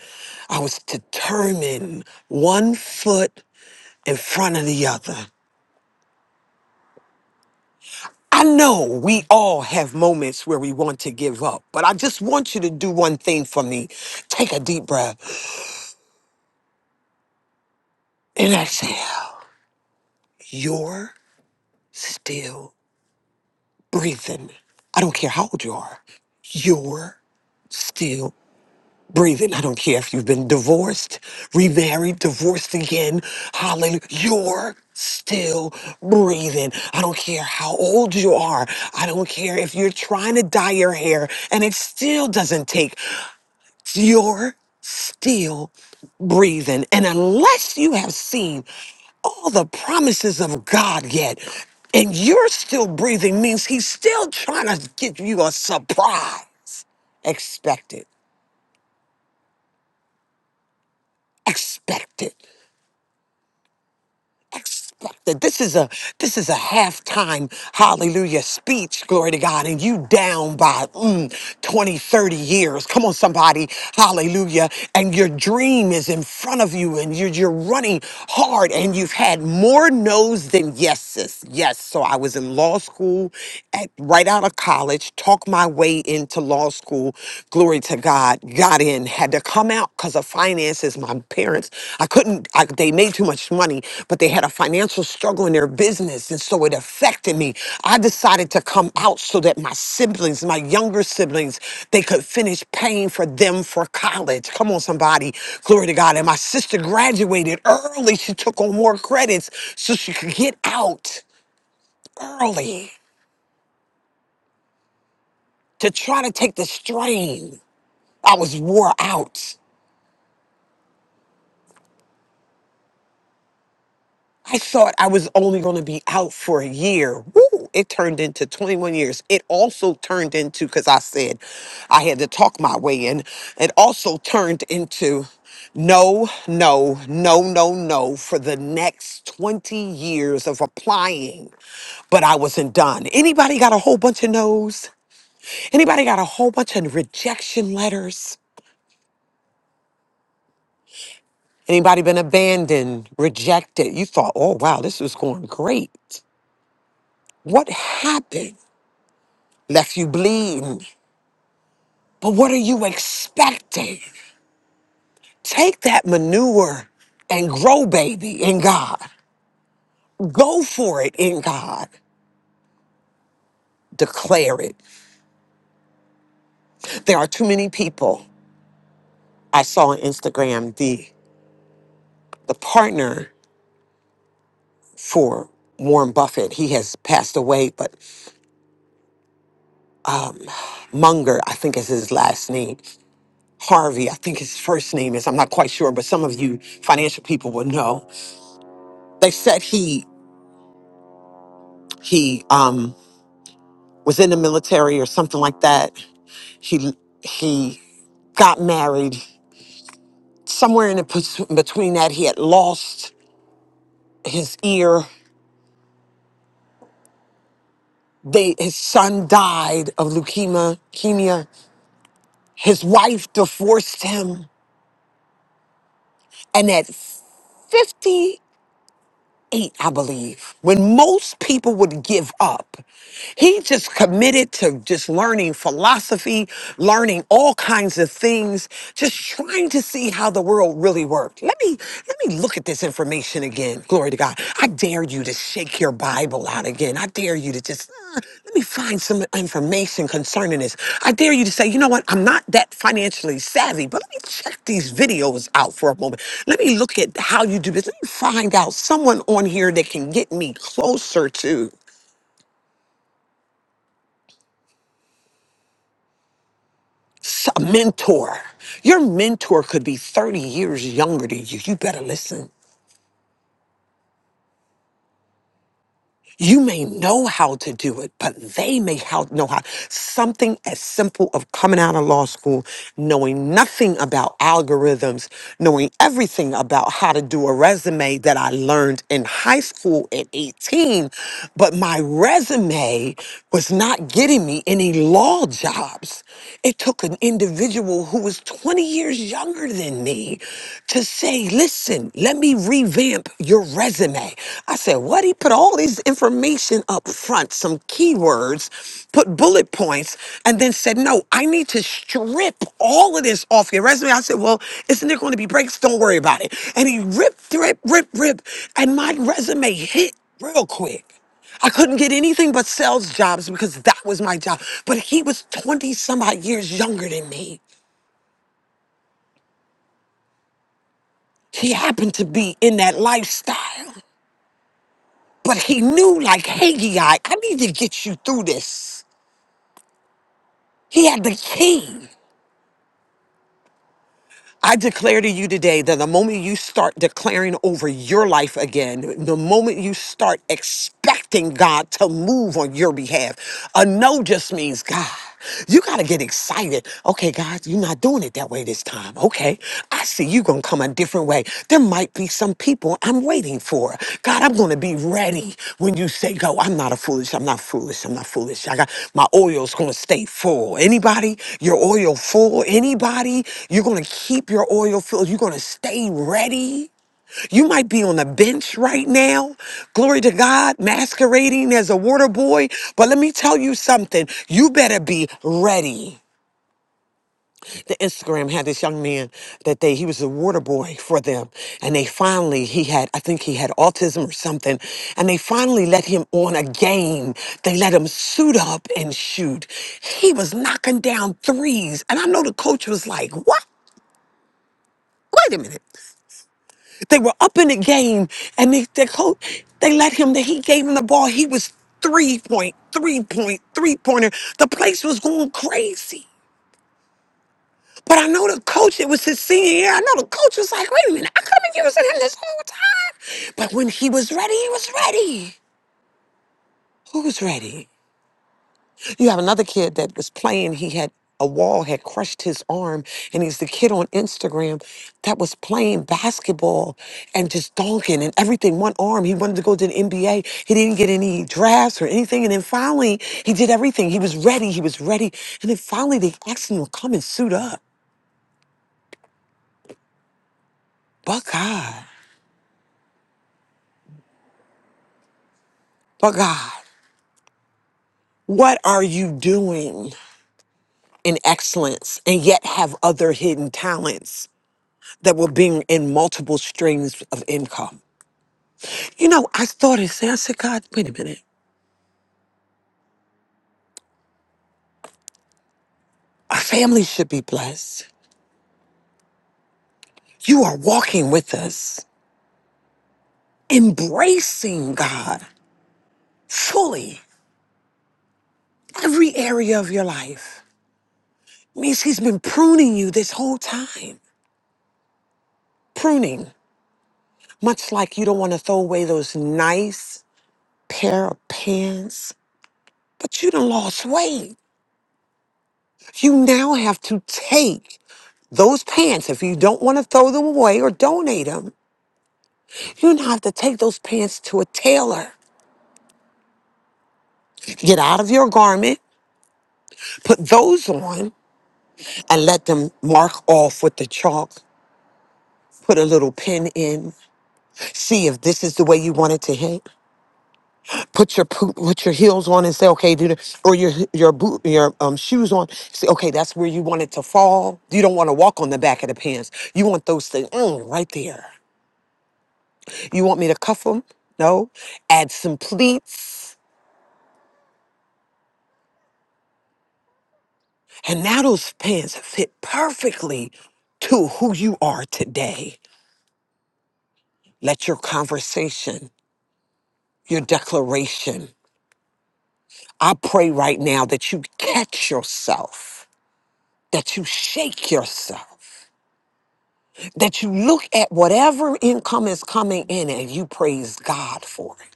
I was determined, one foot in front of the other. I know we all have moments where we want to give up, but I just want you to do one thing for me. Take a deep breath. and exhale. You're still breathing. I don't care how old you are. You're still breathing. I don't care if you've been divorced, remarried, divorced again. Hallelujah. You're still breathing. I don't care how old you are. I don't care if you're trying to dye your hair and it still doesn't take. You're still breathing. And unless you have seen all the promises of God yet, and you're still breathing, means He's still trying to give you a surprise. Expect it. Expect it. expected. This is a this is a halftime hallelujah speech, glory to God, and you down by mm, 20, thirty years. Come on, somebody, hallelujah. And your dream is in front of you and you're, you're running hard and you've had more no's than yeses. Yes. So I was in law school at right out of college, talked my way into law school. Glory to God, got in, had to come out because of finances. My parents, I couldn't, I, they made too much money, but they had a financial struggle in their business. And so it affected me. I decided to come out so that my siblings, my younger siblings, they could finish paying for them for college. Come on, somebody. Glory to God. And my sister graduated early. She took on more credits so she could get out early to try to take the strain. I was wore out. I thought I was only going to be out for a year. Woo! It turned into 21 years. It also turned into, because I said I had to talk my way in, it also turned into no, no, no, no, no for the next 20 years of applying. But I wasn't done. Anybody got a whole bunch of no's? Anybody got a whole bunch of rejection letters? Anybody been abandoned, rejected? You thought, oh, wow, this was going great. What happened? left you bleeding. But what are you expecting? Take that manure and grow, baby, in God. Go for it in God. Declare it. There are too many people. I saw on Instagram the the partner for Warren Buffett. He has passed away, but Munger, I think is his last name. Harvey, I think his first name is. I'm not quite sure, but some of you financial people will know. They said he he um was in the military or something like that He he got married. Somewhere in the pers- between that, he had lost his ear. They his son died of leukemia. Leukemia. His wife divorced him, and at 50. eight, I believe, when most people would give up, he just committed to just learning philosophy, learning all kinds of things, just trying to see how the world really worked. Let me let me look at this information again. Glory to God. I dare you to shake your Bible out again. I dare you to just uh, let me find some information concerning this. I dare you to say, you know what? I'm not that financially savvy, but let me check these videos out for a moment. Let me look at how you do this. Let me find out someone on here that can get me closer to s- a mentor. Your mentor could be 30 years younger than you. You better listen. You may know how to do it, but they may how, know how. Something as simple of coming out of law school, knowing nothing about algorithms, knowing everything about how to do a resume that I learned in high school at 18, but my resume was not getting me any law jobs. It took an individual who was 20 years younger than me to say, listen, let me revamp your resume. I said, What? He put all this information up front, some keywords, put bullet points, and then said, No, I need to strip all of this off your resume. I said, Well, isn't there going to be breaks? Don't worry about it. And he ripped, rip, rip, rip. And my resume hit real quick. I couldn't get anything but sales jobs because that was my job. But he was 20 some odd years younger than me. He happened to be in that lifestyle. But he knew, like, hey, Haggai, I need to get you through this. He had the key. I declare to you today that the moment you start declaring over your life again, the moment you start expecting God to move on your behalf, a no just means God. You got to get excited. Okay, God, you're not doing it that way this time. Okay, I see you going to come a different way. There might be some people I'm waiting for. God, I'm going to be ready when you say go. I'm not a foolish. I'm not foolish. I'm not foolish. I got my oil's going to stay full. Anybody, your oil full? Anybody, you're going to keep your oil full. You're going to stay ready. You might be on the bench right now, glory to God, masquerading as a water boy. But let me tell you something you better be ready the Instagram had this young man that they he was a water boy for them and they finally he had I think he had autism or something and they finally let him on a game they let him suit up and shoot he was knocking down threes and I know the coach was like what wait a minute they were up in the game and they the coach they let him that he gave him the ball he was three point three point three pointer the place was going crazy But I know the coach, it was his senior year. I know the coach was like, wait a minute, I could have been using him this whole time. But when he was ready, he was ready. Who was ready? You have another kid that was playing, he had a wall had crushed his arm, and he's the kid on Instagram that was playing basketball and just donking and everything. One arm, he wanted to go to the NBA. He didn't get any drafts or anything. And then finally, he did everything. He was ready. He was ready. And then finally, they asked him to come and suit up. Buckeye. Buckeye. What are you doing in excellence and yet have other hidden talents that will bring in multiple streams of income? You know, I started saying, I said, God, wait a minute. Our family should be blessed. You are walking with us, embracing God fully every area of your life. Means He's been pruning you this whole time. Pruning, much like you don't want to throw away those nice pair of pants, but you done lost weight You now have to take those pants, if you don't want to throw them away or donate them, you now have to take those pants to a tailor. Get out of your garment, put those on, and let them mark off with the chalk. Put a little pin in. See if this is the way you want it to hit. Put your poop, put your heels on and say, okay, do the, or your your boot, your um, shoes on. Say, okay, that's where you want it to fall. You don't want to walk on the back of the pants. You want those things mm, right there. You want me to cuff them? No. Add some pleats. And now those pants fit perfectly to who you are today. Let your conversation, your declaration, I pray right now that you catch yourself, that you shake yourself, that you look at whatever income is coming in and you praise God for it.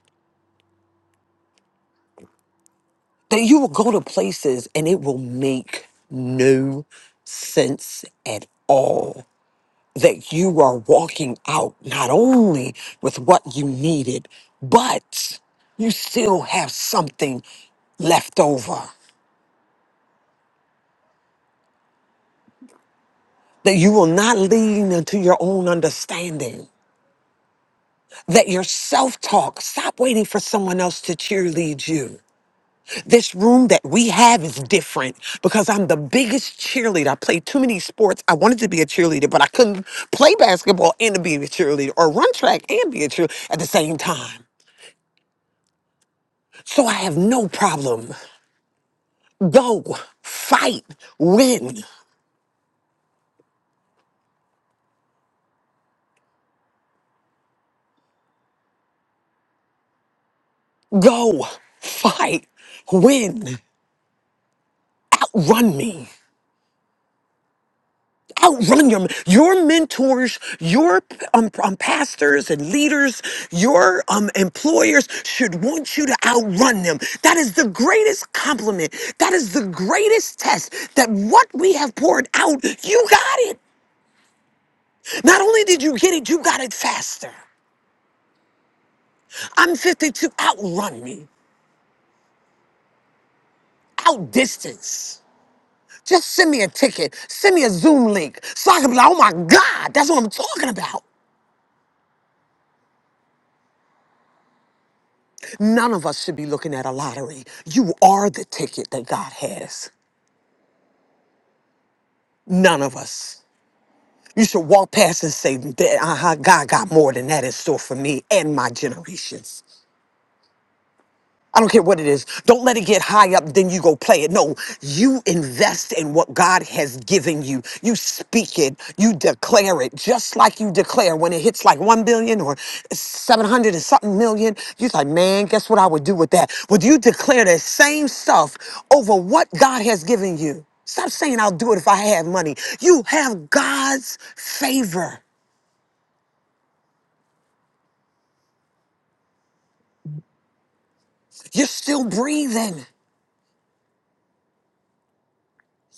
That you will go to places and it will make no sense at all that you are walking out not only with what you needed, but you still have something left over. That you will not lean into your own understanding. That your self talk, stop waiting for someone else to cheerlead you. This room that we have is different because I'm the biggest cheerleader. I played too many sports. I wanted to be a cheerleader, but I couldn't play basketball and be a cheerleader or run track and be a cheerleader at the same time. So I have no problem. Go, fight, win. Go, fight, win. Outrun me. Outrun your your mentors, your um, um, pastors and leaders, your um, employers should want you to outrun them. That is the greatest compliment. That is the greatest test. That what we have poured out, you got it. Not only did you get it, you got it faster. I'm 52. Outrun me. outdistance. Just send me a ticket, send me a Zoom link, so I can be like, oh my God, that's what I'm talking about. None of us should be looking at a lottery. You are the ticket that God has. None of us. You should walk past and say, uh huh, God got more than that in store for me and my generations. I don't care what it is. Don't let it get high up, then you go play it. No, you invest in what God has given you. You speak it, you declare it, just like you declare when it hits like 1 billion or 700 and something million. You're like, man, guess what I would do with that? Would you declare the same stuff over what God has given you? Stop saying I'll do it if I have money. You have God's favor. You're still breathing.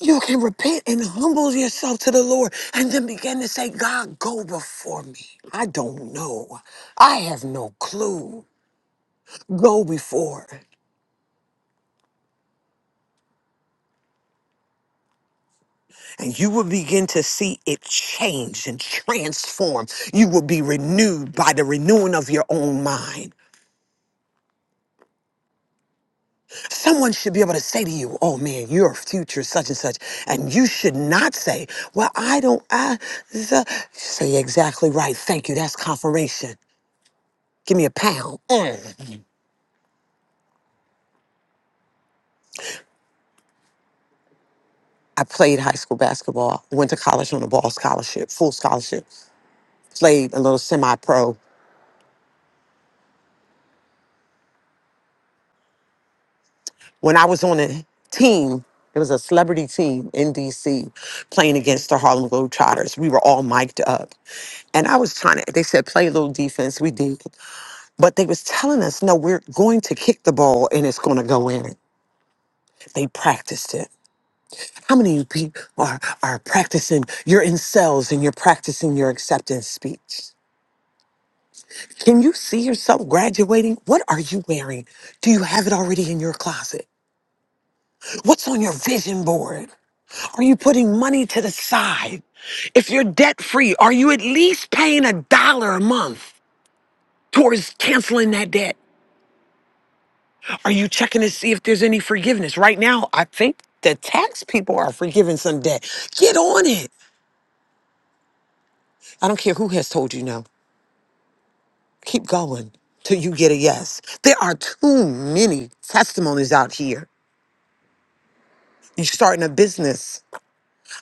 you can repent and humble yourself to the Lord and then begin to say, God, go before me. I don't know. I have no clue. Go before. And you will begin to see it change and transform. You will be renewed by the renewing of your own mind. Someone should be able to say to you, oh man, your future such and such. And you should not say, well, I don't, I, the, say exactly right. Thank you. That's confirmation. Give me a pound. Mm. I played high school basketball, went to college on a ball scholarship, full scholarship, played a little semi pro. When I was on a team, it was a celebrity team in DC playing against the Harlem Globetrotters. We were all mic'd up. And I was trying to, they said, play a little defense. We did. But they was telling us, no, we're going to kick the ball and it's going to go in. They practiced it. How many of you people are, are practicing? You're in cells and you're practicing your acceptance speech. Can you see yourself graduating? What are you wearing? Do you have it already in your closet? What's on your vision board? Are you putting money to the side? If you're debt free, are you at least paying a dollar a month towards canceling that debt? Are you checking to see if there's any forgiveness? Right now, I think the tax people are forgiving some debt. Get on it. I don't care who has told you no. Keep going till you get a yes. There are too many testimonies out here. You're starting a business.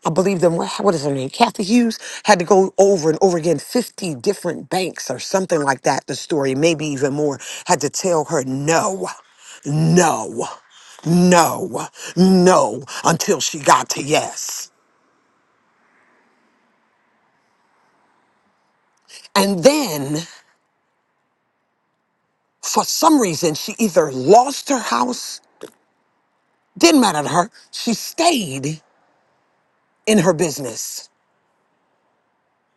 I believe them. What what is her name? Kathy Hughes had to go over and over again, 50 different banks or something like that. The story, maybe even more, had to tell her no, no, no, no, until she got to yes. And then, for some reason, she either lost her house, didn't matter to her, she stayed in her business.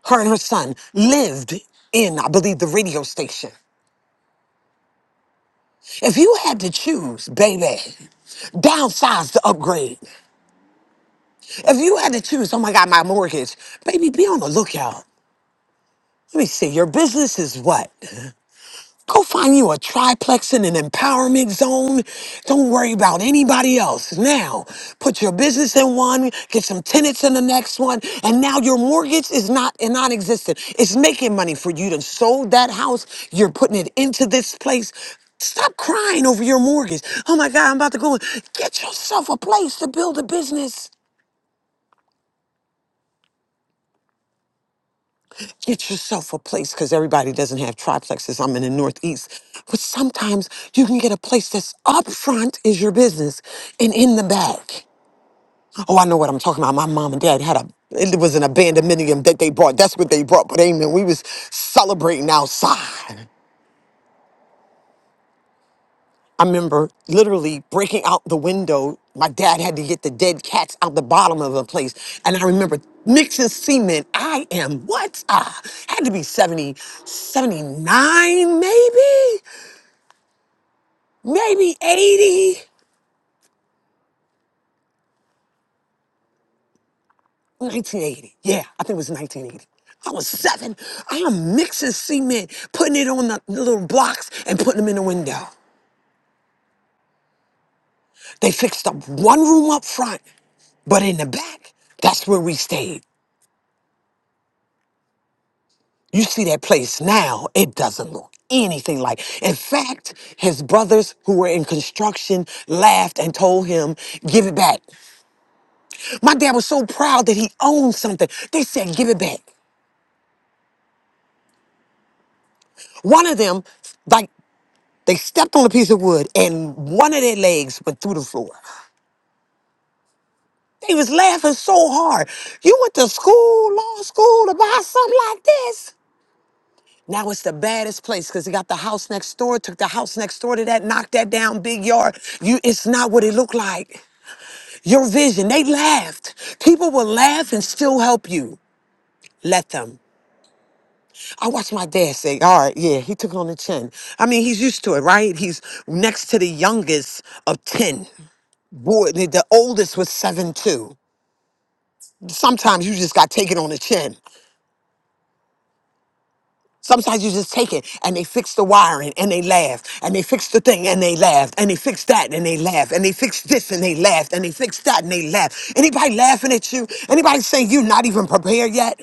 Her and her son lived in, I believe, the radio station. If you had to choose, baby, downsize to upgrade. If you had to choose, oh my God, my mortgage, baby, be on the lookout. Let me see, your business is what? Go find you a triplex in an empowerment zone. Don't worry about anybody else. Now, put your business in one, get some tenants in the next one, and now your mortgage is not non-existent. It's making money for you to sold that house. You're putting it into this place. Stop crying over your mortgage. Oh my God, I'm about to go. Get yourself a place to build a business. Get yourself a place because everybody doesn't have triplexes. I'm in the Northeast, but sometimes you can get a place that's up front is your business and in the back. Oh, I know what I'm talking about. My mom and dad had a it was an abandoned minium that they bought. That's what they brought. But amen, we was celebrating outside. I remember literally breaking out the window. My dad had to get the dead cats out the bottom of the place. And I remember mixing cement. I am what? Ah, had to be 70, 79, maybe, maybe 80, 1980. Yeah, I think it was 1980. I was seven. I am mixing cement, putting it on the little blocks and putting them in the window. They fixed up one room up front, but in the back, that's where we stayed. You see that place now, it doesn't look anything like. In fact, his brothers who were in construction laughed and told him, Give it back. My dad was so proud that he owned something. They said, Give it back. One of them, like, they stepped on a piece of wood and one of their legs went through the floor. They was laughing so hard. You went to school, law school, to buy something like this? Now it's the baddest place because he got the house next door, took the house next door to that, knocked that down, big yard. You, it's not what it looked like. Your vision, they laughed. People will laugh and still help you. Let them. I watched my dad say, all right, yeah, he took it on the chin. I mean, he's used to it, right? He's next to the youngest of 10. Boy, the the oldest was seven, too. Sometimes you just got taken on the chin. Sometimes you just take it and they fix the wiring and they laugh and they fix the thing and they laugh and they fix that and they laugh and they fix this and they laugh and they fix that and they laugh. Anybody laughing at you? Anybody saying you're not even prepared yet?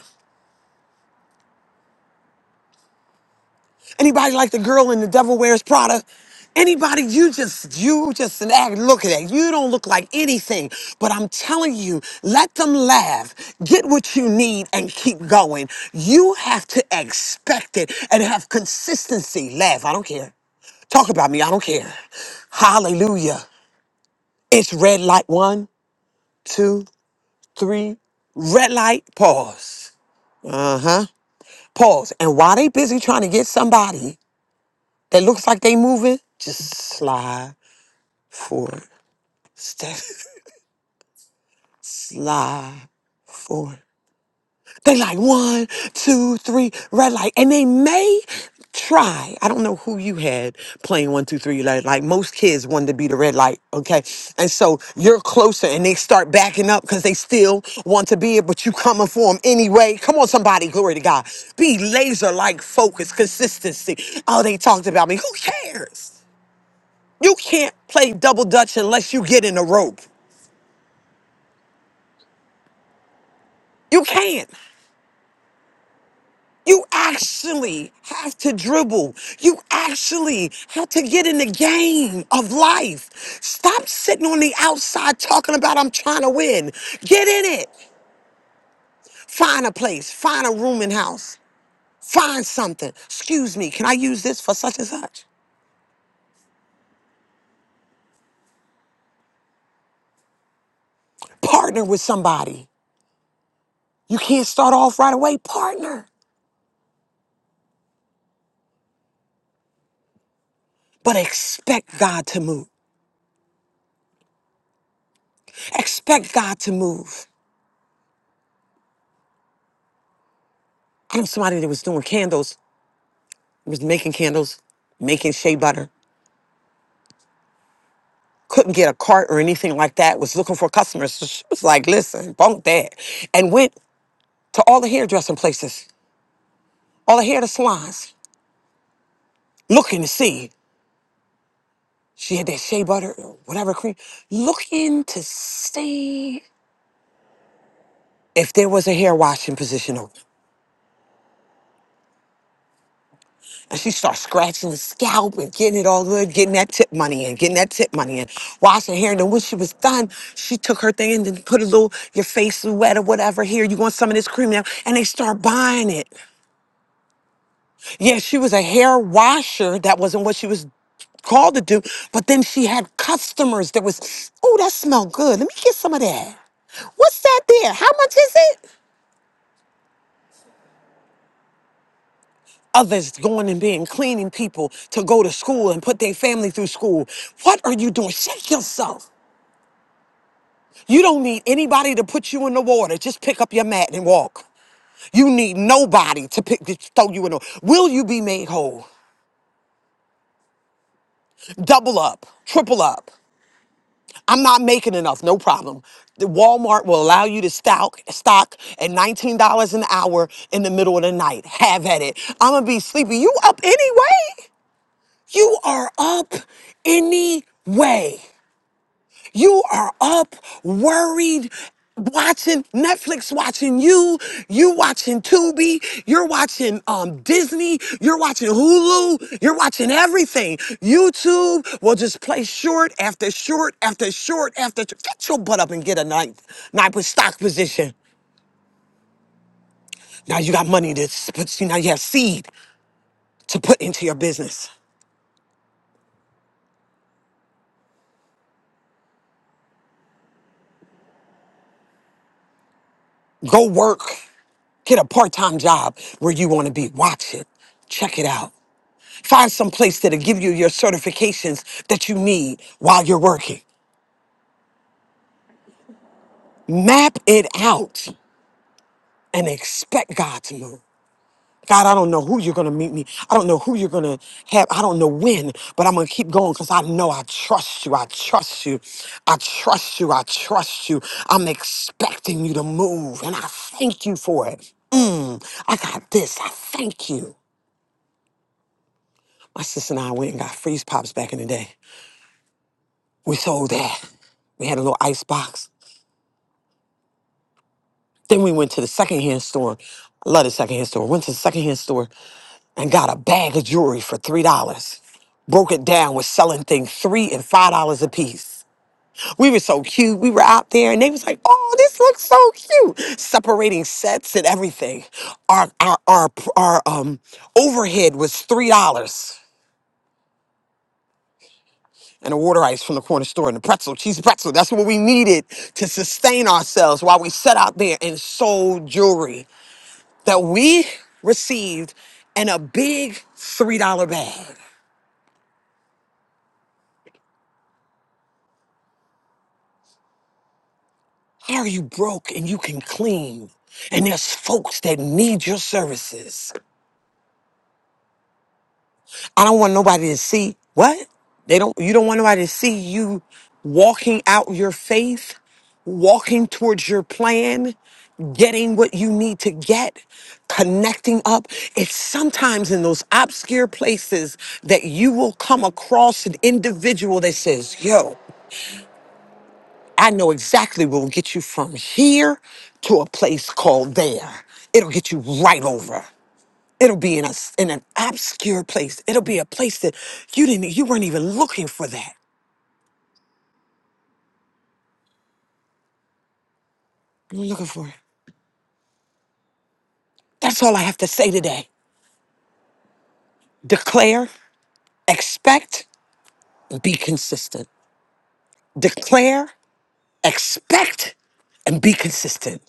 Anybody like the girl in the Devil Wears Prada? Anybody, you just, you just an act. Look at that. You don't look like anything. But I'm telling you, let them laugh. Get what you need and keep going. You have to expect it and have consistency. Laugh. I don't care. Talk about me. I don't care. Hallelujah. It's red light. One, two, three. Red light. Pause. Uh huh. Pause. And while they busy trying to get somebody, that looks like they moving, just slide forward. Step, <laughs> slide forward. They like one, two, three, red light. And they may try. I don't know who you had playing one, two, three, like, like most kids wanted to be the red light. Okay. And so you're closer and they start backing up because they still want to be it, but you coming for them anyway. Come on, somebody. Glory to God. Be laser like focus, consistency. Oh, they talked about me. Who cares? You can't play double dutch unless you get in a rope. You can't. You actually have to dribble. You actually have to get in the game of life. Stop sitting on the outside talking about I'm trying to win. Get in it. Find a place. Find a room and house. Find something. Excuse me, can I use this for such and such? Partner with somebody. You can't start off right away. Partner. But expect God to move. Expect God to move. I knew somebody that was doing candles, was making candles, making shea butter, couldn't get a cart or anything like that, was looking for customers. So she was like, listen, bunk that. And went to all the hairdressing places, all the hair salons, looking to see. She had that shea butter, or whatever cream, looking to see if there was a hair washing position open. And she starts scratching the scalp and getting it all good, getting that tip money and getting that tip money and washing hair. And then when she was done, she took her thing and then put a little, your face is wet or whatever. Here, you want some of this cream now? And they start buying it. Yeah, she was a hair washer. That wasn't what she was called to do. But then she had customers that was, oh, that smell good. Let me get some of that. What's that there? How much is it? others going and being cleaning people to go to school and put their family through school. What are you doing? Shake yourself. You don't need anybody to put you in the water. Just pick up your mat and walk. You need nobody to pick to throw you in the Will you be made whole? Double up, triple up. I'm not making enough, no problem. The Walmart will allow you to stock stock at $19 an hour in the middle of the night. Have at it. I'ma be sleepy. You up anyway? You are up anyway. You are up worried, watching Netflix, watching you, you watching Tubi, you're watching um, Disney, you're watching Hulu, you're watching everything. YouTube will just play short after short after short after. Get your butt up and get a ninth, ninth with stock position. Now you got money to put. now you have seed to put into your business. Go work. Get a part-time job where you want to be. Watch it. Check it out. Find some place that'll give you your certifications that you need while you're working. Map it out and expect God to move. God, I don't know who you're going to meet me. I don't know who you're going to have. I don't know when, but I'm going to keep going because I know I trust you. I trust you. I trust you. I trust you. I'm expecting you to move and I thank you for it. Mm, I got this. I thank you. My sister and I went and got freeze pops back in the day. We sold that. We had a little ice box. Then we went to the secondhand store. I love the secondhand store. Went to the secondhand store and got a bag of jewelry for three dollars. Broke it down was selling things three and five dollars a piece. We were so cute. We were out there and they was like, oh, this looks so cute. Separating sets and everything. Our our our, our um overhead was three dollars. and a water ice from the corner store and a pretzel, cheese pretzel. That's what we needed to sustain ourselves while we sat out there and sold jewelry that we received in a big $3 bag. How are you broke and you can clean? And there's folks that need your services. I don't want nobody to see what they don't. You don't want nobody to see you walking out your faith, walking towards your plan, getting what you need to get, connecting up. It's sometimes in those obscure places that you will come across an individual that says, "Yo, I know exactly what will get you from here to a place called there. It'll get you right over." It'll be in a s- in an obscure place. It'll be a place that you didn't you weren't even looking for that. You were looking for it. That's all I have to say today. Declare, expect, be consistent. Declare, expect, and be consistent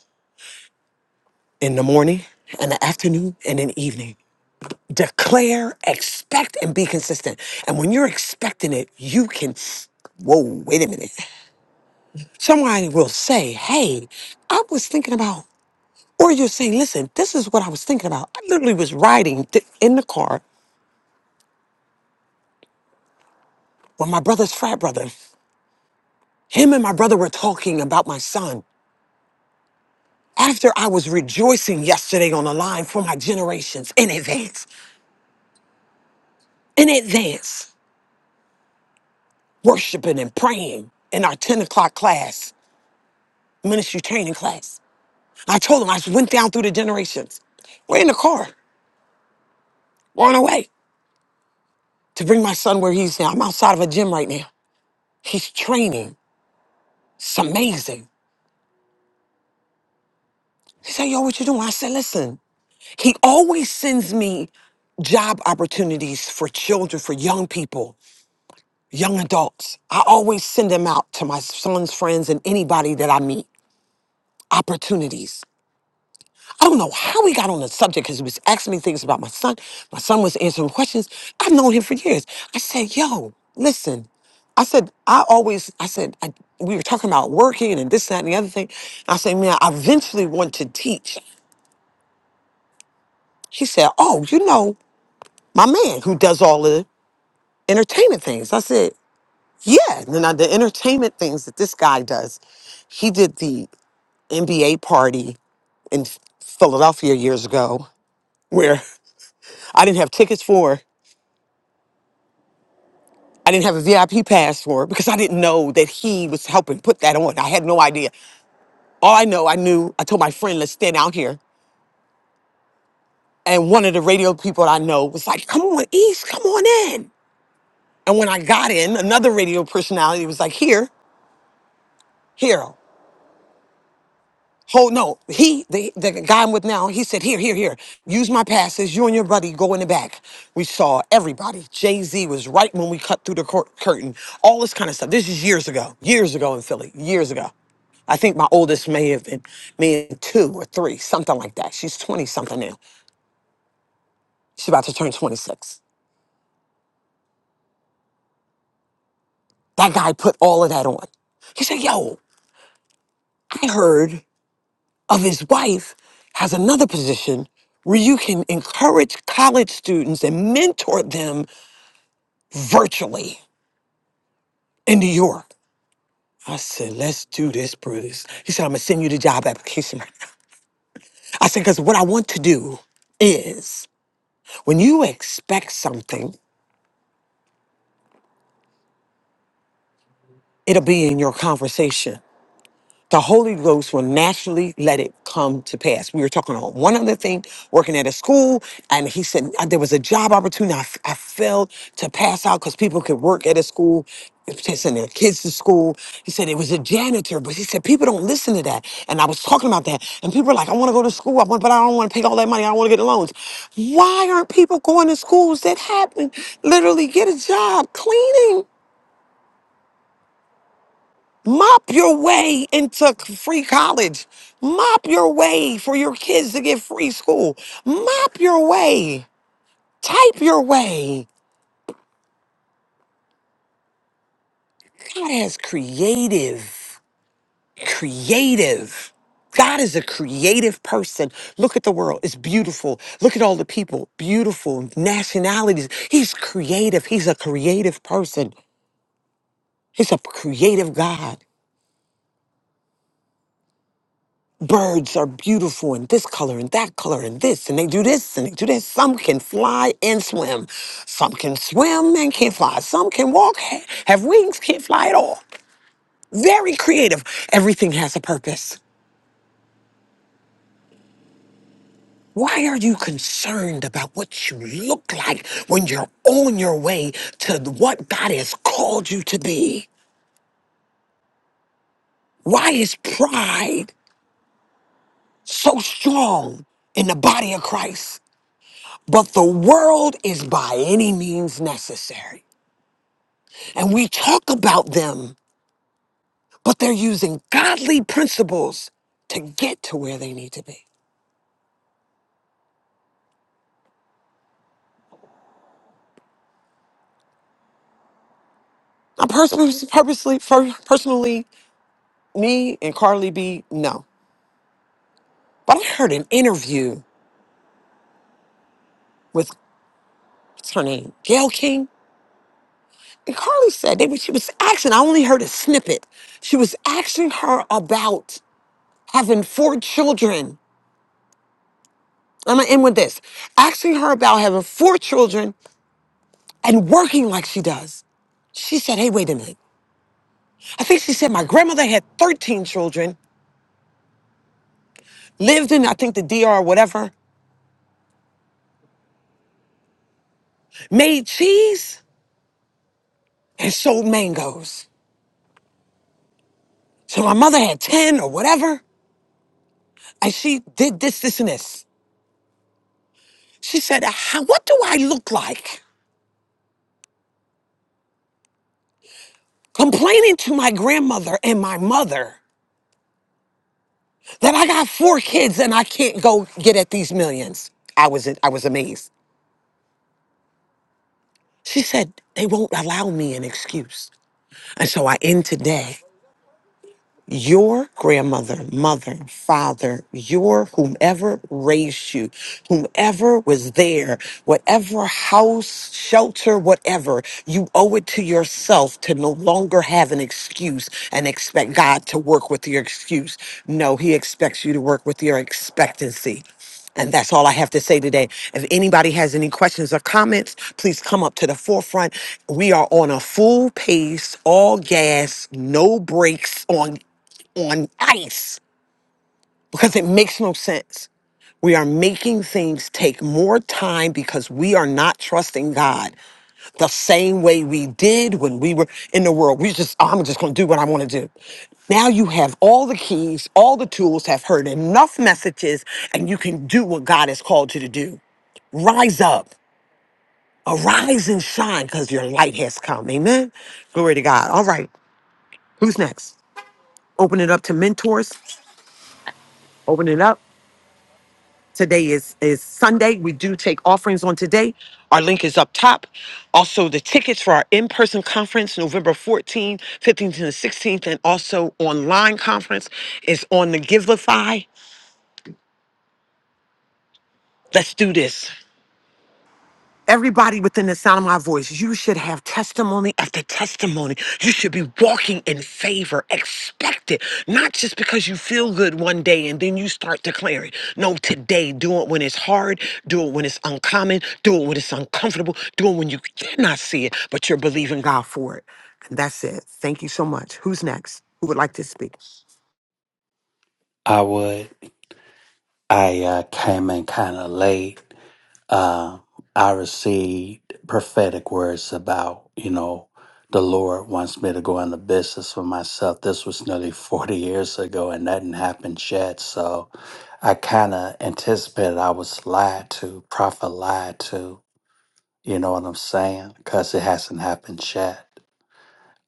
in the morning and the afternoon and in the evening. Declare, expect, and be consistent. And when you're expecting it, you can. Whoa, wait a minute. Somebody will say, Hey, I was thinking about Or you're saying, listen, this is what I was thinking about. I literally was riding th- in the car with my brother's frat brother. Him and my brother were talking about my son after I was rejoicing yesterday on the line for my generations in advance, in advance, worshiping and praying in our 10 o'clock class, ministry training class. I told him I just went down through the generations. We're in the car. We're on our way to bring my son where he's now. I'm outside of a gym right now. He's training. It's amazing. He said, Yo, what you doing? I said, Listen, He always sends me job opportunities for children, for young people, young adults. I always send them out to my son's friends and anybody that I meet. Opportunities. I don't know how we got on the subject because he was asking me things about my son. My son was answering questions. I've known him for years. I said, Yo, listen, I said, I always, I said, I, we were talking about working and this, that, and the other thing. I said, man, I eventually want to teach. He said, oh, you know, my man who does all of this. entertainment things. I said, yeah. And then I, the entertainment things that this guy does, he did the NBA party in Philadelphia years ago where I didn't have tickets for. I didn't have a VIP pass for it because I didn't know that he was helping put that on. I had no idea. All I know, I knew, I told my friend, let's stand out here. And one of the radio people I know was like, come on, East, come on in. And when I got in, another radio personality was like, here, here. Hold no. He the the guy I'm with now. He said, "Here, here, here. Use my passes. You and your buddy go in the back." We saw everybody. Jay Z was right when we cut through the cur- curtain. All this kind of stuff. This is years ago. Years ago in Philly. Years ago. I think my oldest may have been me two or three, something like that. She's twenty something now. She's about to turn twenty six. That guy put all of that on. He said, "Yo, I heard." of his wife has another position where you can encourage college students and mentor them virtually in New York. I said, let's do this, Bruce. He said, I'm gonna send you the job application right now. I said, because what I want to do is when you expect something, it'll be in your conversation. the Holy Ghost will naturally let it come to pass. We were talking about one other thing, working at a school, and he said uh, there was a job opportunity. I, f- I failed to pass out because people could work at a school, to send their kids to school. He said it was a janitor, but he said people don't listen to that. And I was talking about that, and people are like, I want to go to school, I want, but I don't want to pay all that money. I don't want to get loans. Why aren't people going to schools that happen? Literally, get a job cleaning. Mop your way into c- free college. Mop your way for your kids to get free school. Mop your way. Type your way. God has creative, creative. God is a creative person. Look at the world. It's beautiful. Look at all the people. Beautiful nationalities. He's creative. He's a creative person. He's a creative God. birds are beautiful and this color and that color and this and they do this and they do this some can fly and swim some can swim and can't fly some can walk ha- have wings can't fly at all very creative everything has a purpose why are you concerned about what you look like when you're on your way to what god has called you to be why is pride so strong in the body of christ but the world is by any means necessary And we talk about them, but they're using godly principles to get to where they need to be. I personally, purposely, per- personally, me and Carly B, no. But I heard an interview with what's her name, Gail King, and Carly said they. she was asking. I only heard a snippet. She was asking her about having four children. I'm gonna end with this. Asking her about having four children and working like she does. She said, "Hey, wait a minute. I think she said my grandmother had 13 children, lived in, I think, the DR or whatever, made cheese and sold mangoes. So my mother had 10 or whatever, and she did this, this, and this. She said, "How- What do I look like complaining to my grandmother and my mother that I got four kids and I can't go get at these millions? I was, I was amazed. She said, They won't allow me an excuse. And so I end today. your grandmother, mother, father, your whomever raised you, whomever was there, whatever house, shelter, whatever, you owe it to yourself to no longer have an excuse and expect God to work with your excuse. No, He expects you to work with your expectancy. And that's all I have to say today. If anybody has any questions or comments, please come up to the forefront. We are on a full pace, all gas, no brakes on on ice because it makes no sense. We are making things take more time because we are not trusting God the same way we did when we were in the world. We just, "Ah, I'm just going to do what I want to do. Now you have all the keys, all the tools, have heard enough messages, and you can do what God has called you to do. Rise up, arise and shine because your light has come. Amen. Glory to God. All right. Who's next? Open it up to mentors. Open it up. Today is is Sunday. We do take offerings on today. Our link is up top. Also, the tickets for our in-person conference, November 14th, 15th, and the 16th, and also online conference is on the Givelify. Let's do this. Everybody within the sound of my voice, you should have testimony after testimony. You should be walking in favor, expect it, not just because you feel good one day and then you start declaring. No, today, do it when it's hard, do it when it's uncommon, do it when it's uncomfortable, do it when you cannot see it, but you're believing God for it. And that's it. Thank you so much. Who's next? Who would like to speak?
I would. I uh, came in kind of late. Um, I received prophetic words about, you know, the Lord wants me to go into business for myself. This was nearly <laughs> 40 years ago and nothing happened yet. So I kind of anticipated I was lied to, prophet lied to. You know what I'm saying? Because it hasn't happened yet.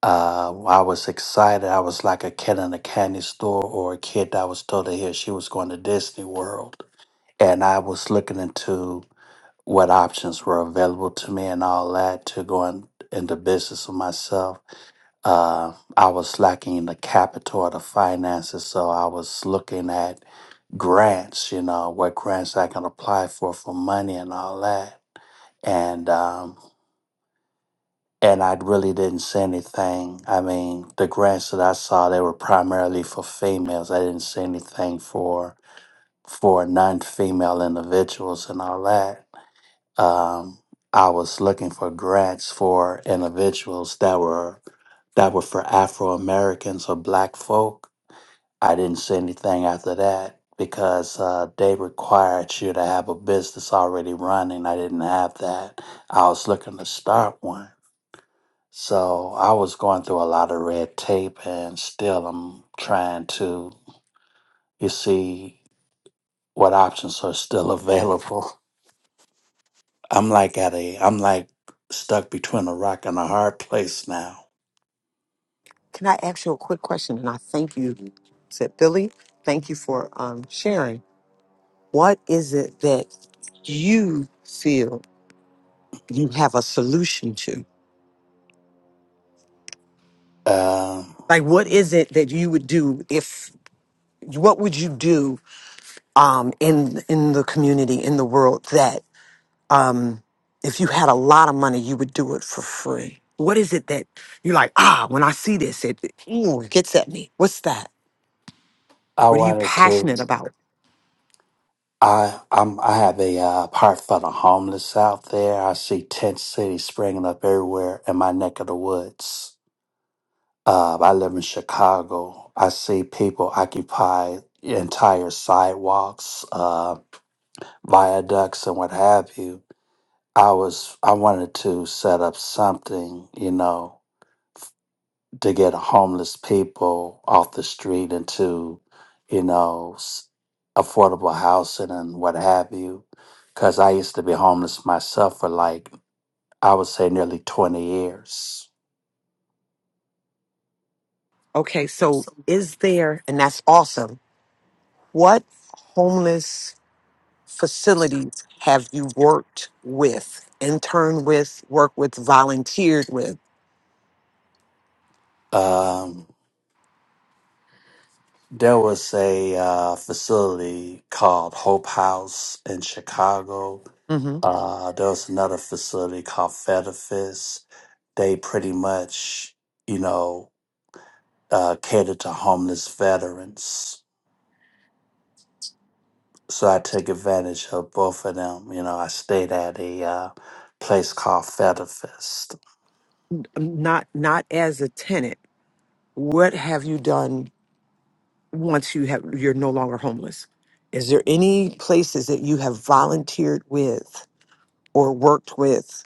Uh, I was excited. I was like a kid in a candy store or a kid that was told to hear she was going to Disney World and I was looking into what options were available to me and all that to go in, into business with myself. Uh, I was lacking in the capital or the finances, so I was looking at grants, you know, what grants I can apply for for money and all that. And um, and I really didn't see anything. I mean, the grants that I saw they were primarily for females. I didn't see anything for for non-female individuals and all that um, I was looking for grants for individuals that were that were for Afro Americans or Black folk. I didn't see anything after that because uh, they required you to have a business already running. I didn't have that. I was looking to start one, so I was going through a lot of red tape, and still I'm trying to. You see what options are still <laughs> available. I'm like at a I'm like stuck between a rock and a hard <laughs> place now.
Can I ask you a quick question? And I thank you, said Billy. Thank you for um, sharing. What is it that you feel you have a solution to?
Um,
Like, what is it that you would do if? What would you do um, in in the community in the world that um, if you had a lot of money you would do it for free? What is it that you're like? Ah, when I see this, it, it ooh, it gets at me. What's that?
I
What are you
wanted to
passionate about?
I I'm I have a uh, part for the homeless out there. I see tent cities springing up everywhere in my neck of the woods. Uh, I live in Chicago. I see people occupy entire sidewalks, uh, viaducts, and what have you. I was I wanted to set up something, you know, to get homeless people off the street into, you know, s- affordable housing and what have you. Because I used to be homeless myself for like, I would say nearly 20 years.
Okay, so is there? And that's awesome. What homeless facilities have you worked with, interned with, worked with, volunteered with?
Um, there was a uh, facility called Hope House in Chicago.
hmm
Uh, there was another facility called Fedifis. They pretty much, you know, uh, catered to homeless veterans so I took advantage of both of them. You know, I stayed at a uh, place called Fetterfest.
Not not as a tenant. What have you done once you have you're no longer homeless? Is there any places that you have volunteered with or worked with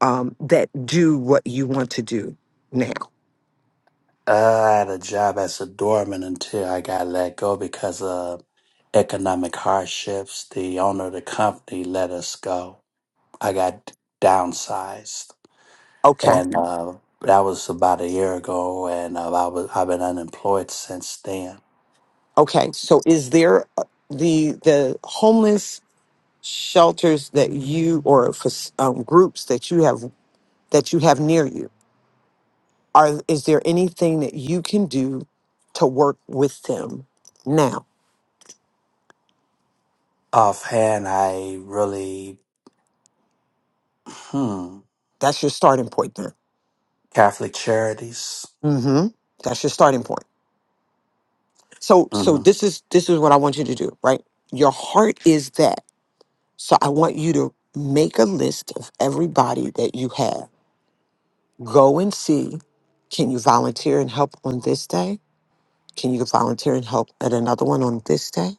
um, that do what you want to do now?
I had a job as a doorman until I got let go because of economic hardships. The owner of the company let us go. I got downsized,
Okay,
and uh, that was about a year ago. And uh, I was I've been unemployed since then.
okay. So is there uh, the the homeless shelters that you or fac- um, groups that you have that you have near you are is there anything that you can do to work with them now
Offhand, I really hmm
that's your starting point there
Catholic charities.
mm-hmm that's your starting point so so
hmm
this is this is what i want you to do right your heart is that so i want you to make a list of everybody that you have go and see can you volunteer and help on this day can you volunteer and help at another one on this day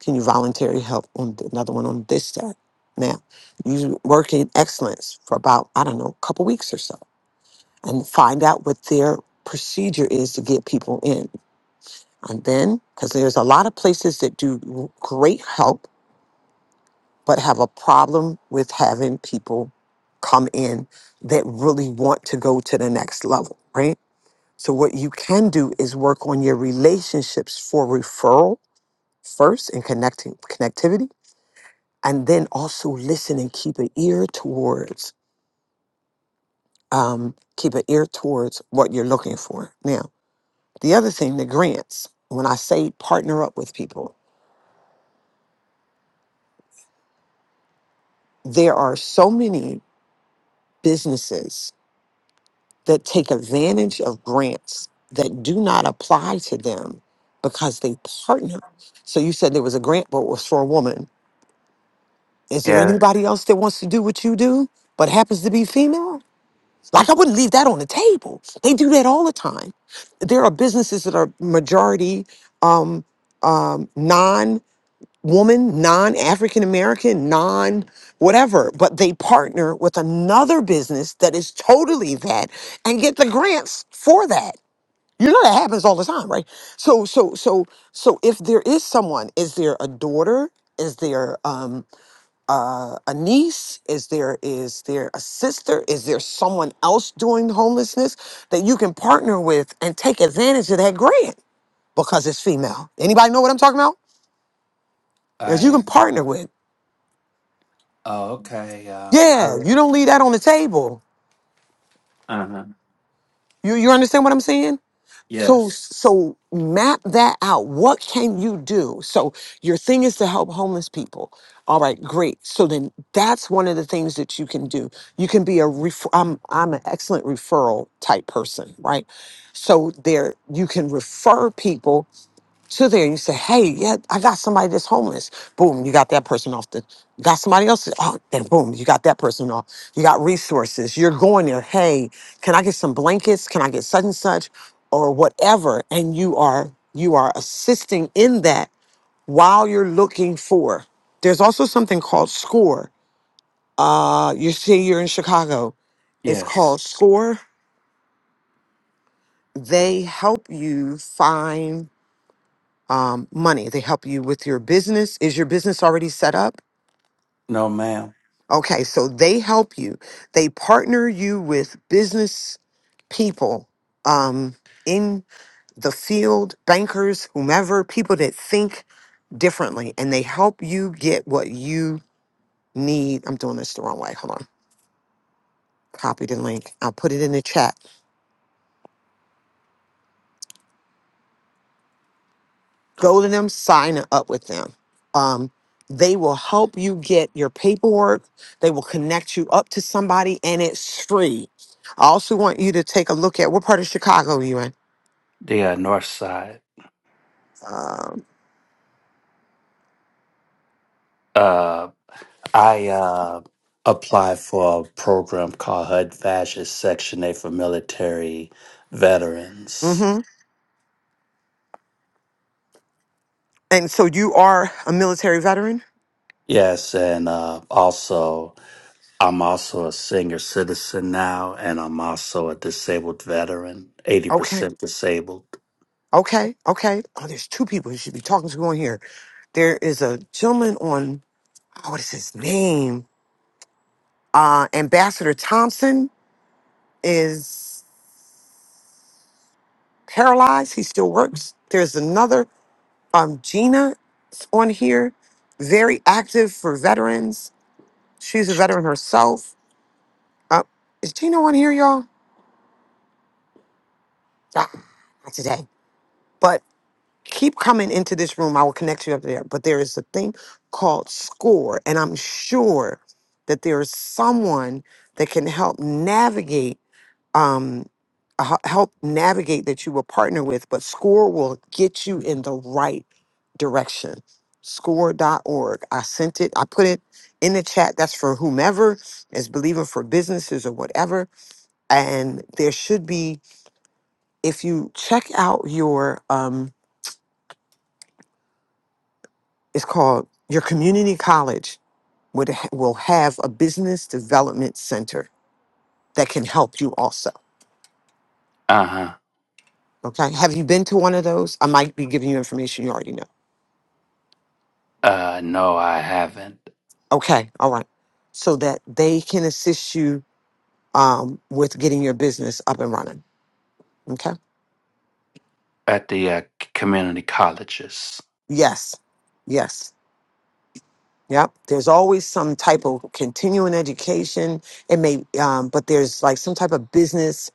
Can you volunteer help on th- another one on this side? Now, you work in excellence for about, I don't know, a couple weeks or so and find out what their procedure is to get people in. And then, because there's a lot of places that do great help, but have a problem with having people come in that really want to go to the next level, right? So, what you can do is work on your relationships for referral first and connecting connectivity and then also listen and keep an ear towards um, keep an ear towards what you're looking for now the other thing the grants when i say partner up with people there are so many businesses that take advantage of grants that do not apply to them because they partner so you said there was a grant but it was for a woman is there
Yeah,
anybody else that wants to do what you do but happens to be female Like I wouldn't leave that on the table. They do that all the time. There are businesses that are majority um, um, non-woman, non-African American, non whatever, but they partner with another business that is totally that and get the grants for that. You know that happens all the time, right? So so so so if there is someone, is there a daughter? Is there? Um, uh, a niece? Is there is there a sister? Is there someone else doing homelessness that you can partner with and take advantage of that grant because it's female? Anybody know what I'm talking about? That you
I
can partner with.
Oh, okay. Um, I
Yeah,
re-
you don't leave that on the table.
uh huh.
You you understand what I'm saying? So,
Yes,
so map that out. What can you do? So, your thing is to help homeless people. All right, great. So then, that's one of the things that you can do. You can be a ref- I'm I'm an excellent referral type person, right? So there, you can refer people to there. You say, hey, yeah, I got somebody that's homeless. Boom, you got that person off the. Got somebody else. Oh, then boom, you got that person off. You got resources. You're going there. Hey, can I get some blankets? Can I get such and such, or whatever? And you are you are assisting in that while you're looking for. There's also something called SCORE. Uh, you see, you're in Chicago. It's
yes.
called SCORE. They help you find um, money. They help you with your business. Is your business already set up?
No, ma'am.
Okay, so they help you. They partner you with business people um, in the field, bankers, whomever, people that think differently, and they help you get what you need. I'm doing this the wrong way. Hold on. Copy the link. I'll put it in the chat. go to them, sign up with them. Um, they will help you get your paperwork. They will connect you up to somebody, and it's free. I also want you to take a look at what part of Chicago are you in.
The uh, North Side.
Um,
Uh, I uh applied for a program called HUD Fascist Section A for military veterans.
mm-hmm. And so you are a military veteran.
Yes, and uh, also I'm also a senior citizen now, and I'm also a disabled veteran, eighty
Okay.
percent disabled.
Okay. Okay. Oh, there's two people you should be talking to on here. There is a gentleman on. Oh, what is his name? Uh, Ambassador Thompson is. paralyzed. He still works. There's another um, Gina on here, very active for veterans. She's a veteran herself. Uh, is Gina on here, y'all? Ah, not today. But keep coming into this room. I will connect you up there. But there is a thing called SCORE, and I'm sure that there is someone that can help navigate um, a h- help navigate that you will partner with, but SCORE will get you in the right direction. SCORE.org. I sent it, I put it in the chat. That's for whomever is believing for businesses or whatever. And there should be, if you check out your, um, it's called your community college would ha- will have a business development center that can help you also.
Uh huh.
Okay. Have you been to one of those? I might be giving you information you already know.
Uh, no, I haven't.
Okay, all right. So that they can assist you um, with getting your business up and running. Okay.
At the uh, community colleges.
Yes. Yes. Yep. There's always some type of continuing education. It may, um, but there's like some type of business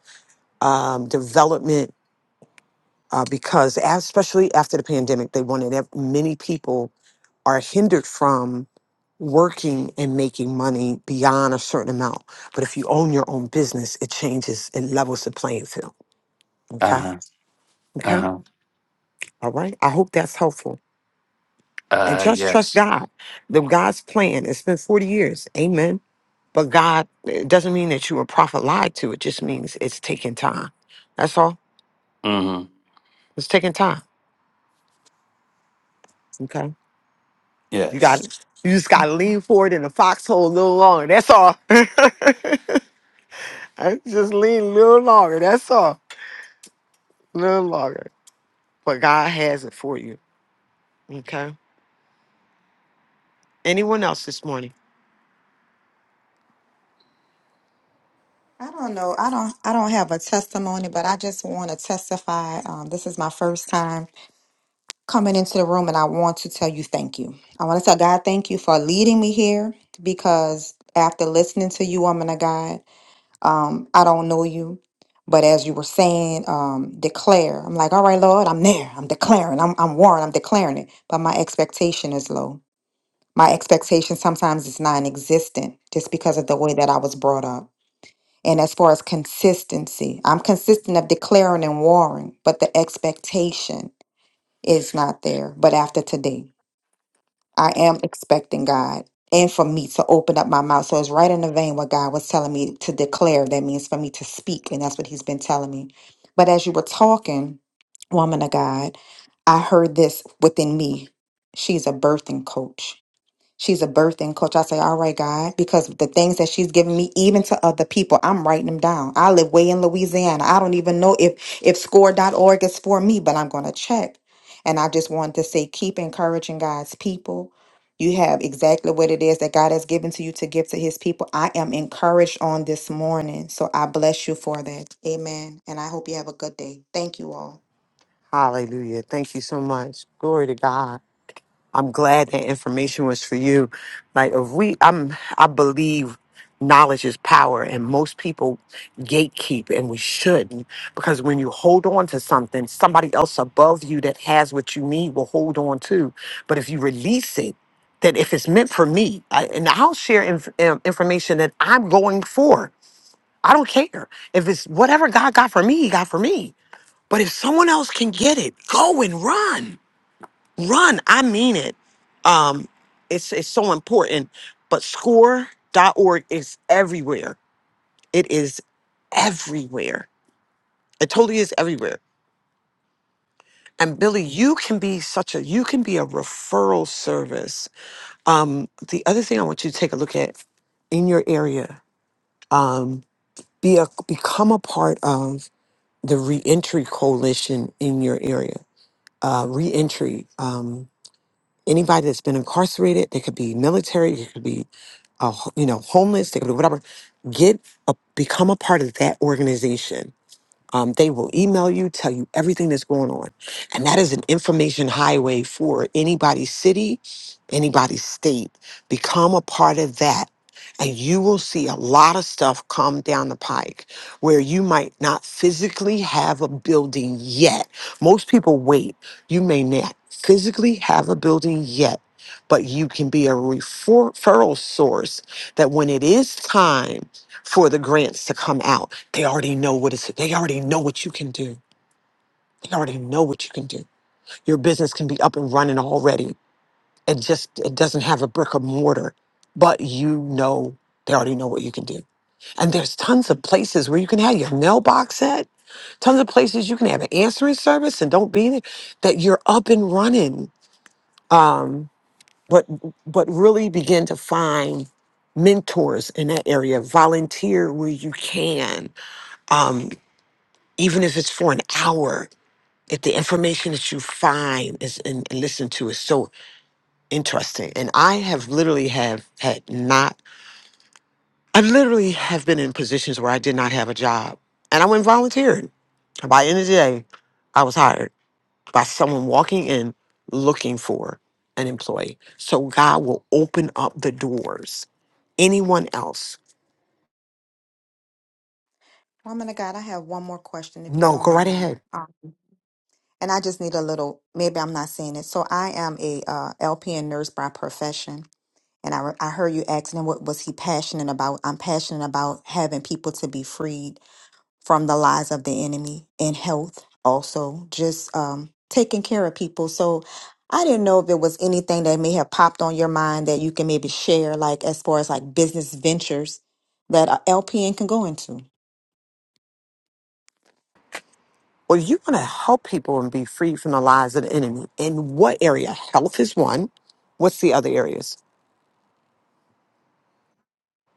um, development uh, because, as- especially after the pandemic, they wanted ev- many people are hindered from working and making money beyond a certain amount. But if you own your own business, it changes and levels the playing field. Okay
Uh-huh.
Okay.
Uh-huh.
All right. I hope that's helpful. And
Uh
just trust
yes.
God. The God's plan. It's been 40 years. Amen. But God, it doesn't mean that you were prophet lied to. It just means it's taking time. That's all.
hmm
It's taking time. Okay. You got
Yes.
you just gotta lean forward in the foxhole a little longer. That's all. <laughs> I just lean a little longer. That's all. A little longer. But God has it for you. Okay. Anyone else this morning?
I don't know. I don't. I don't have a testimony, but I just want to testify. Um, this is my first time coming into the room, and I want to tell you thank you. I want to tell God thank you for leading me here because after listening to you, woman of God, um, I don't know you, but as you were saying, um, declare. I'm like, all right, Lord, I'm there. I'm declaring. I'm I'm warned. I'm declaring it. But my expectation is low. My expectation sometimes is non-existent just because of the way that I was brought up. And as far as consistency, I'm consistent of declaring and warring, but the expectation is not there. But after today, I am expecting God and for me to open up my mouth. So it's right in the vein what God was telling me to declare. That means for me to speak. And that's what He's been telling me. But as you were talking, woman of God, I heard this within me. She's a birthing coach. She's a birthing coach. I say, all right, God, because the things that she's giving me, even to other people, I'm writing them down. I live way in Louisiana. I don't even know if if score dot org is for me, but I'm gonna check. And I just wanted to say, keep encouraging God's people. You have exactly what it is that God has given to you to give to his people. I am encouraged on this morning. So I bless you for that. Amen. And I hope you have a good day. Thank you all.
Hallelujah. Thank you so much. Glory to God. I'm glad that information was for you. Like if we I'm I believe knowledge is power and most people gatekeep and we shouldn't because when you hold on to something, somebody else above you that has what you need will hold on to. But if you release it, that if it's meant for me, I, and I'll share inf- um, information that I'm going for. I don't care if it's whatever God got for me, He got for me. But if someone else can get it, go and run run i mean it um it's it's so important but score.org is everywhere it is everywhere it totally is everywhere and billy you can be such a you can be a referral service um the other thing i want you to take a look at in your area um be a become a part of the reentry coalition in your area uh reentry um, Anybody that's been incarcerated, they could be military, they could be, uh, ho- you know, homeless, they could be whatever. Get a, become a part of that organization um, they will email you, tell you everything that's going on. And that is an information highway for anybody's city, anybody's state. Become a part of that. And you will see a lot of stuff come down the pike where you might not physically have a building yet. Most people wait. You may not physically have a building yet, but you can be a refer- referral source that when it is time for the grants to come out, they already know what it's, they already know what you can do. They already know what you can do. Your business can be up and running already. It just, it doesn't have a brick or mortar, but you know, they already know what you can do. And there's tons of places where you can have your mailbox set, tons of places you can have an answering service and don't be there, that you're up and running. Um, but, but really begin to find mentors in that area, volunteer where you can. Um, even if it's for an hour if the information that you find is and, and listen to is so interesting and i have literally have had not i literally have been in positions where i did not have a job and i went volunteering by the end of the day i was hired by someone walking in looking for an employee so god will open up the doors anyone else
Woman of God, I have one more question if you
no
don't
go right
mind.
ahead
Um, and I just need a little, maybe I'm not saying it. So I am a uh, LPN nurse by profession. And I, I heard you asking him what was he passionate about. I'm passionate about having people to be freed from the lies of the enemy in health also just um, taking care of people. So I didn't know if there was anything that may have popped on your mind that you can maybe share, like as far as like business ventures that a LPN can go into.
well you want to help people and be free from the lies of the enemy in what area health is one what's the other areas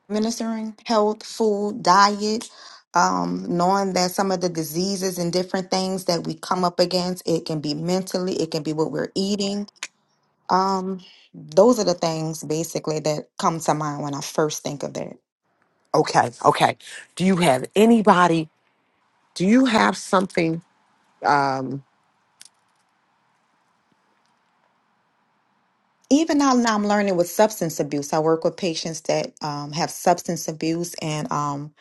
ministering health, food, diet, um, knowing that some of the diseases and different things that we come up against, it can be mentally, it can be what we're eating. Um, those are the things basically that come to mind when I first think of that.
Okay, okay. Do you have anybody? Do you have something? Um,
Even now, now I'm learning with substance abuse. I work with patients that um, have substance abuse, and um,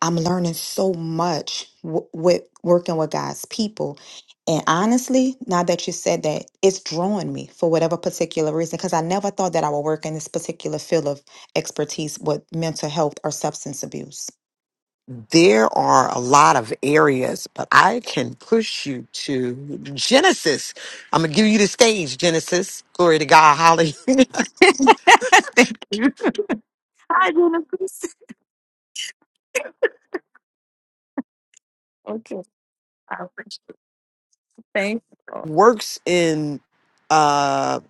I'm learning so much w- with working with God's people. And honestly, now that you said that, it's drawing me for whatever particular reason, because I never thought that I would work in this particular field of expertise with mental health or substance abuse.
there are a lot of areas, but I can push you to Genesis. I'm gonna give you the stage, Genesis. Glory to God, Holly. <laughs>
Thank- I didn't. Okay. I'm thankful.
Works in uh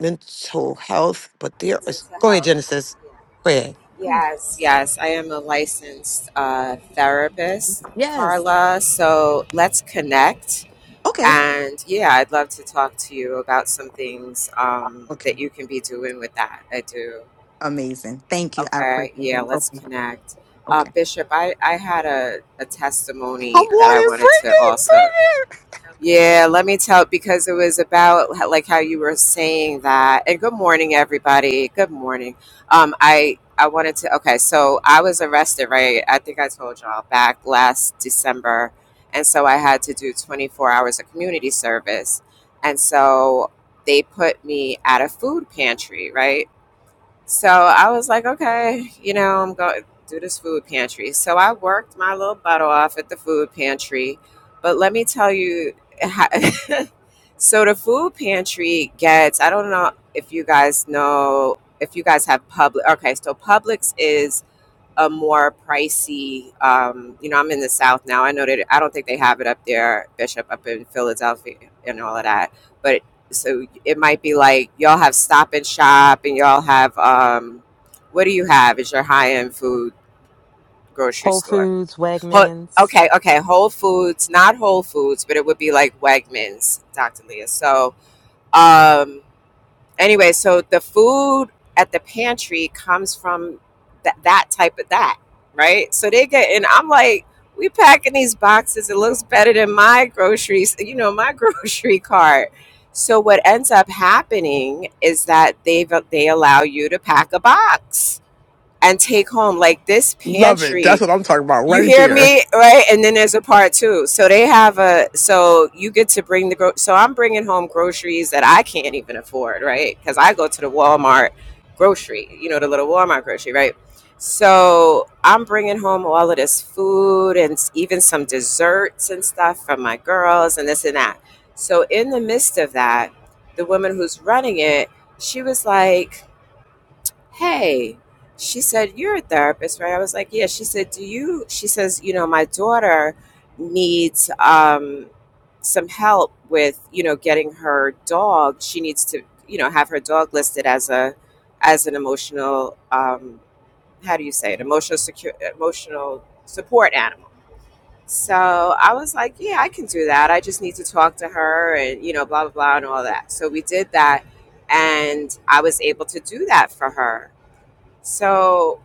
mental health, but there is
Mental
go ahead,
health.
Genesis. Go ahead.
Yes, yes. I am a licensed uh, therapist, Carla. So let's connect.
Okay.
And yeah, I'd love to talk to you about some things um, that
Okay.
you can be doing with that. I do.
Amazing. Thank you. I
Okay.
appreciate
Yeah,
it.
let's
Okay.
connect.
Okay.
Uh, Bishop, I, I had a, a
Come
testimony that I
on and
wanted to
bring it,
also
bring it.
yeah, let me tell because it was about h- like how you were saying that. And good morning, everybody. Good morning. Um, I I wanted to. Okay, so I was arrested, right? I think I told y'all back last December, and so I had to do 24 hours of community service, and so they put me at a food pantry, right? So I was like, okay, you know, I'm going to do this food pantry. So I worked my little butt off at the food pantry. But let me tell you, how, <laughs> so the food pantry gets, I don't know if you guys know, if you guys have public. Okay, so Publix is a more pricey um, you know i'm in the south now i know that i don't think they have it up there bishop up in philadelphia and all of that but so it might be like y'all have stop and shop and y'all have um, what do you have is your high-end food grocery
Whole
store
Foods,
Ho-
Wegmans.
okay okay whole foods not whole foods but it would be like wegmans dr leah so um, anyway, so the food at the pantry comes from that that type of that, right? So they get and I'm like, we packing these boxes. It looks better than my groceries, <laughs> you know, my <laughs> grocery cart. So what ends up happening is that they they allow you to pack a box and take home. Like this
Love it.
pantry
That's what I'm talking about
you
right
hear
there.
me, right? And then there's a part two. So they have a so you get to bring the gro- so I'm bringing home groceries that I can't even afford, right? Because I go to the Walmart grocery, you know, the little Walmart grocery, right? So I'm bringing home all of this food and s- even some desserts and stuff from my girls and this and that. So in the midst of that, the woman who's running it, she was like, hey she said you're a therapist right i was like yeah she said do you she says you know my daughter needs um some help with you know getting her dog she needs to you know have her dog listed as a as an emotional um how do you say it emotional secure emotional support animal so i was like yeah i can do that i just need to talk to her and you know blah blah blah and all that so we did that and i was able to do that for her so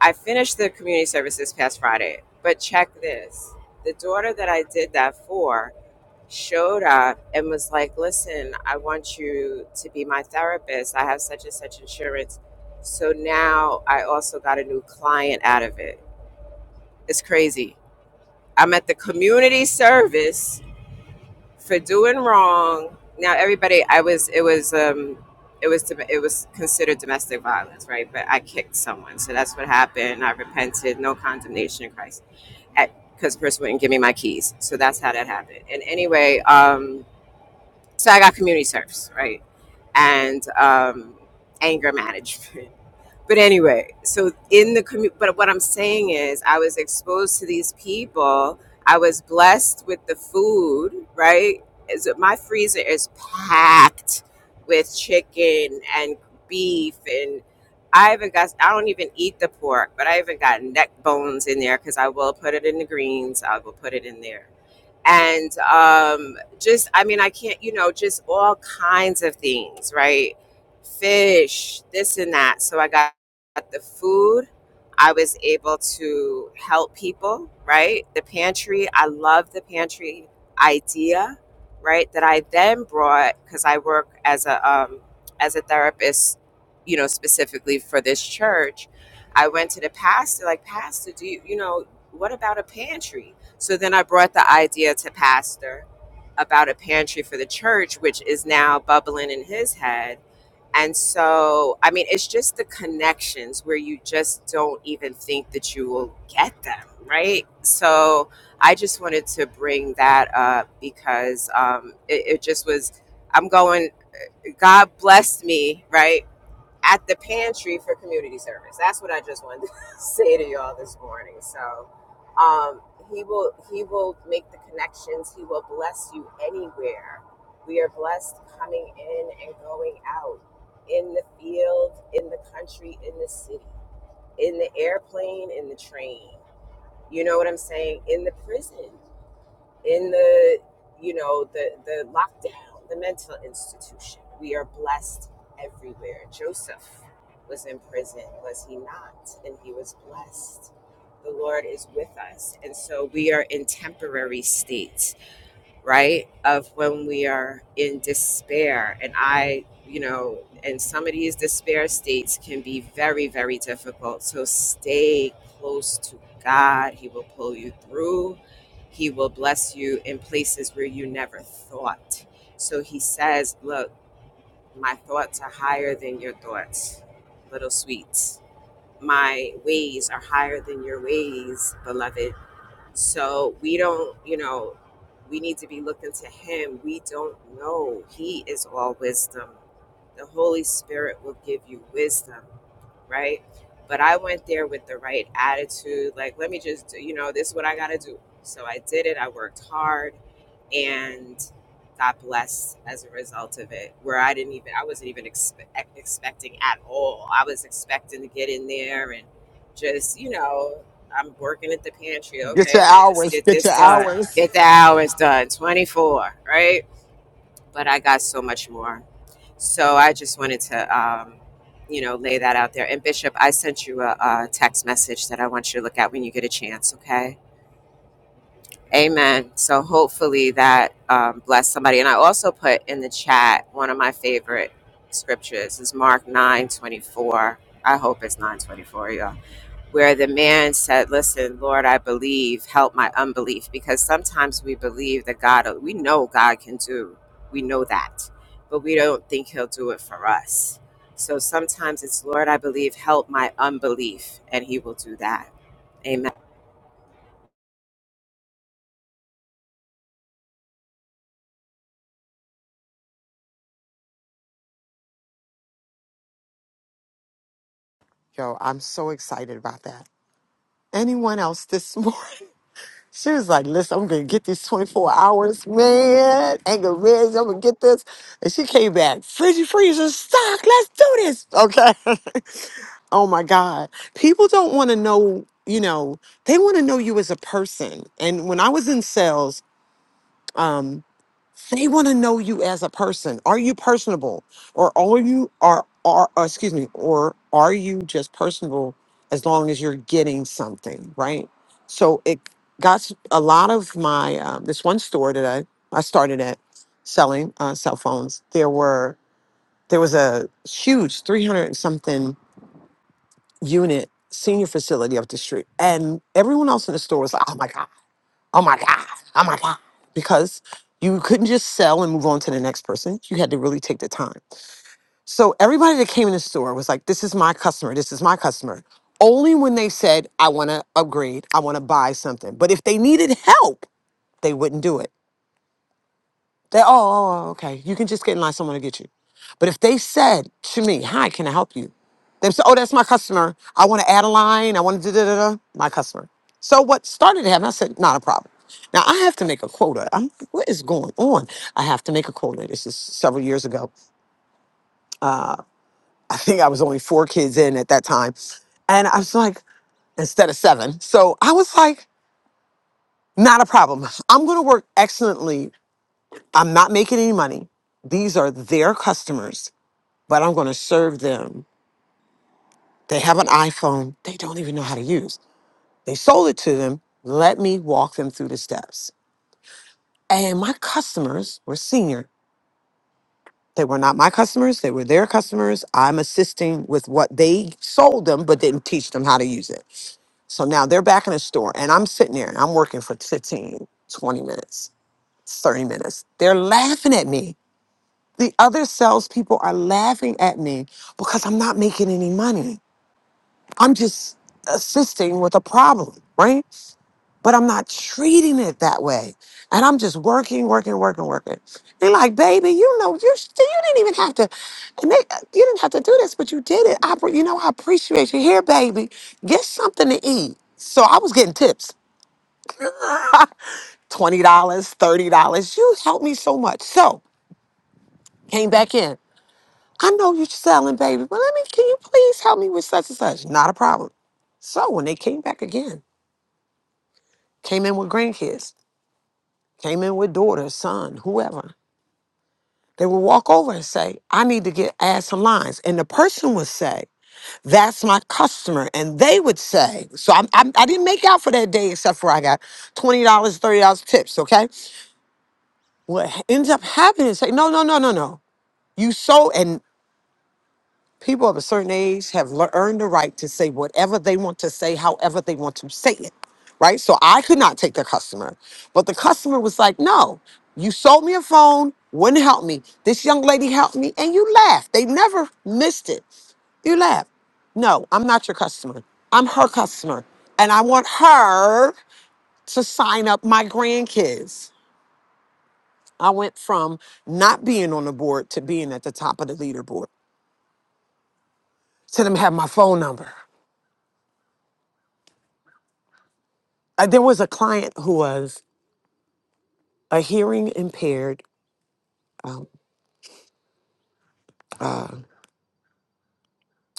I finished the community service this past Friday, but check this. The daughter that I did that for showed up and was like, Listen, I want you to be my therapist. I have such and such insurance. So now I also got a new client out of it. It's crazy. I'm at the community service for doing wrong. Now, everybody, I was, it was, um, it was, dom- it was considered domestic violence, right? But I kicked someone, so that's what happened. I repented, no condemnation in Christ, because the person wouldn't give me my keys. So that's how that happened. And anyway, um, so I got community service, right? And um, anger management. <laughs> but anyway, so in the community, but what I'm saying is, I was exposed to these people. I was blessed with the food, right? Is it- my freezer is packed with chicken and beef, and I even got, I don't even eat the pork, but I even got neck bones in there because I will put it in the greens. I will put it in there and um, just I mean I can't you know just all kinds of things right fish this and that so I got the food I was able to help people right the pantry I love the pantry idea right that I then brought because I work as a um, as a therapist you know specifically for this church I went to the pastor like pastor do you you know what about a pantry so then I brought the idea to Pastor about a pantry for the church, which is now bubbling in his head. And so, I mean, it's just the connections where you just don't even think that you will get them, right? So I just wanted to bring that up because um, it, it just was, I'm going, God blessed me, right? at the pantry for community service. That's what I just wanted to <laughs> say to y'all this morning. So um, he will he will make the connections. He will bless you anywhere. We are blessed coming in and going out in the field, in the country, in the city, in the airplane, in the train. You know what I'm saying? In the prison in the you know the the lockdown the mental institution we are blessed everywhere joseph was in prison was he not and he was blessed the lord is with us and so we are in temporary states right? Of when we are in despair. And I, you know, and some of these despair states can be very, very difficult. So stay close to God. He will pull you through, He will bless you in places where you never thought. So He says, Look, my thoughts are higher than your thoughts, little sweets. My ways are higher than your ways, beloved so we don't, you know, we need to be looking to Him. We don't know. He is all wisdom. The Holy Spirit will give you wisdom, right? But I went there with the right attitude. Like, let me just, do, you know, this is what I got to do. So I did it. I worked hard and got blessed as a result of it where i didn't even i wasn't even expe- expecting at all i was expecting to get in there and just you know i'm working at the pantry
Get your
okay let me just
hours.
get
Get
this
your
done
hours.
get the hours done 24 right but i got so much more so i just wanted to um, you know lay that out there and bishop i sent you a, a text message that i want you to look at when you get a chance okay Amen. So hopefully that um, blessed somebody. And I also put in the chat one of my favorite scriptures is Mark nine twenty four. I hope it's nine twenty four, y'all. Where the man said, "Listen, Lord, I believe. Help my unbelief." Because sometimes we believe that God, we know God can do. We know that, but we don't think He'll do it for us. So sometimes it's, "Lord, I believe. Help my unbelief," and He will do that. Amen.
Yo, I'm so excited about that. Anyone else this morning? <laughs> She was like, listen, I'm gonna get these 24 hours, man. Anger Reds, I'm gonna get this. And she came back, fridgy freezer stock, let's do this. Okay. <laughs> oh my God. People don't wanna know, you know, they wanna know you as a person. And when I was in sales, um, they want to know you as a person. Are you personable, or are you are are uh, excuse me, or are you just personable as long as you're getting something right? So it got s- a lot of my um, this one store that I I started at selling uh, cell phones. There were there was a huge three hundred and something unit senior facility up the street, and everyone else in the store was like, "Oh my God." Oh my God. Oh my God. Because you couldn't just sell and move on to the next person. You had to really take the time. So everybody that came in the store was like, this is my customer. This is my customer. Only when they said, I want to upgrade, I want to buy something. But if they needed help, they wouldn't do it. They, oh, oh, oh, okay. You can just get in line. Someone will get you. But if they said to me, hi, can I help you? They said, oh, that's my customer. I want to add a line. I want to da da da da. My customer. So what started to happen, I said, not a problem. Now I have to make a quota. I'm, like, what is going on? I have to make a quota. This is several years ago. Uh, I think I was only four kids in at that time. And I was like, instead of seven. So I was like, not a problem. I'm going to work excellently. I'm not making any money. These are their customers but I'm going to serve them. They have an iPhone they don't even know how to use. They sold it to them. Let me walk them through the steps. And my customers were senior. They were not my customers, they were their customers. I'm assisting with what they sold them, but didn't teach them how to use it. So now they're back in the store, and I'm sitting there and I'm working for 15, 20 minutes, 30 minutes. They're laughing at me. The other salespeople are laughing at me because I'm not making any money. I'm just assisting with a problem, right? But I'm not treating it that way. And I'm just working, working, working, working. They're like, baby, you know, you sh- you didn't even have to, and they, you didn't have to do this, but you did it. I, appre- you know, I appreciate you. Here, baby, get something to eat. So I was getting tips. <laughs> $20, dollars, $30. You helped me so much. So came back in. I know you're selling, baby, but let me, can you please help me with such and such? Not a problem. So when they came back again, came in with grandkids, came in with daughter, son, whoever. They would walk over and say, I need to get add some lines. And the person would say, That's my customer. And they would say, So I'm, I'm, I didn't make out for that day except for I got $20, dollars, $30 tips. Okay. What ends up happening is say, No, no, no, no, no. You sold. and." People of a certain age have lear- earned the right to say whatever they want to say, however they want to say it, right? So I could not take the customer, but the customer was like, "No, you sold me a phone, wouldn't help me. This young lady helped me, and you laughed. They never missed it. You laughed. No, I'm not your customer. I'm her customer, and I want her to sign up my grandkids." I went from not being on the board to being at the top of the leaderboard to them have my phone number. uh, there was a client who was a hearing impaired. Um,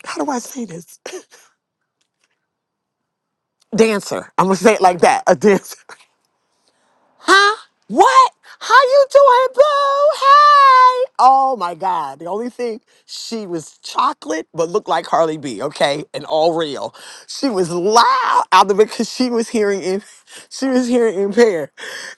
how do I say this? <laughs> dancer. I'm gonna say it like that. A dancer. <laughs> Huh? What? How you doing, boo? Hey! Oh my God! The only thing she was chocolate, but looked like Harley B. Okay, and all real. She was loud out there because she was hearing in, <laughs> she was hearing impaired,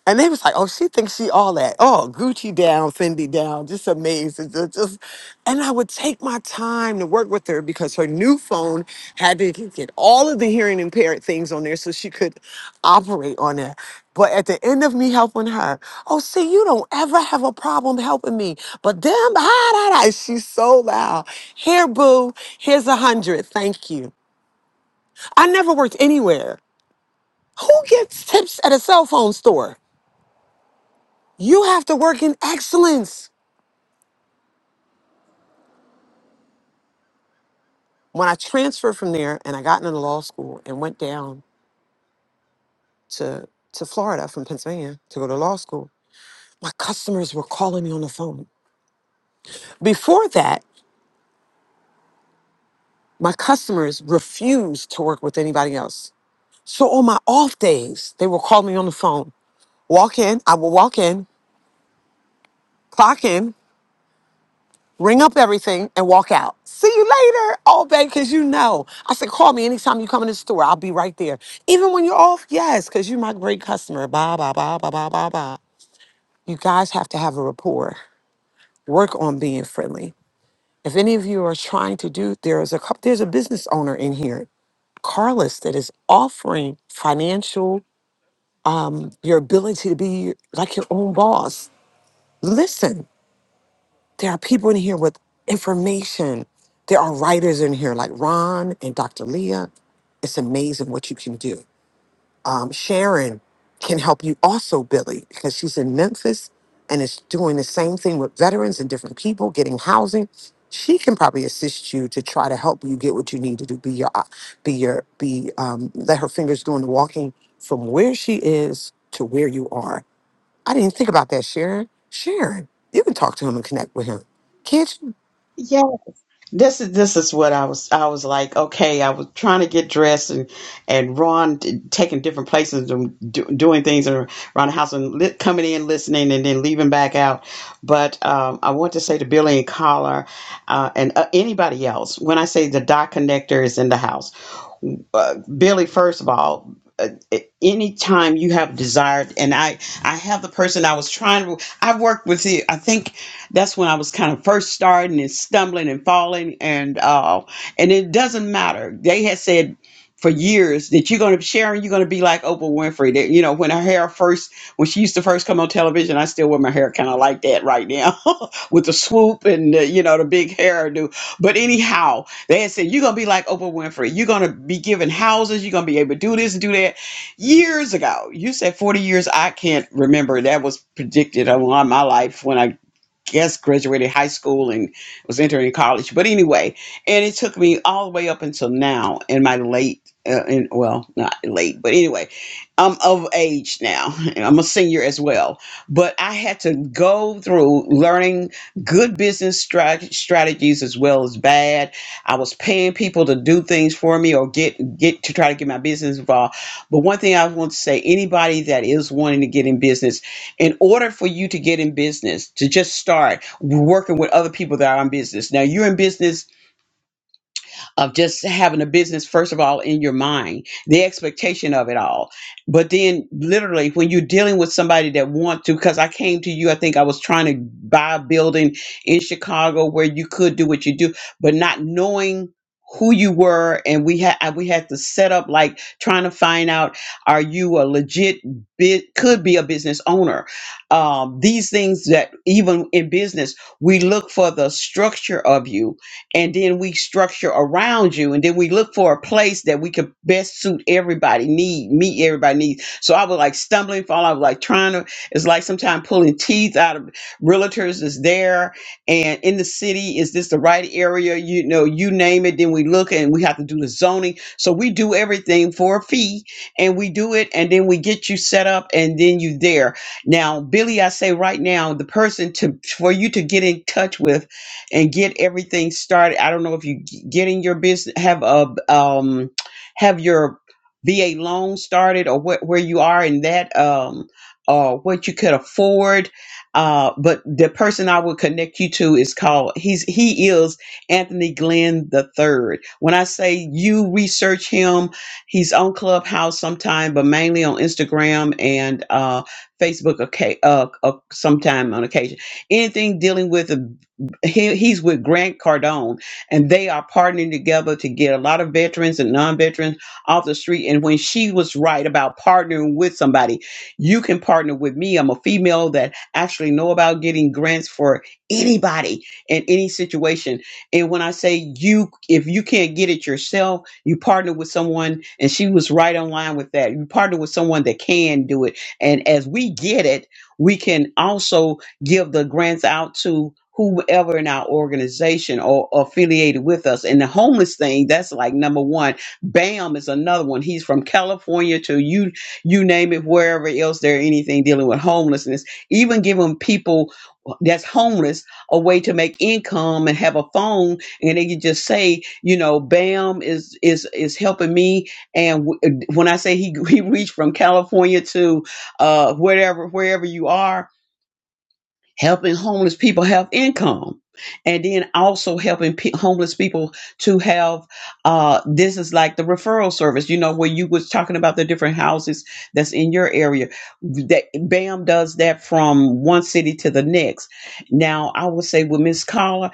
and they was like, "Oh, she thinks she all that. Oh, Gucci down, Fendi down, just amazing." It just and I would take my time to work with her because her new phone had to get all of the hearing impaired things on there so she could operate on that. But at the end of me helping her, oh see, you don't ever have a problem helping me. But damn, ah, da, da," she's so loud. Here, boo, here's a hundred. Thank you. I never worked anywhere. Who gets tips at a cell phone store? You have to work in excellence. When I transferred from there and I got into law school and went down to to Florida from Pennsylvania to go to law school, my customers were calling me on the phone. Before that, my customers refused to work with anybody else. So on my off days, they will call me on the phone. Walk in, I will walk in, clock in, ring up everything, and walk out. See you later, all day, because you know. I said, call me anytime you come in the store. I'll be right there. Even when you're off, yes, because you're my great customer. Blah, blah, blah, blah, blah, blah, blah. You guys have to have a rapport. Work on being friendly If any of you are trying to do, there is a couple, there's a business owner in here, Carlos, that is offering financial, your ability to be like your own boss. Listen, there are people in here with information. There are writers in here like Ron and Dr. Leah. It's amazing what you can do. um, Sharon can help you also, Billy, because she's in Memphis and is doing the same thing with veterans and different people getting housing. She can probably assist you to try to help you get what you need to do. Be your, uh, be your, be. Um, let her fingers doing the walking from where she is to where you are. I didn't think about that, Sharon. Sharon, you can talk to him and connect with him. Can't you?
Yay. this is this is what I was I was like okay I was trying to get dressed and and Ron t- taking different places and do, doing things around the house and li- coming in listening and then leaving back out but um, I want to say to Billy and Collar uh, and uh, anybody else when I say the dot connector is in the house uh, Billy, first of all, uh, a- anytime you have desired, and I, I have the person I was trying to, I worked with you. I think that's when I was kind of first starting and stumbling and falling, and uh, and it doesn't matter. They had said for years that you're going to Sharon, you're going to be like Oprah Winfrey. That you know when her hair first, when she used to first come on television, I still wear my hair kind of like that right now, <laughs> with the swoop and the, you know the big hairdo. But anyhow, they had said, You're going to be like Oprah Winfrey. You're going to be given houses. You're going to be able to do this and do that. Years ago, you said 40 years. I can't remember. That was predicted on my life when I guess graduated high school and was entering college. But anyway, and it took me all the way up until now in my late, uh, in, well, not late, but anyway, I'm of age now. <laughs> And I'm a senior as well. But I had to go through learning good business strat- strategies as well as bad. I was paying people to do things for me or get get to try to get my business involved. But one thing I want to say, anybody that is wanting to get in business in order for you to get in business, to just start working with other people that are in business. Now you're in business of just having a business first of all in your mind the expectation of it all but then literally when you're dealing with somebody that want to because i came to you i think i was trying to buy a building in chicago where you could do what you do but not knowing who you were and we had we had to set up like trying to find out are you a legit bit could be a business owner um, these things that even in business we look for the structure of you and then we structure around you and then we look for a place that we could best suit everybody need meet everybody needs so i was like stumbling fall i was like trying to it's like sometimes pulling teeth out of realtors is there and in the city is this the right area you know you name it then we look and we have to do the zoning so we do everything for a fee and we do it and then we get you set up and then you there now billy i say right now the person to for you to get in touch with and get everything started. I don't know if you g- getting your business have a um have your VA loan started or what where you are in that um or what you could afford. Uh, but the person I would connect you to is called he's he is Anthony Glenn the third. When I say you research him, he's on Clubhouse sometime, but mainly on Instagram and uh, Facebook. Okay, uh, uh, sometime on occasion anything dealing with he, he's with Grant Cardone, and they are partnering together to get a lot of veterans and non-veterans off the street. And when she was right about partnering with somebody, you can partner with me. I'm a female that actually know about getting grants for anybody in any situation. And when I say you, if you can't get it yourself, you partner with someone, and she was right on line with that. You partner with someone that can do it, and as we get it, we can also give the grants out to whoever in our organization or affiliated with us. And the homeless thing, that's like number one. Bam is another one. He's from California to you, you name it, wherever else there anything dealing with homelessness. Even giving people that's homeless a way to make income and have a phone and they can just say you know bam is is is helping me and w- when i say he <laughs> he reached from california to uh wherever wherever you are helping homeless people have income and then also helping pe homeless people to have uh, this is like the referral service you know where you was talking about the different houses that's in your area that bam does that from one city to the next now i would say with miss Carla,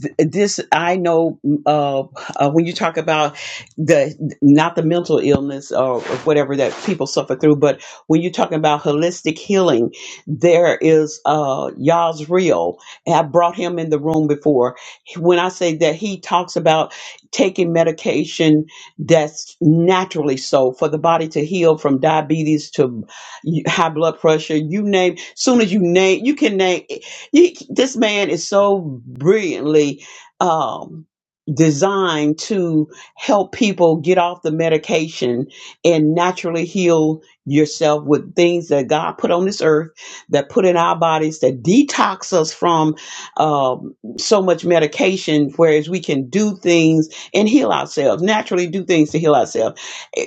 th- this i know uh, uh, when you talk about the not the mental illness or whatever that people suffer through but when you're talking about holistic healing there is uh, Yazriel. I brought him in the room before. When I say that he talks about taking medication that's naturally so for the body to heal from diabetes to high blood pressure, you name. Soon as you name, you can name. You, this man is so brilliantly. Um, designed to help people get off the medication and naturally heal yourself with things that God put on this earth that put in our bodies that detox us from um, so much medication, whereas we can do things and heal ourselves, naturally do things to heal ourselves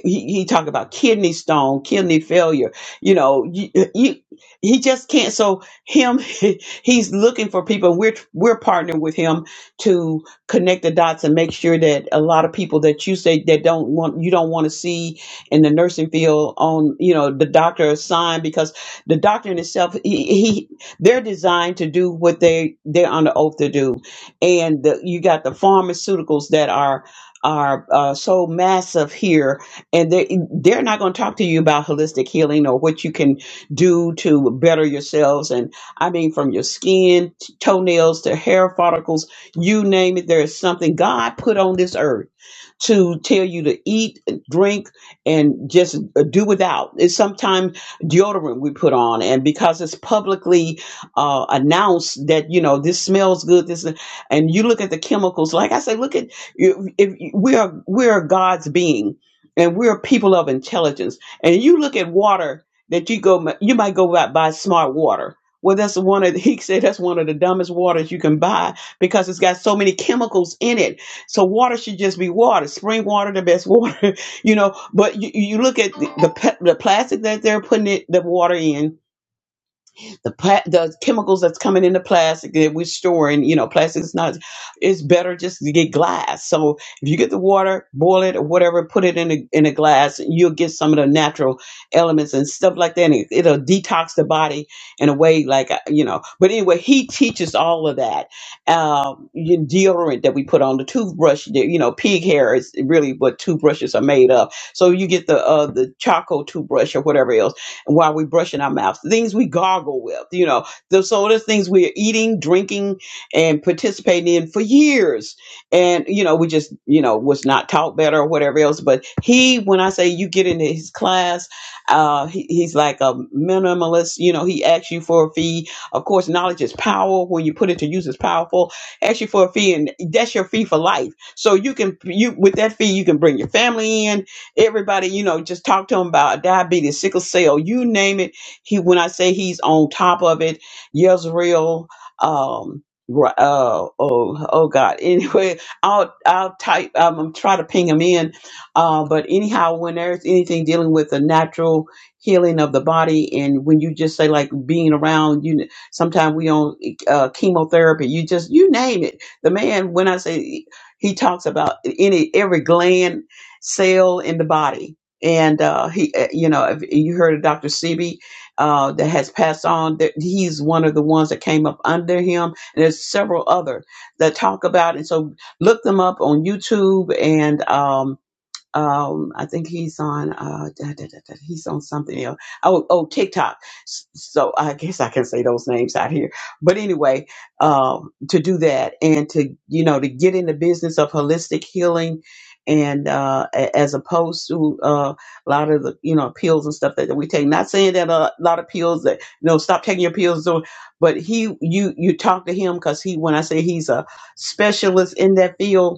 he, he talked about kidney stone, kidney failure. You know, you, you, he just can't. So him, <laughs> he's looking for people. We're we're partnering with him to connect the dots and make sure that a lot of people that you say that don't want you don't want to see in the nursing field on you know the doctor assigned because the doctor in itself he, he they're designed to do what they they're under oath to do, and the, you got the pharmaceuticals that are are uh, so massive here and they they're not going to talk to you about holistic healing or what you can do to better yourselves and i mean from your skin t- toenails to hair follicles you name it there is something god put on this earth to tell you to eat drink and just uh, do without it's sometimes deodorant we put on and because it's publicly uh, announced that you know this smells good this and you look at the chemicals like i say look at if, if we are we are god's being and we're people of intelligence. And you look at water that you go, you might go out buy smart water. Well, that's one of the, <laughs> he said that's one of the dumbest waters you can buy because it's got so many chemicals in it. So water should just be water, spring water, the best water, <laughs> you know. But you, you look at the the, pe- the plastic that they're putting it, the water in, the pla- the chemicals that's coming into plastic that we're storing, you know, plastic is not. It's better just to get glass. So if you get the water, boil it or whatever, put it in a in a glass, you'll get some of the natural elements and stuff like that. And it, it'll detox the body in a way like uh, you know. But anyway, he teaches all of that. Um, your deodorant that we put on the toothbrush, the- you know, pig hair is really what toothbrushes are made of. So you get the uh the charcoal toothbrush or whatever else while we're brushing our mouths, things we gargle with, you know, the so there's things we are eating, drinking, and participating in for years. And, you know, we just, you know, was not taught better or whatever else. But he, when I say you get into his class, uh, he, he's like a minimalist, you know, he asks you for a fee. Of course, knowledge is power. When you put it to use, it's powerful. Ask you for a fee, and that's your fee for life. So you can, you with that fee, you can bring your family in Everybody, you know, just talk to him about diabetes, sickle cell, you name it. He, when I say he's on top of it, Yezreel, um, Ru- uh, oh, oh God. <laughs> Anyway, I'll, I'll type, um, I'm try to ping him in. Uh, but anyhow, when there's anything dealing with the natural healing of the body, and when you just say like being around, you, sometimes we on uh, chemotherapy, you just, you name it. The man, when I say he talks about any, every gland cell in the body. And uh, he, uh, you know, if you heard of Dr. Sebi uh, that has passed on. That he's one of the ones that came up under him, and there's several other that talk about. it. And so look them up on YouTube and. Um, um, I think he's on uh, da, da, da, da, he's on something else. Oh, oh, TikTok. S- So I guess I can say those names out here. But anyway, um, to do that and to you know to get in the business of holistic healing, and uh, a- as opposed to uh, a lot of the you know pills and stuff that, that we take. Not saying that a lot of pills that you know stop taking your pills, or, but he you you talk to him because he when I say he's a specialist in that field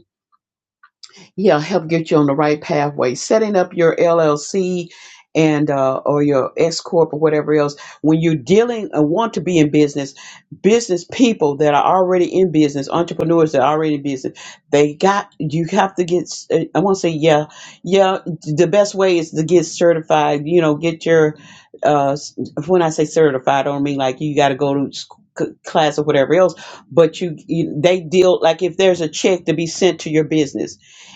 yeah help get you on the right pathway setting up your llc and uh, or your s corp or whatever else when you're dealing and want to be in business business people that are already in business entrepreneurs that are already in business they got you have to get s- uh, i want to say yeah yeah the best way is to get certified you know get your uh s- when i say certified i don't mean like you got to go to school class or whatever else but you, you they deal like if there's a check to be sent to your business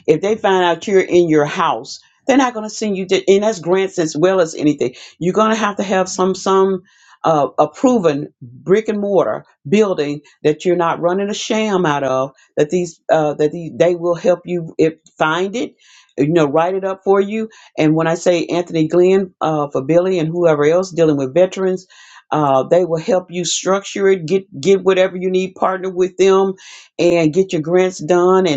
if they find out you're in your house, they're not going to send you, di- and that's grants as well as anything. You're going to have to have some some uh, a proven brick and mortar building that you're not running a sham out of. That these uh, that these, they will help you if find it, you know, write it up for you. And when I say Anthony Glenn uh, for Billy and whoever else dealing with veterans. Uh, they will help you structure it, get get whatever you need, partner with them, and get your grants done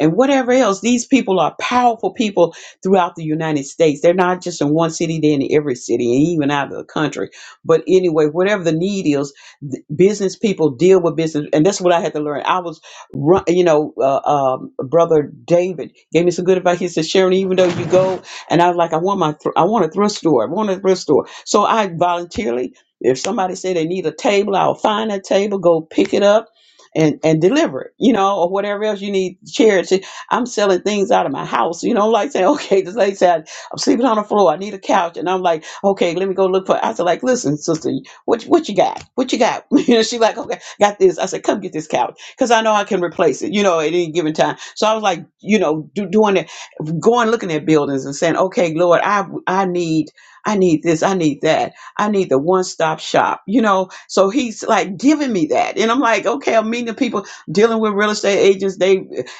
and whatever else. These people are powerful people throughout the United States. They're not just in one city, they're in every city and even out of the country. But anyway, whatever the need is, th- business people deal with business. And that's what I had to learn. I was, ru- you know, uh, um, Brother David gave me some good advice. He said, Sharon, even though you go, and I was like, I want my, thr I want a thrift store. I want a thrift store. So I voluntarily, if somebody said they need a table, I'll find a table, go pick it up and and deliver it, you know, or whatever else you need. Charity. I'm selling things out of my house, you know, like saying, <laughs> okay, this lady said I'm sleeping on the floor. I need a couch, and I'm like, okay, let me go look for. I said, like, listen, sister, what what you got? What you got? <laughs> You know, she like, okay, got this. I said, come get this couch because I know I can replace it, you know, at any given time. So I was like, you know, do, doing that going looking at buildings and saying, "Okay, Lord, I I need I need this, I need that, I need the one stop shop." You know, so He's like giving me that, and I'm like, "Okay, I'm meeting the people dealing with real estate agents. They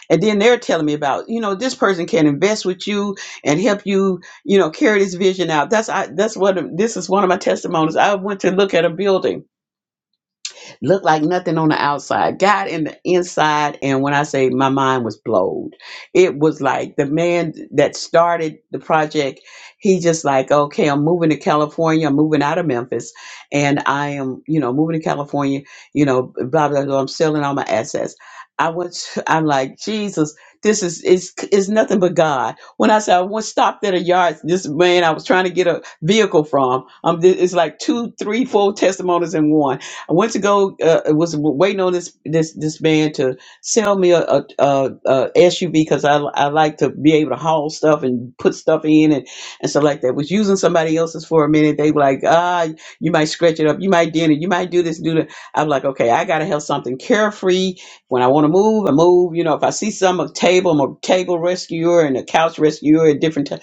and then they're telling me about, you know, this person can invest with you and help you, you know, carry this vision out." That's I that's what this is one of my testimonies. I went to look at a building Looked like nothing on the outside got in the inside and when i say my mind was blown it was like the man that started the project he just like okay i'm moving to california i'm moving out of memphis and i am you know moving to california you know blah blah blah i'm selling all my assets i was <laughs> i'm like jesus this is is is nothing but God. When I said I was stopped at a yard, this man I was trying to get a vehicle from. Um, th- it's like two, three, four testimonies in one I went to go. Uh, was waiting on this this this man to sell me a, SUV because I I like to be able to haul stuff and put stuff in and and stuff like that. Was using somebody else's for a minute. They were like, ah, you might scratch it up, you might dent it, you might do this, do that. I'm like, okay, I gotta have something carefree. When I want to move, I move. You know, if I see some a table, I'm a table rescuer and a couch rescuer at different t-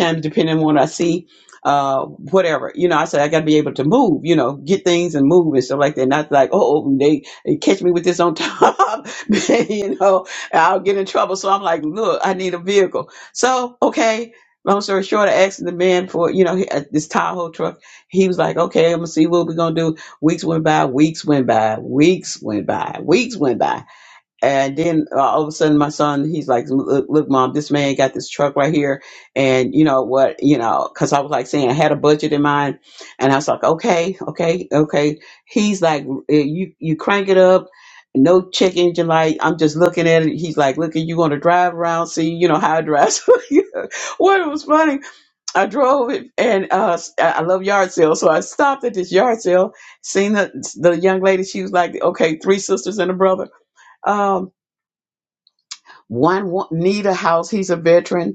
times depending on what I see uh, whatever. You know, I said I got to be able to move. You know, get things and move and stuff like that. Not like oh, oh, they, they catch me with this on top. <laughs> you know, I'll get in trouble. So I'm like, look, I need a vehicle. So okay. Long story short, I asked the man for you know he- uh, this Tahoe truck. He was like, "Okay, I'm gonna see what we're gonna do." Weeks went by, weeks went by, weeks went by, weeks went by. And then uh, all of a sudden, my son, he's like, look, look, mom, this man got this truck right here. And you know what, you know, cause I was like saying I had a budget in mind and I was like, okay, okay, okay. He's like, eh, you, you crank it up. No check engine light. I'm just looking at it. He's like, look, you want to drive around, see, you know, how I drive. <laughs> So, yeah. Well, it was funny. I drove it and, uh, I I love yard sales. So I stopped at this yard sale, seen the, the young lady. She was like, okay, three sisters and a brother. Um, one wa- need a house. He's a veteran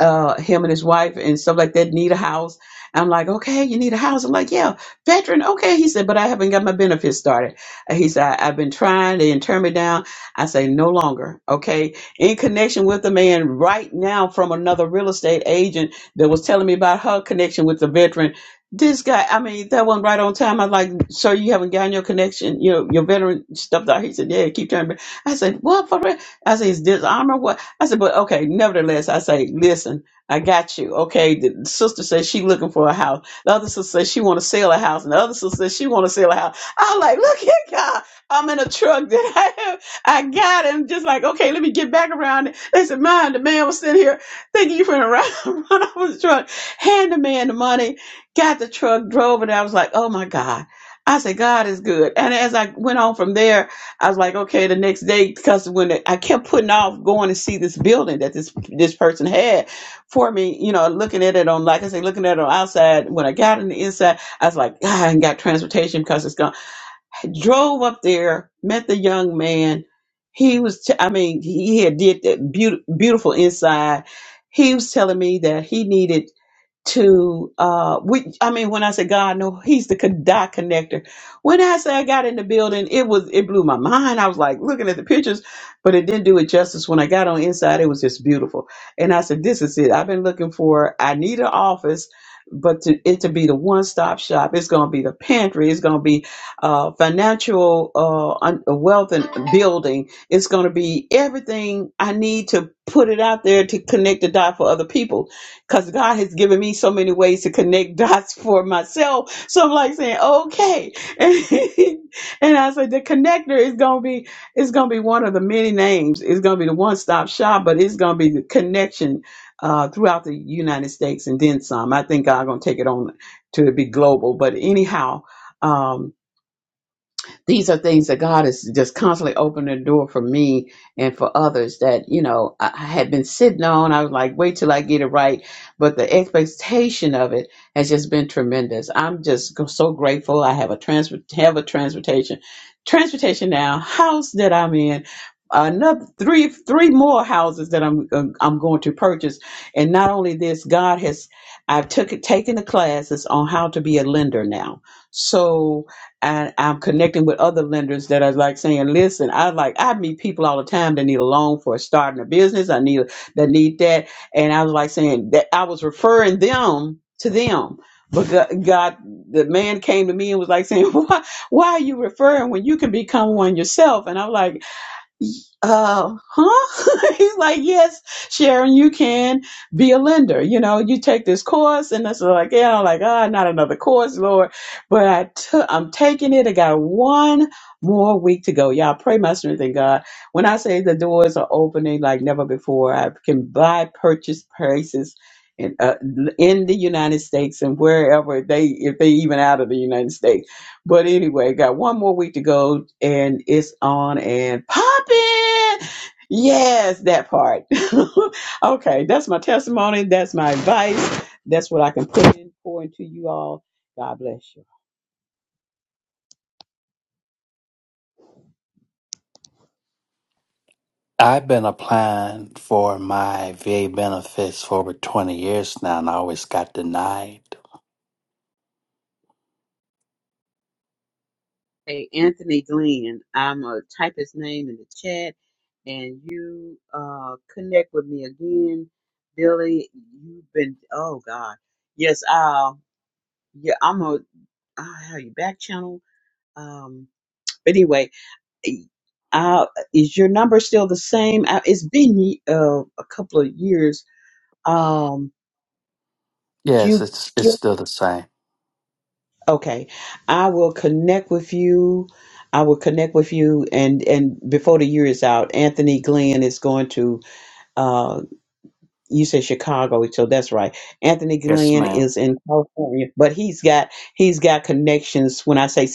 uh, him and his wife and stuff like that need a house. I'm like, okay, you need a house. I'm like, yeah, veteran. Okay. He said, but I haven't got my benefits started. And He said, I, I've been trying. They didn't turn me down. I say, no longer. Okay. In connection with a man right now from another real estate agent that was telling me about her connection with the veteran. This guy, I mean, that one right on time. I'm like, sir, you haven't gotten your connection, you know, your veteran stuff. Out. He said, yeah, keep trying. I said, what for real? I said, is dishonor what? I said, but okay, nevertheless, I say, listen, I got you. Okay, the sister says she looking for a house. The other sister says she want to sell a house, and the other sister says she want to sell a house. I'm like, look at God, I'm in a truck that <laughs> I have. I got him. Just like, okay, let me get back around. it. They said, mine. The man was sitting here thinking you were gonna run, <laughs> run over the truck. Hand the man the money. Got the truck, drove, it. I was like, oh my God. I said, God is good. And as I went on from there, I was like, okay, the next day, because when it- I kept putting off going to see this building that this this person had for me, you know, looking at it on, like I say, looking at it on outside. When I got on the inside, I was like, ah, I ain't got transportation because it's gone. Drove up there, met the young man. He was, t- I mean, he had did that beautiful, beautiful inside. He was telling me that he needed to uh we i mean when i say god no he's the con- dot connector when i say i got in the building it was it blew my mind i was like looking at the pictures but it didn't do it justice when i got on inside it was just beautiful and i said this is it i've been looking for i need an office but to, it to be the one-stop shop it's going to be the pantry it's going to be uh financial uh un- wealth and building it's going to be everything i need to put it out there to connect the dot for other people because God has given me so many ways to connect <laughs> dots for myself. So I'm like saying, okay. <laughs> And, I said, the connector is going to be, it's going to be one of the many names. It's going to be the one stop shop, but it's going to be the connection uh, throughout the United States and then some. I think God's going to take it on to be global. But anyhow, um, these are things that God is just constantly opening the door for me and for others that, you know, I I had been sitting on. I was like, wait till I get it right. But the expectation of it has just been tremendous. I'm just go- so grateful. I have a transport, have a transportation, transportation now, house that I'm in, another three, three more houses that I'm, uh, I'm going to purchase. And not only this, God has, I've took taken the classes on how to be a lender now. So, and I'm connecting with other lenders that are like saying, "Listen, I like I meet people all the time that need a loan for starting a business. I need that need that." And I was like saying that I was referring them to them. But Go- God, the man came to me and was like saying, <laughs> "Why, why are you referring when you can become one yourself?" And I'm like, uh, huh? <laughs> He's like, yes, Sharon, you can be a lender. You know, you take this course, and that's like, yeah, I'm like, ah, not another course, Lord. But I took, I'm taking it. I got one more week to go. Y'all pray my strength in God. When I say the doors are opening like never before, I can buy purchase prices. In, uh, in the United States and wherever they, if they even out of the United States but anyway, got one more week to go and it's on and popping. Yes, that part. <laughs> okay, that's my testimony. That's my advice. That's what I can put in pour into you all. God bless you.
I've been applying for my VA benefits for over twenty years now and I always got denied.
Hey, Anthony Glenn. I'm going to type his name in the chat. and you uh connect with me again, Billy. You've been oh God, yes. Uh, yeah, I'm a I have you back channel. Um, but anyway, uh, is your number still the same? Uh, It's been uh, a couple of years. Um, do
Yes,
you
it's it's
get
still the same.
okay? I will connect with you. I will connect with you, and and before the year is out, Anthony Glenn is going to uh, you said Chicago, so that's right. Anthony
Yes,
Glenn
ma'am.
is in California, but he's got he's got connections. When I say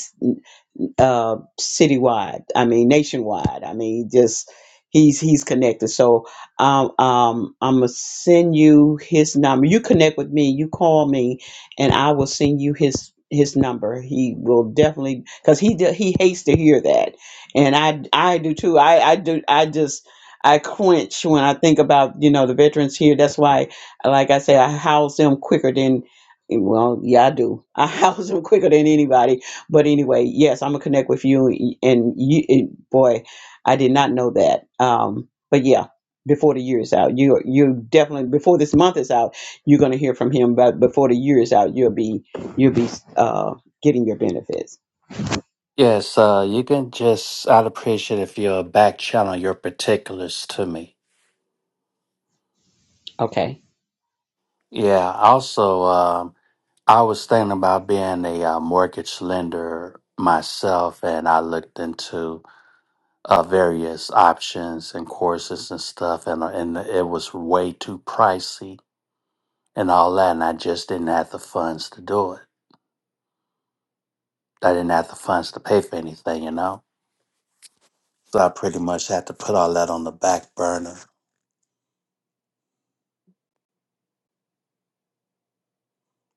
mean, uh, citywide. I mean, nationwide. I mean, just he's he's connected. So um, um, I'm gonna send you his number. You connect with me. You call me, and I will send you his his number. He will definitely because he do- he hates to hear that, and I I do too. I I do I just. I quench when I think about you know the veterans here. That's why, like I say, I house them quicker than well, yeah, I do. I <laughs> house them quicker than anybody but anyway, yes, I'm gonna connect with you. And you, and boy, I did not know that. Um, but yeah, before the year is out, you you definitely before this month is out, you're gonna hear from him. But before the year is out, you'll be you'll be uh, getting your benefits.
Yes, uh you can just I'd appreciate if you'll back channel your particulars to me.
Okay.
Yeah. Also, um I was thinking about being a uh, mortgage lender myself and I looked into uh, various options and courses and stuff, and uh, and it was way too pricey and all that, and I just didn't have the funds to do it. I didn't have the funds to pay for anything, you know. So I pretty much had to put all that on the back burner.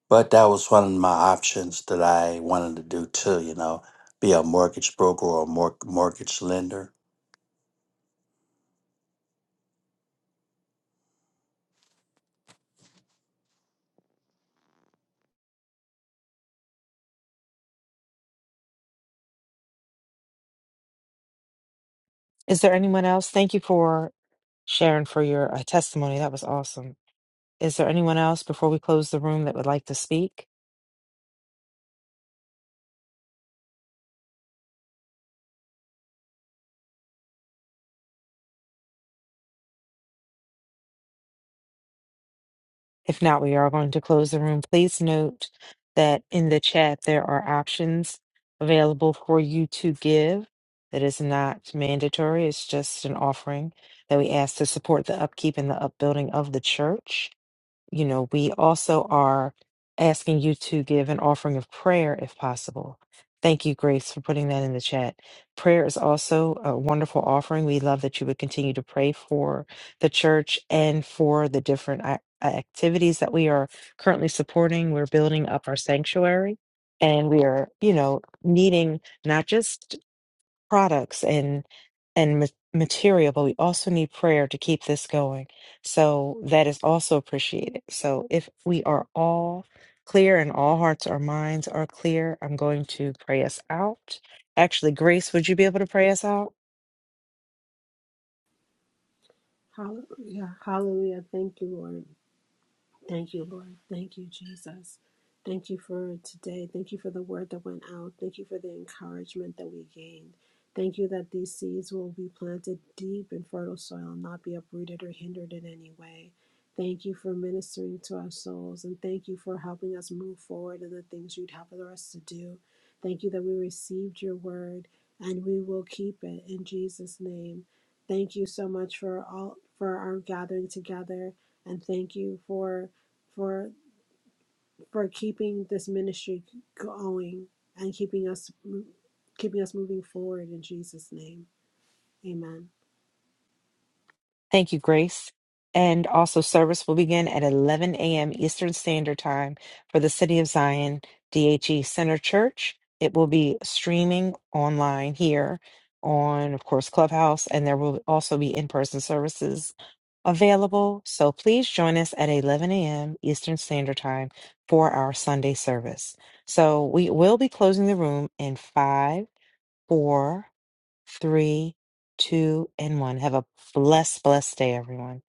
But that was one of my options that I wanted to do too, you know, be a mortgage broker or a mor- mortgage lender
Is there anyone else? Thank you for sharing for your uh, testimony. That was awesome. Is there anyone else before we close the room that would like to speak? If not, we are going to close the room. Please note that in the chat there are options available for you to give. That is not mandatory. It's just an offering that we ask to support the upkeep and the upbuilding of the church. you know, we also are asking you to give an offering of prayer if possible. Thank you, Grace, for putting that in the chat. Prayer is also a wonderful offering. We love that you would continue to pray for the church and for the different ac- activities that we are currently supporting. We're building up our sanctuary and we are, you know, needing not just products and and ma- material, but we also need prayer to keep this going. So that is also appreciated. So if we are all clear and all hearts or minds are clear, I'm going to pray us out. Actually, Grace, would you be able to pray us out?
Hallelujah. Hallelujah. Thank you, Lord. Thank you, Lord. Thank you, Jesus. Thank you for today. Thank you for the word that went out. Thank you for the encouragement that we gained. Thank you that these seeds will be planted deep in fertile soil and not be uprooted or hindered in any way. Thank you for ministering to our souls and thank you for helping us move forward in the things you'd have for us to do. Thank you that we received your word and we will keep it in Jesus' name. Thank you so much for all for our gathering together and thank you for for for keeping this ministry going and keeping us keeping us moving forward in Jesus' name. Amen.
Thank you, Grace. And also, service will begin at 11 a.m. Eastern Standard Time for the City of Zion DHE Center Church. It will be streaming online here on, of course, Clubhouse, and there will also be in person services available. So please join us at 11 a.m. Eastern Standard Time for our Sunday service. So we will be closing the room in five, four three, two, and one. Have a blessed, blessed day, everyone.